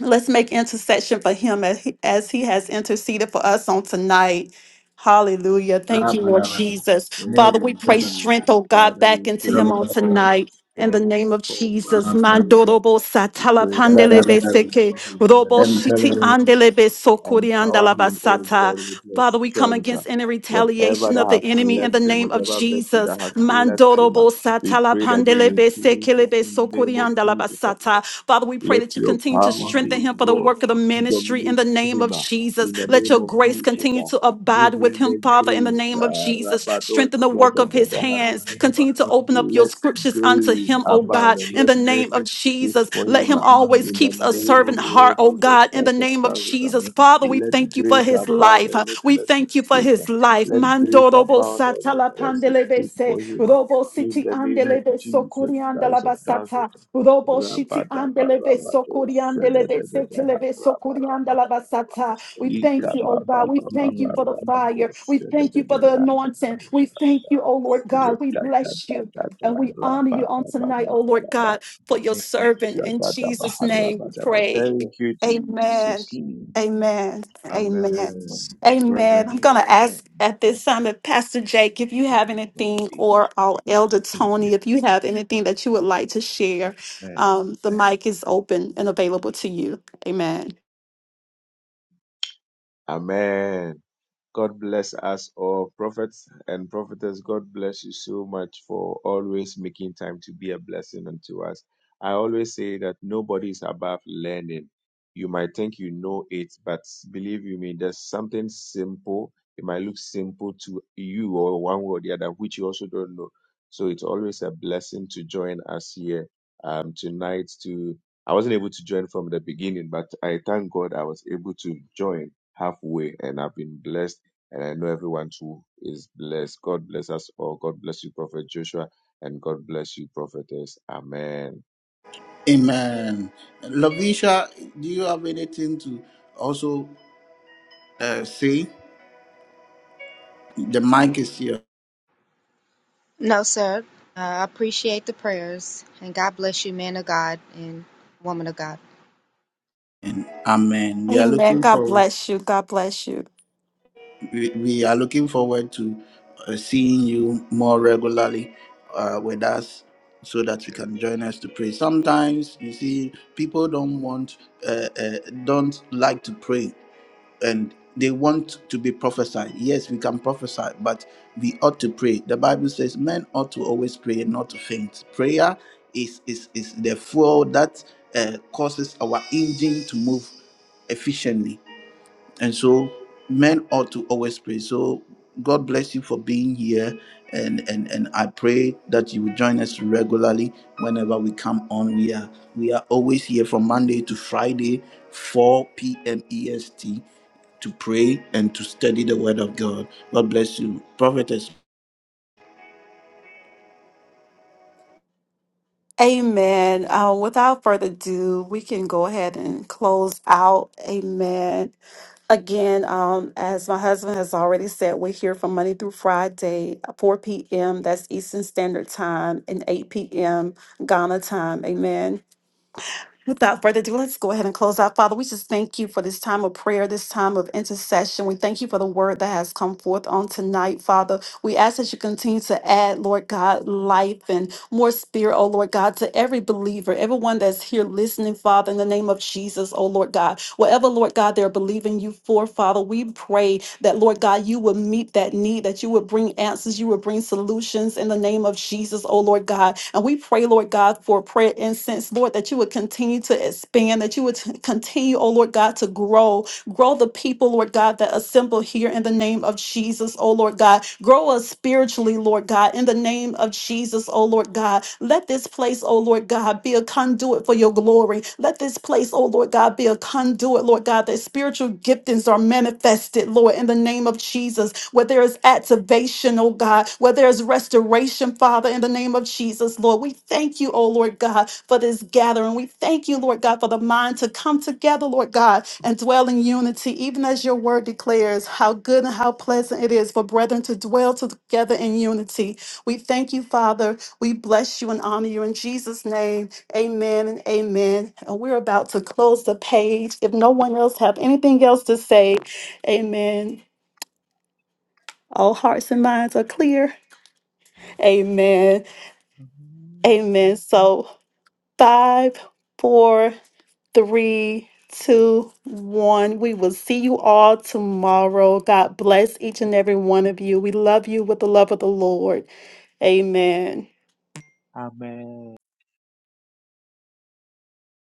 Speaker 2: Let's make intercession for him as he, as he has interceded for us on tonight. Hallelujah. Thank
Speaker 1: Ah,
Speaker 2: you, Lord
Speaker 1: madam.
Speaker 3: Amen.
Speaker 2: Jesus.
Speaker 3: Thank
Speaker 1: Yes,
Speaker 2: Father, we
Speaker 3: you,
Speaker 2: pray
Speaker 1: madam.
Speaker 2: strength,
Speaker 3: Jesus.
Speaker 2: oh God,
Speaker 3: Father,
Speaker 2: back
Speaker 3: we
Speaker 2: into
Speaker 1: Ah,
Speaker 2: him
Speaker 3: pray
Speaker 2: on
Speaker 1: madam.
Speaker 3: for
Speaker 2: tonight. In the name
Speaker 3: strength
Speaker 2: of
Speaker 3: for
Speaker 2: Jesus,
Speaker 1: Ah,
Speaker 3: Prophet
Speaker 1: madam.
Speaker 3: Joshua.
Speaker 2: Mandorobo
Speaker 3: We
Speaker 2: Satala
Speaker 3: pray that you
Speaker 1: Ah,
Speaker 3: will
Speaker 2: Pandelebe
Speaker 1: madam.
Speaker 2: Seke,
Speaker 3: strengthen him in the
Speaker 2: Robo
Speaker 3: name
Speaker 1: Then
Speaker 3: of
Speaker 1: tell
Speaker 2: Shiti
Speaker 1: everyone.
Speaker 3: Jesus.
Speaker 2: Andelebe Sokuri
Speaker 3: Empower him, oh God, with
Speaker 2: Andalabasata.
Speaker 3: your
Speaker 2: Father, we come
Speaker 3: strength.
Speaker 2: against any
Speaker 3: Whatever
Speaker 2: retaliation of
Speaker 3: that has
Speaker 2: the enemy in
Speaker 3: left
Speaker 2: the
Speaker 3: him,
Speaker 2: name of
Speaker 3: whatever virtue
Speaker 2: Jesus.
Speaker 3: that has left him,
Speaker 2: Mandorobo
Speaker 3: we
Speaker 2: Satala
Speaker 3: pray that you
Speaker 2: Pandelebe
Speaker 3: replace it
Speaker 2: Sekelebe
Speaker 3: in the
Speaker 2: Sokuri
Speaker 3: name of Jesus.
Speaker 2: Andalabasata. Father, we pray
Speaker 3: Let
Speaker 2: that you
Speaker 3: your
Speaker 2: continue to
Speaker 3: power,
Speaker 4: former military
Speaker 2: strengthen
Speaker 3: O
Speaker 2: him for the
Speaker 3: God,
Speaker 2: work of the
Speaker 4: is
Speaker 2: ministry in
Speaker 3: dominate
Speaker 2: the name
Speaker 3: him
Speaker 2: of
Speaker 3: uh,
Speaker 2: Jesus.
Speaker 3: in
Speaker 4: the
Speaker 3: the
Speaker 2: Let
Speaker 3: name
Speaker 2: your
Speaker 3: of
Speaker 2: grace
Speaker 4: logic
Speaker 3: Jesus.
Speaker 2: continue
Speaker 3: uh.
Speaker 2: to
Speaker 3: Give
Speaker 2: abide with
Speaker 3: him
Speaker 2: him,
Speaker 3: the
Speaker 2: Father, in the
Speaker 3: grace.
Speaker 2: name of
Speaker 3: uh,
Speaker 2: Jesus. Jesus.
Speaker 3: Rabado
Speaker 2: Strengthen the work of his
Speaker 3: Shadadada
Speaker 2: hands.
Speaker 4: given
Speaker 3: Harabadaba.
Speaker 2: Continue to
Speaker 4: that
Speaker 2: open up your
Speaker 3: Let
Speaker 2: scriptures unto
Speaker 4: the
Speaker 3: grace
Speaker 2: him, oh
Speaker 4: military
Speaker 3: abound
Speaker 2: God,
Speaker 3: and
Speaker 2: in
Speaker 3: let
Speaker 2: the
Speaker 4: is
Speaker 2: name
Speaker 3: mercy
Speaker 2: of
Speaker 3: speak
Speaker 2: Jesus.
Speaker 3: for
Speaker 2: Let
Speaker 3: him
Speaker 2: him
Speaker 3: uh,
Speaker 4: including
Speaker 2: always
Speaker 4: in
Speaker 3: in the
Speaker 2: keep
Speaker 4: the
Speaker 2: a
Speaker 3: name of
Speaker 2: servant
Speaker 3: the
Speaker 4: regulation
Speaker 2: heart,
Speaker 3: Lord
Speaker 2: oh
Speaker 3: Jesus
Speaker 2: God, in the
Speaker 3: Christ of
Speaker 2: name of
Speaker 3: Nazareth. uh.
Speaker 2: Jesus.
Speaker 4: negative
Speaker 2: Father, we
Speaker 3: Let
Speaker 2: thank you
Speaker 4: is
Speaker 2: for
Speaker 3: grace
Speaker 2: his
Speaker 3: abound
Speaker 2: life.
Speaker 3: and let
Speaker 2: We
Speaker 3: mercy
Speaker 2: thank you for
Speaker 3: speak. uh.
Speaker 2: his life.
Speaker 3: Let
Speaker 2: Mando
Speaker 3: grace abound and
Speaker 2: satala
Speaker 3: let mercy
Speaker 4: the
Speaker 3: speak for
Speaker 2: pandelebese,
Speaker 4: more
Speaker 3: him uh,
Speaker 2: robo
Speaker 3: in
Speaker 2: siti
Speaker 3: the name of
Speaker 4: important
Speaker 2: andelebe
Speaker 3: Jesus Christ
Speaker 2: sokuriandala
Speaker 3: of Nazareth.
Speaker 2: basata, robo shiti andelebe
Speaker 3: Rabadabarabado
Speaker 2: sokuriandelebe
Speaker 3: shadadadadaha
Speaker 2: setelebe sokuriandala
Speaker 3: rabadabadabadaba.
Speaker 2: basata. We thank you,
Speaker 4: generation
Speaker 2: oh God.
Speaker 4: is
Speaker 2: We
Speaker 4: given
Speaker 2: thank you
Speaker 4: on
Speaker 2: for the
Speaker 4: you than
Speaker 3: Ikabababababarabako
Speaker 2: fire. We thank you for the
Speaker 3: shadadadadaha
Speaker 2: anointing. We
Speaker 4: Jesus
Speaker 2: thank you,
Speaker 3: rabadabadabadaba.
Speaker 2: oh Lord
Speaker 4: than
Speaker 2: God. We bless you
Speaker 3: Lekatadadada
Speaker 2: and we honor
Speaker 4: you
Speaker 2: you on
Speaker 4: not
Speaker 3: rababababababa.
Speaker 2: tonight, oh Lord God,
Speaker 4: the
Speaker 2: for your
Speaker 4: negative
Speaker 2: servant. In
Speaker 4: Jesus
Speaker 2: Jesus'
Speaker 3: Shadadabaha
Speaker 2: name,
Speaker 3: rabadaba. Lekata
Speaker 2: we
Speaker 3: Tata Rababa Baba Baba Shada Rabadaba.
Speaker 4: for the
Speaker 2: pray.
Speaker 4: thought
Speaker 3: Thank you,
Speaker 2: Amen.
Speaker 3: Jesus.
Speaker 4: keeping
Speaker 2: Amen.
Speaker 4: being the
Speaker 2: Amen.
Speaker 3: Amen.
Speaker 4: money
Speaker 3: Amen.
Speaker 2: Amen. I'm
Speaker 4: present
Speaker 2: going to ask
Speaker 4: moment
Speaker 2: at this time if Pastor Jake, if you have
Speaker 4: of
Speaker 2: anything, or
Speaker 4: Jesus
Speaker 2: our elder Tony, if you have anything that you would like to share, um, the mic is open and available to you. Amen.
Speaker 3: Amen. God bless us all, prophets and prophetess. God bless you so much for always making time to be a blessing unto us. I always say that nobody is above learning. You might think you know it, but believe you me, there's something simple. It might look simple to you or one way or the other, which you also don't know. So it's always a blessing to join us here um, tonight. To I wasn't able to join from the beginning, but I thank God I was able to join halfway, and I've been blessed and I know everyone too is blessed. God bless us all. God bless you, Prophet Joshua, and God bless you, Prophetess. Amen.
Speaker 1: Amen. Lavisha, do you have anything to also? Uh, see, the mic is here.
Speaker 5: No, sir. Uh, I appreciate the prayers and God bless you, man of God and woman of God.
Speaker 1: And amen. We are
Speaker 2: Amen.
Speaker 1: looking
Speaker 2: God
Speaker 1: forward.
Speaker 2: bless you. God bless you.
Speaker 1: We, we are looking forward to uh, seeing you more regularly uh, with us, so that you can join us to pray. Sometimes you see people don't want, uh, uh, don't like to pray. and they want to be prophesied. Yes, we can prophesy, but we ought to pray. The Bible says men ought to always pray and not to faint. Prayer is is is the fuel that uh, causes our engine to move efficiently. And so men ought to always pray. So God bless you for being here. And, and and I pray that you will join us regularly whenever we come on. We are we are always here from Monday to Friday, 4 p.m. EST, to pray and to study the word of God. God bless you. Prophetess
Speaker 2: Amen. Uh, without further ado, we can go ahead and close out. Amen. Again, um, as my husband has already said, we're here from Monday through Friday, uh, 4 p.m. That's Eastern Standard Time, and 8 p.m. Ghana time. Amen. Without further ado, let's go ahead and close out. Father, we just thank you for this time of prayer, this time of intercession. We thank you for the word that has come forth on tonight, Father. We ask that you continue to add, Lord God, life and more spirit, oh Lord God, to every believer, everyone that's here listening, Father, in the name of Jesus, oh Lord God. Whatever, Lord God, they're believing you for, Father, we pray that, Lord God, you will meet that need, that you will bring bring answers. You will bring solutions in the name of Jesus, oh Lord God. And we pray, Lord God, for prayer incense, Lord, that you would continue to expand, that you would t- continue, oh Lord God, to grow. Grow the people, Lord God, that assemble here in the name of Jesus, oh Lord God. Grow us spiritually, Lord God, in the name of Jesus, oh Lord God. Let this place, oh Lord God, be a conduit for your glory. Let this place, oh Lord Lord God, be a conduit, Lord God, that spiritual giftings are manifested, Lord, in the name of Jesus, where there is activation, oh God, where there is restoration, Father, in the name of Jesus, Lord. We thank you, oh Lord God, for this gathering. We thank you, Lord God, for the mind to come together, Lord God, and dwell in unity, even as your word declares how good and how pleasant it is for brethren to dwell together in unity. We thank you, Father. We bless you and honor you in Jesus' name. Amen and amen. And We're about to close the page. If no one else have anything else to say, amen. All hearts and minds are clear. Amen. Amen. So five, four, three, two, one. We will see you all tomorrow. God bless each and every one of you. We love you with the love of the Lord. Amen.
Speaker 3: Amen.